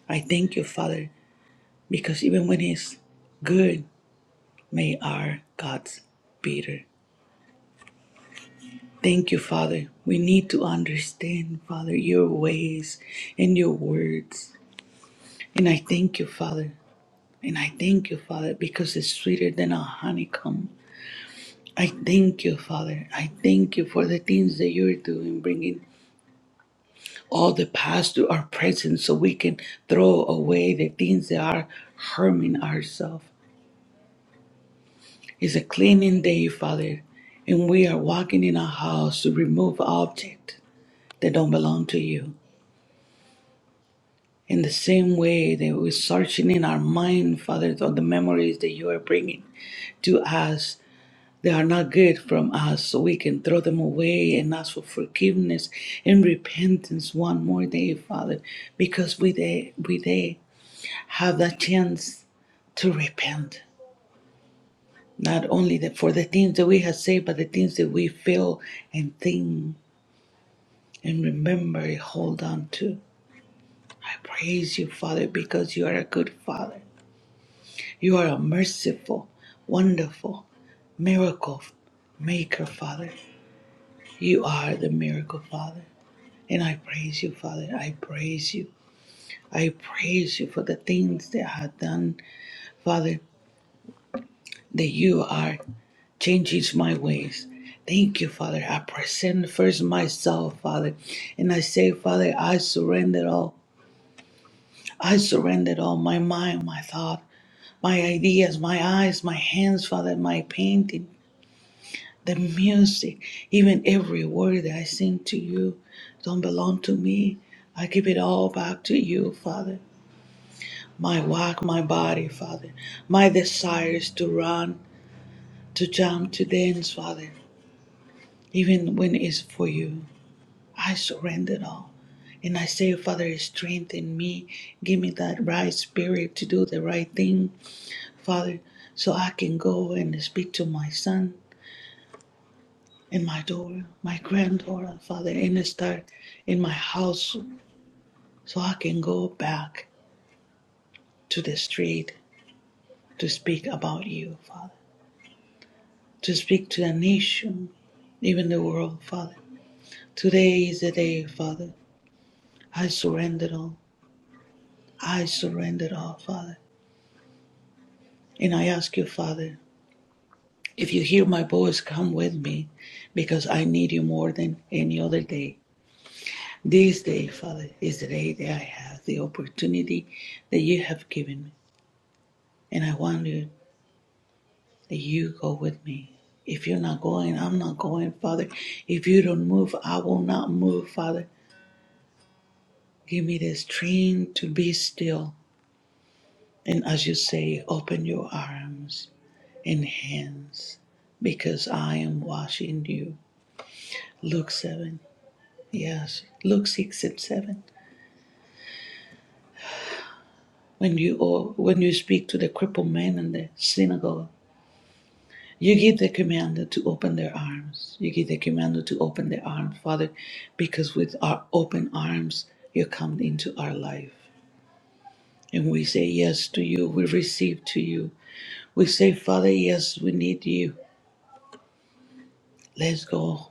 Speaker 10: I thank you, Father, because even when it's good, may our God's bitter. Thank you, Father. We need to understand, Father, your ways and your words. And I thank you, Father. And I thank you, Father, because it's sweeter than a honeycomb. I thank you, Father. I thank you for the things that you're doing, bringing all the past to our present so we can throw away the things that are harming ourselves. It's a cleaning day, Father, and we are walking in a house to remove objects that don't belong to you. In the same way that we're searching in our mind, Father, on the memories that you are bringing to us They are not good from us, so we can throw them away and ask for forgiveness and repentance one more day, Father, because we they, we they have that chance to repent. Not only that for the things that we have said, but the things that we feel and think and remember, and hold on to. I praise you, Father, because you are a good Father. You are a merciful, wonderful miracle maker, Father. You are the miracle, Father. And I praise you, Father. I praise you. I praise you for the things that I have done, Father, that you are changing my ways. Thank you, Father. I present first myself, Father. And I say, Father, I surrender all. I surrender all my mind, my thought, my ideas, my eyes, my hands, Father, my painting. the music, even every word that I sing to you don't belong to me. I give it all back to you, Father. My walk, my body, Father. My desires to run, to jump, to dance, Father. Even when it's for you, I surrender it all. And I say, Father, strengthen me. Give me that right spirit to do the right thing, Father, so I can go and speak to my son in my door, my granddaughter, Father, in the start, in my house, so I can go back to the street to speak about you, Father, to speak to the nation, even the world, Father. Today is the day, Father. I surrender all. I surrender all, Father. And I ask you, Father, if you hear my voice, come with me because I need you more than any other day. This day, Father, is the day that I have the opportunity that you have given me And I want you that you go with me. If you're not going, I'm not going, Father. If you don't move, I will not move, Father. Give me the strength to be still. And as you say, open your arms and hands because I am washing you. Luke 7. Yes, Luke 6 and 7. When you or when you speak to the crippled man in the synagogue, You give the command to open their arms. You give the command to open their arms, Father, because with our open arms, you come into our life. And we say yes to you. We receive to you. We say, Father, yes, we need you. Let's go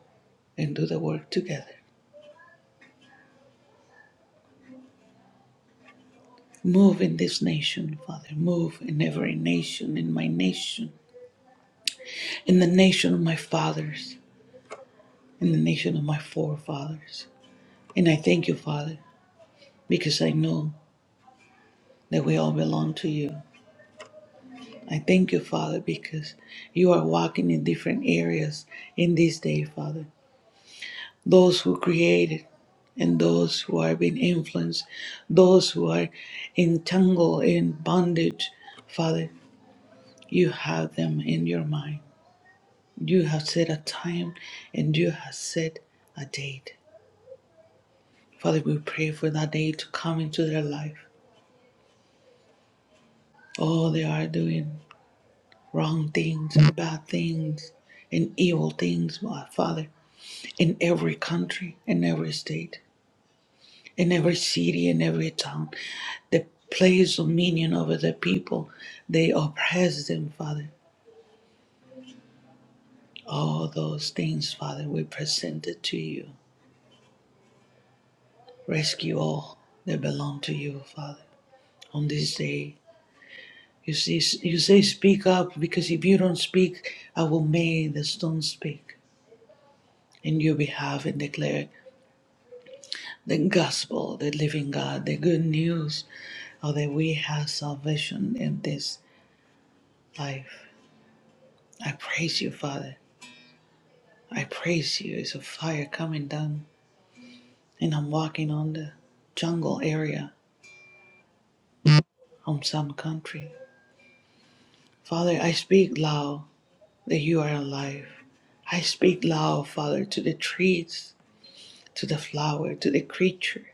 Speaker 10: and do the work together. Move in this nation, Father. Move in every nation, in my nation, in the nation of my fathers, in the nation of my forefathers. And I thank you, Father, because I know that we all belong to you. I thank you, Father, because you are walking in different areas in this day, Father. Those who created and those who are being influenced, those who are entangled in bondage, Father, you have them in your mind. You have set a time and you have set a date. Father, we pray for that day to come into their life. Oh, they are doing wrong things and bad things and evil things, Father. in every country, in every state, in every city, in every town that plays dominion over the people. They oppress them, Father. All those things, Father, we present it to you. Rescue all that belong to you, Father. On this day, you see, you say, speak up, because if you don't speak, I will make the stone speak in your behalf and declare the gospel, the living God, the good news, or that we have salvation in this. life. I praise you, Father. I praise you. It's a fire coming down, and I'm walking on the jungle area on some country. Father, I speak loud that you are alive. I speak loud, Father, to the trees, to the flower, to the creature,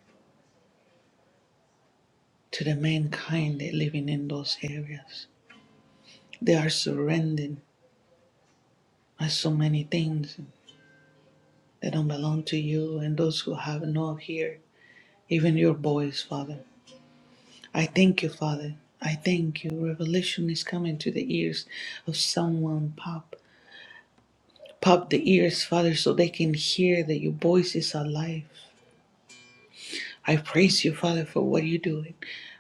Speaker 10: to the mankind that living in those areas. They are surrendered by so many things that don't belong to you and those who have no here, even your voice, Father. I thank you, Father. I thank you. Revelation is coming to the ears of someone. Pop, pop the ears, Father, so they can hear that your voice is alive. I praise you, Father, for what you're doing.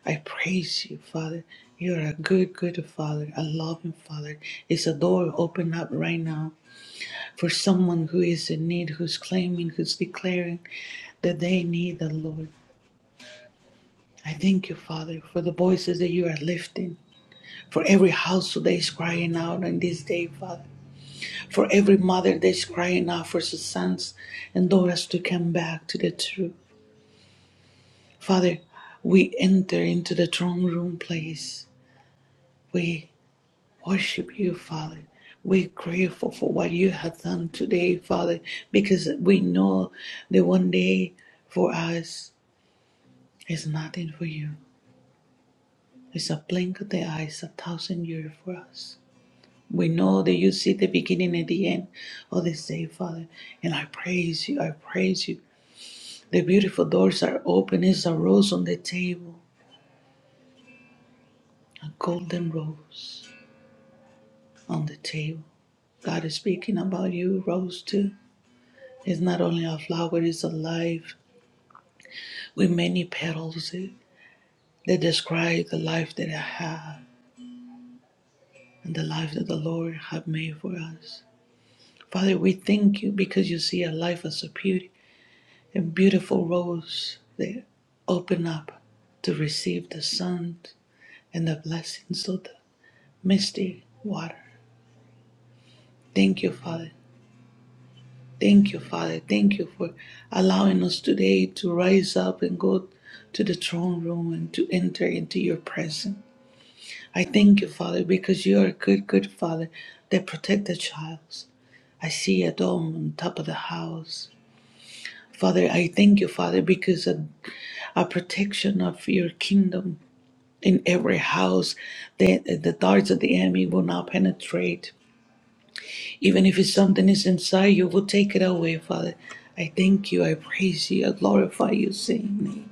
Speaker 10: I praise you, Father. You're a good, good Father, a loving Father. Is a door open up right now for someone who is in need, who's claiming, who's declaring that they need the Lord. I thank you, Father, for the voices that you are lifting. For every household that is crying out on this day, Father. For every mother that is crying out for her sons and daughters to come back to the truth. Father, we enter into the throne room place. We worship you, Father. We're grateful for what you have done today, Father, because we know that one day for us is nothing for you. It's a blink of the eyes, a thousand years for us. We know that you see the beginning and the end of this day, Father. And I praise you. I praise you. The beautiful doors are open. It's a rose on the table, a golden rose on the table. God is speaking about you, rose too. It's not only a flower, it's a life with many petals eh, that describe the life that I have and the life that the Lord have made for us. Father, we thank you because you see our life as a beauty. and beautiful rose there, open up to receive the sun and the blessings of the misty water. Thank you, Father. Thank you, Father. Thank you for allowing us today to rise up and go to the throne room and to enter into your presence. I thank you, Father, because you are a good, good Father that protect the child. I see a dome on top of the house. Father, I thank you, Father, because of a protection of your kingdom in every house. The, the darts of the enemy will not penetrate. Even if it's something is inside you, will take it away, Father. I thank you, I praise you, I glorify you, Saint. name.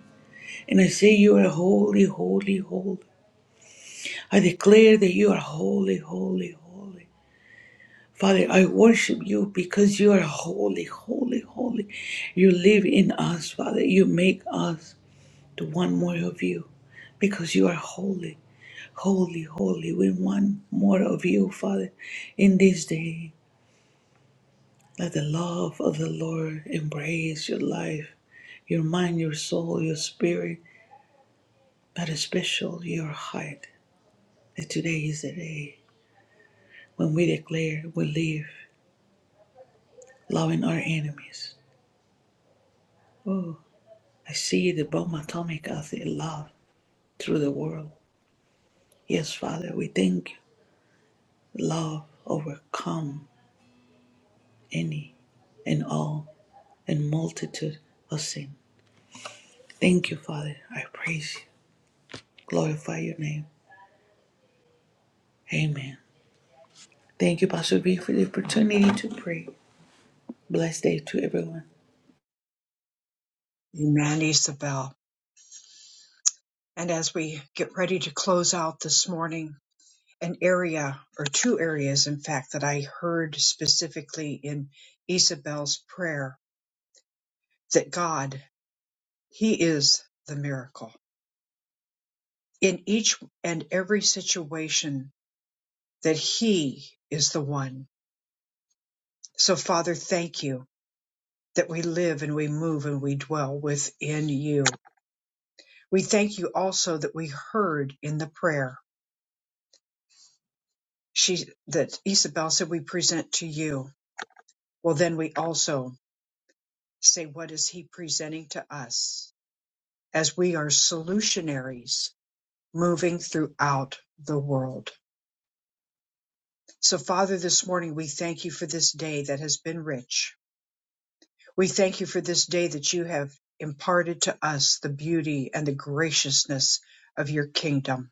Speaker 10: And I say you are holy, holy, holy. I declare that you are holy, holy, holy. Father, I worship you because you are holy, holy, holy. You live in us, Father. You make us. to one more of you because you are holy, holy, holy. We want more of you, Father, in this day. Let the love of the Lord embrace your life, your mind, your soul, your spirit, but especially your heart. That today is the day when we declare we live loving our enemies. Oh, I see the bomb atomic of the love through the world. Yes, Father, we thank you. Love overcomes any and all and multitude of sin. Thank you, Father. I praise you. Glorify your name. Amen. Thank you, Pastor B, for the opportunity to pray. Blessed day to everyone.
Speaker 1: Amen, Isabel. And as we get ready to close out this morning, an area or two areas in fact that I heard specifically in Isabel's prayer that God he is the miracle in each and every situation that he is the one so father thank you that we live and we move and we dwell within you we thank you also that we heard in the prayer she that Isabel said we present to you well then we also say what is he presenting to us as we are solutionaries moving throughout the world. So, Father, this morning we thank you for this day that has been rich. We thank you for this day that you have imparted to us the beauty and the graciousness of your kingdom.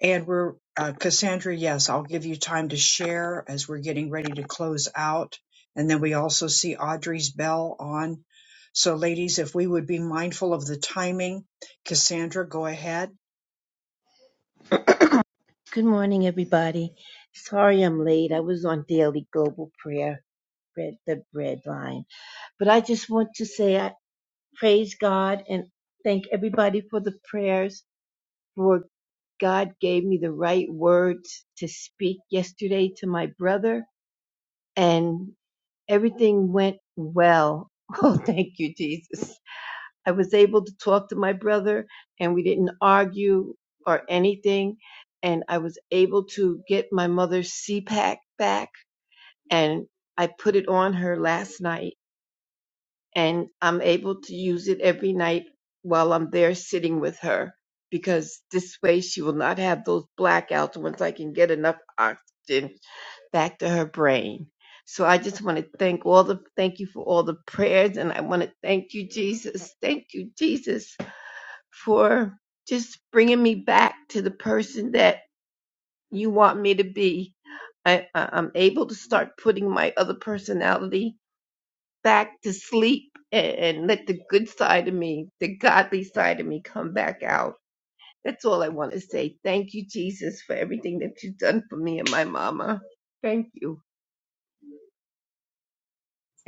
Speaker 1: And we're, uh, Cassandra, yes, I'll give you time to share as we're getting ready to close out. And then we also see Audrey's bell on. So, ladies, if we would be mindful of the timing, Cassandra, go ahead.
Speaker 11: Good morning, everybody. Sorry I'm late. I was on daily global prayer, read the bread line. But I just want to say I praise God and thank everybody for the prayers, for God gave me the right words to speak yesterday to my brother, and everything went well. Oh, thank you, Jesus. I was able to talk to my brother and we didn't argue or anything. And I was able to get my mother's CPAC back and I put it on her last night and I'm able to use it every night while I'm there sitting with her because this way she will not have those blackouts once I can get enough oxygen back to her brain. So I just want to thank all the thank you for all the prayers and I want to thank you Jesus. Thank you Jesus for just bringing me back to the person that you want me to be. I, I, I'm able to start putting my other personality back to sleep and, and let the good side of me, the godly side of me, come back out. That's all I want to say. Thank you, Jesus, for everything that you've done for me and my mama. Thank you.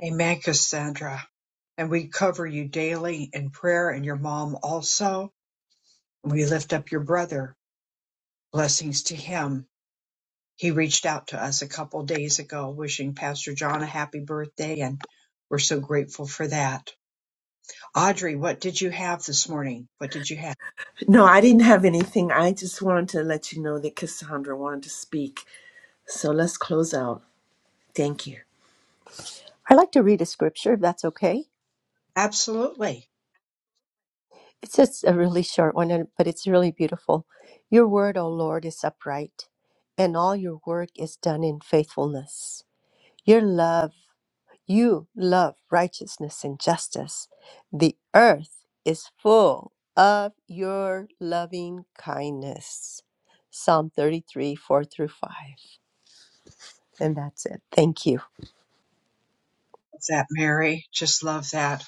Speaker 1: Amen, Cassandra. And we cover you daily in prayer and your mom also. We lift up your brother. Blessings to him. He reached out to us a couple days ago wishing Pastor John a happy birthday, and we're so grateful for that. Audrey, what did you have this morning? What did you have?
Speaker 4: No, I didn't have anything. I just wanted to let you know that Cassandra wanted to speak. So let's close out. Thank you.
Speaker 7: I'd like to read a scripture, if that's okay.
Speaker 1: Absolutely.
Speaker 7: It's just a really short one, and- but it's really beautiful. Your word, O Lord, is upright, and all your work is done in faithfulness. Your love You love righteousness and justice. The earth is full of your loving kindness. Psalm 33, 4 through 5. And that's it. Thank you.
Speaker 1: Love that, Mary. Just love that.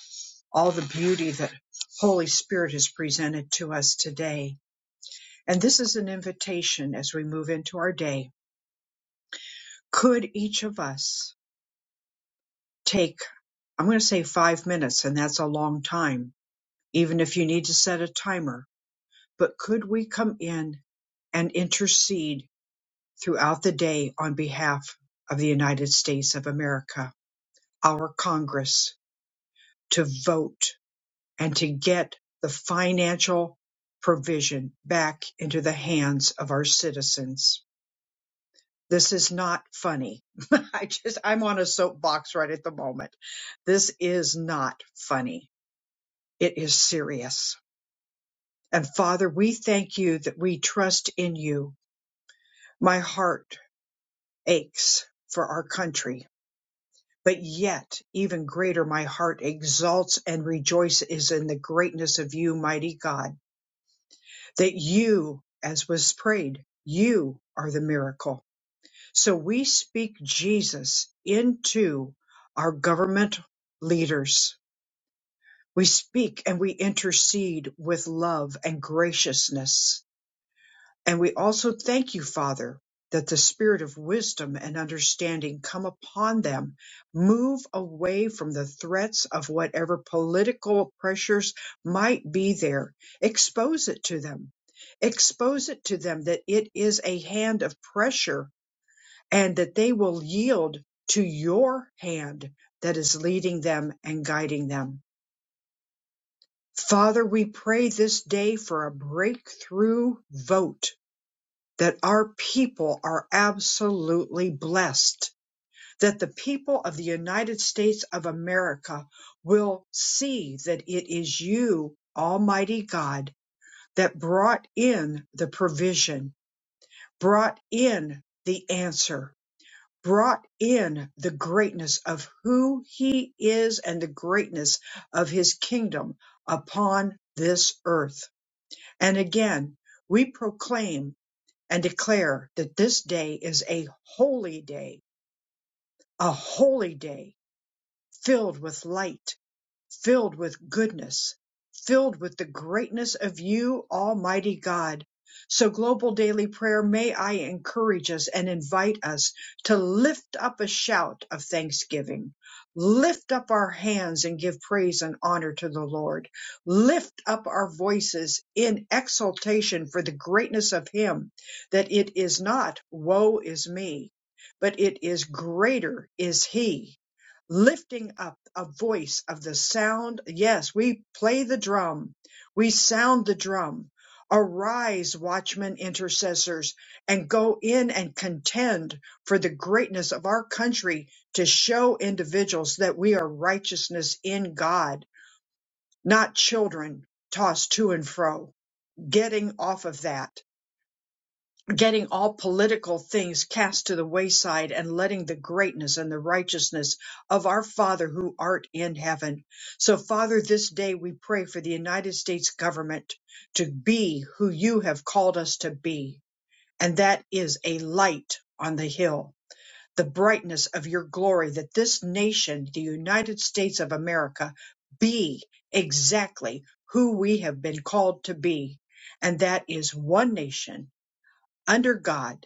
Speaker 1: All the beauty that Holy Spirit has presented to us today. And this is an invitation as we move into our day could each of us take, I'm going to say five minutes, and that's a long time, even if you need to set a timer, but could we come in and intercede throughout the day on behalf of the United States of America, our Congress, to vote and to get the financial provision back into the hands of our citizens? This is not funny. I just, I'm on a soapbox right at the moment. This is not funny. It is serious. And Father, we thank you that we trust in you. My heart aches for our country, but yet even greater, my heart exalts and rejoices in the greatness of you, mighty God, that you, as was prayed, you are the miracle So we speak Jesus into our government leaders. We speak and we intercede with love and graciousness. And we also thank you, Father, that the spirit of wisdom and understanding come upon them. Move away from the threats of whatever political pressures might be there. Expose it to them. Expose it to them that it is a hand of pressure and that they will yield to your hand that is leading them and guiding them. Father, we pray this day for a breakthrough vote that our people are absolutely blessed, that the people of the United States of America will see that it is you, Almighty God, that brought in the provision, brought in the answer, brought in the greatness of who he is and the greatness of his kingdom upon this earth. And again, we proclaim and declare that this day is a holy day, a holy day filled with light filled with goodness, filled with the greatness of you, Almighty God. So, Global Daily Prayer, may I encourage us and invite us to lift up a shout of thanksgiving. Lift up our hands and give praise and honor to the Lord. Lift up our voices in exultation for the greatness of Him, that it is not woe is me, but it is greater is He lifting up a voice of the sound. Yes, we play the drum. We sound the drum. Arise, watchmen, intercessors, and go in and contend for the greatness of our country to show individuals that we are righteousness in God, not children tossed to and fro, getting off of that getting all political things cast to the wayside and letting the greatness and the righteousness of our Father who art in heaven. So, Father, this day we pray for the United States government to be who you have called us to be, and that is a light on the hill. The brightness of your glory, that this nation, the United States of America, be exactly who we have been called to be. And that is one nation under God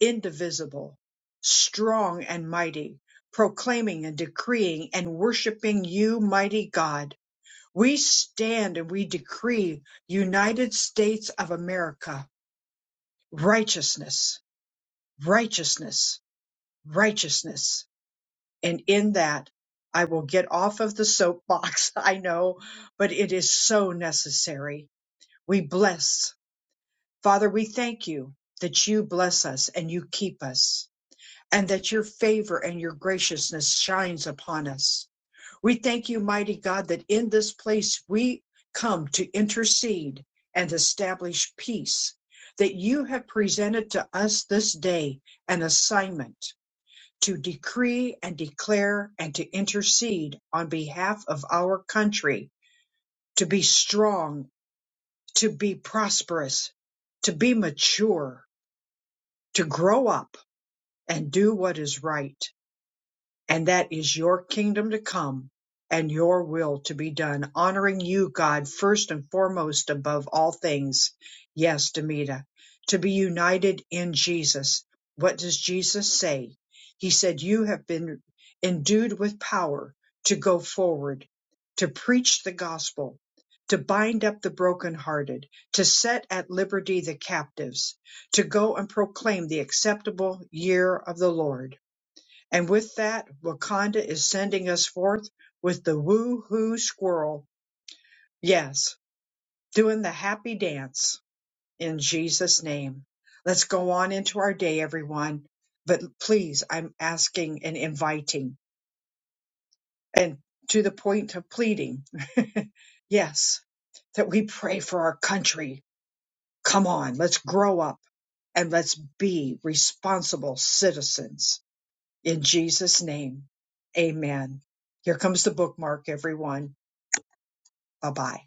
Speaker 1: indivisible, strong and mighty, proclaiming and decreeing and worshiping you, mighty God. We stand and we decree United States of America righteousness, righteousness, righteousness. And in that, I will get off of the soapbox. I know, but it is so necessary. We bless. Father, we thank you that you bless us and you keep us and that your favor and your graciousness shines upon us. We thank you, mighty God, that in this place we come to intercede and establish peace, that you have presented to us this day an assignment to decree and declare and to intercede on behalf of our country, to be strong, to be prosperous, to be mature, to grow up and do what is right. and that is your kingdom to come and your will to be done, honoring you, God, first and foremost above all things. Yes, Demita, to be united in Jesus. What does Jesus say? He said, You have been endued with power to go forward, to preach the gospel, to bind up the brokenhearted, to set at liberty the captives, to go and proclaim the acceptable year of the Lord and with that, Wakanda is sending us forth with the woo-hoo squirrel. Yes, doing the happy dance in Jesus' name. Let's go on into our day, everyone. But please, I'm asking and inviting and to the point of pleading. yes, that we pray for our country. Come on, let's grow up and let's be responsible citizens In Jesus' name, amen. Here comes the bookmark, everyone. Bye bye.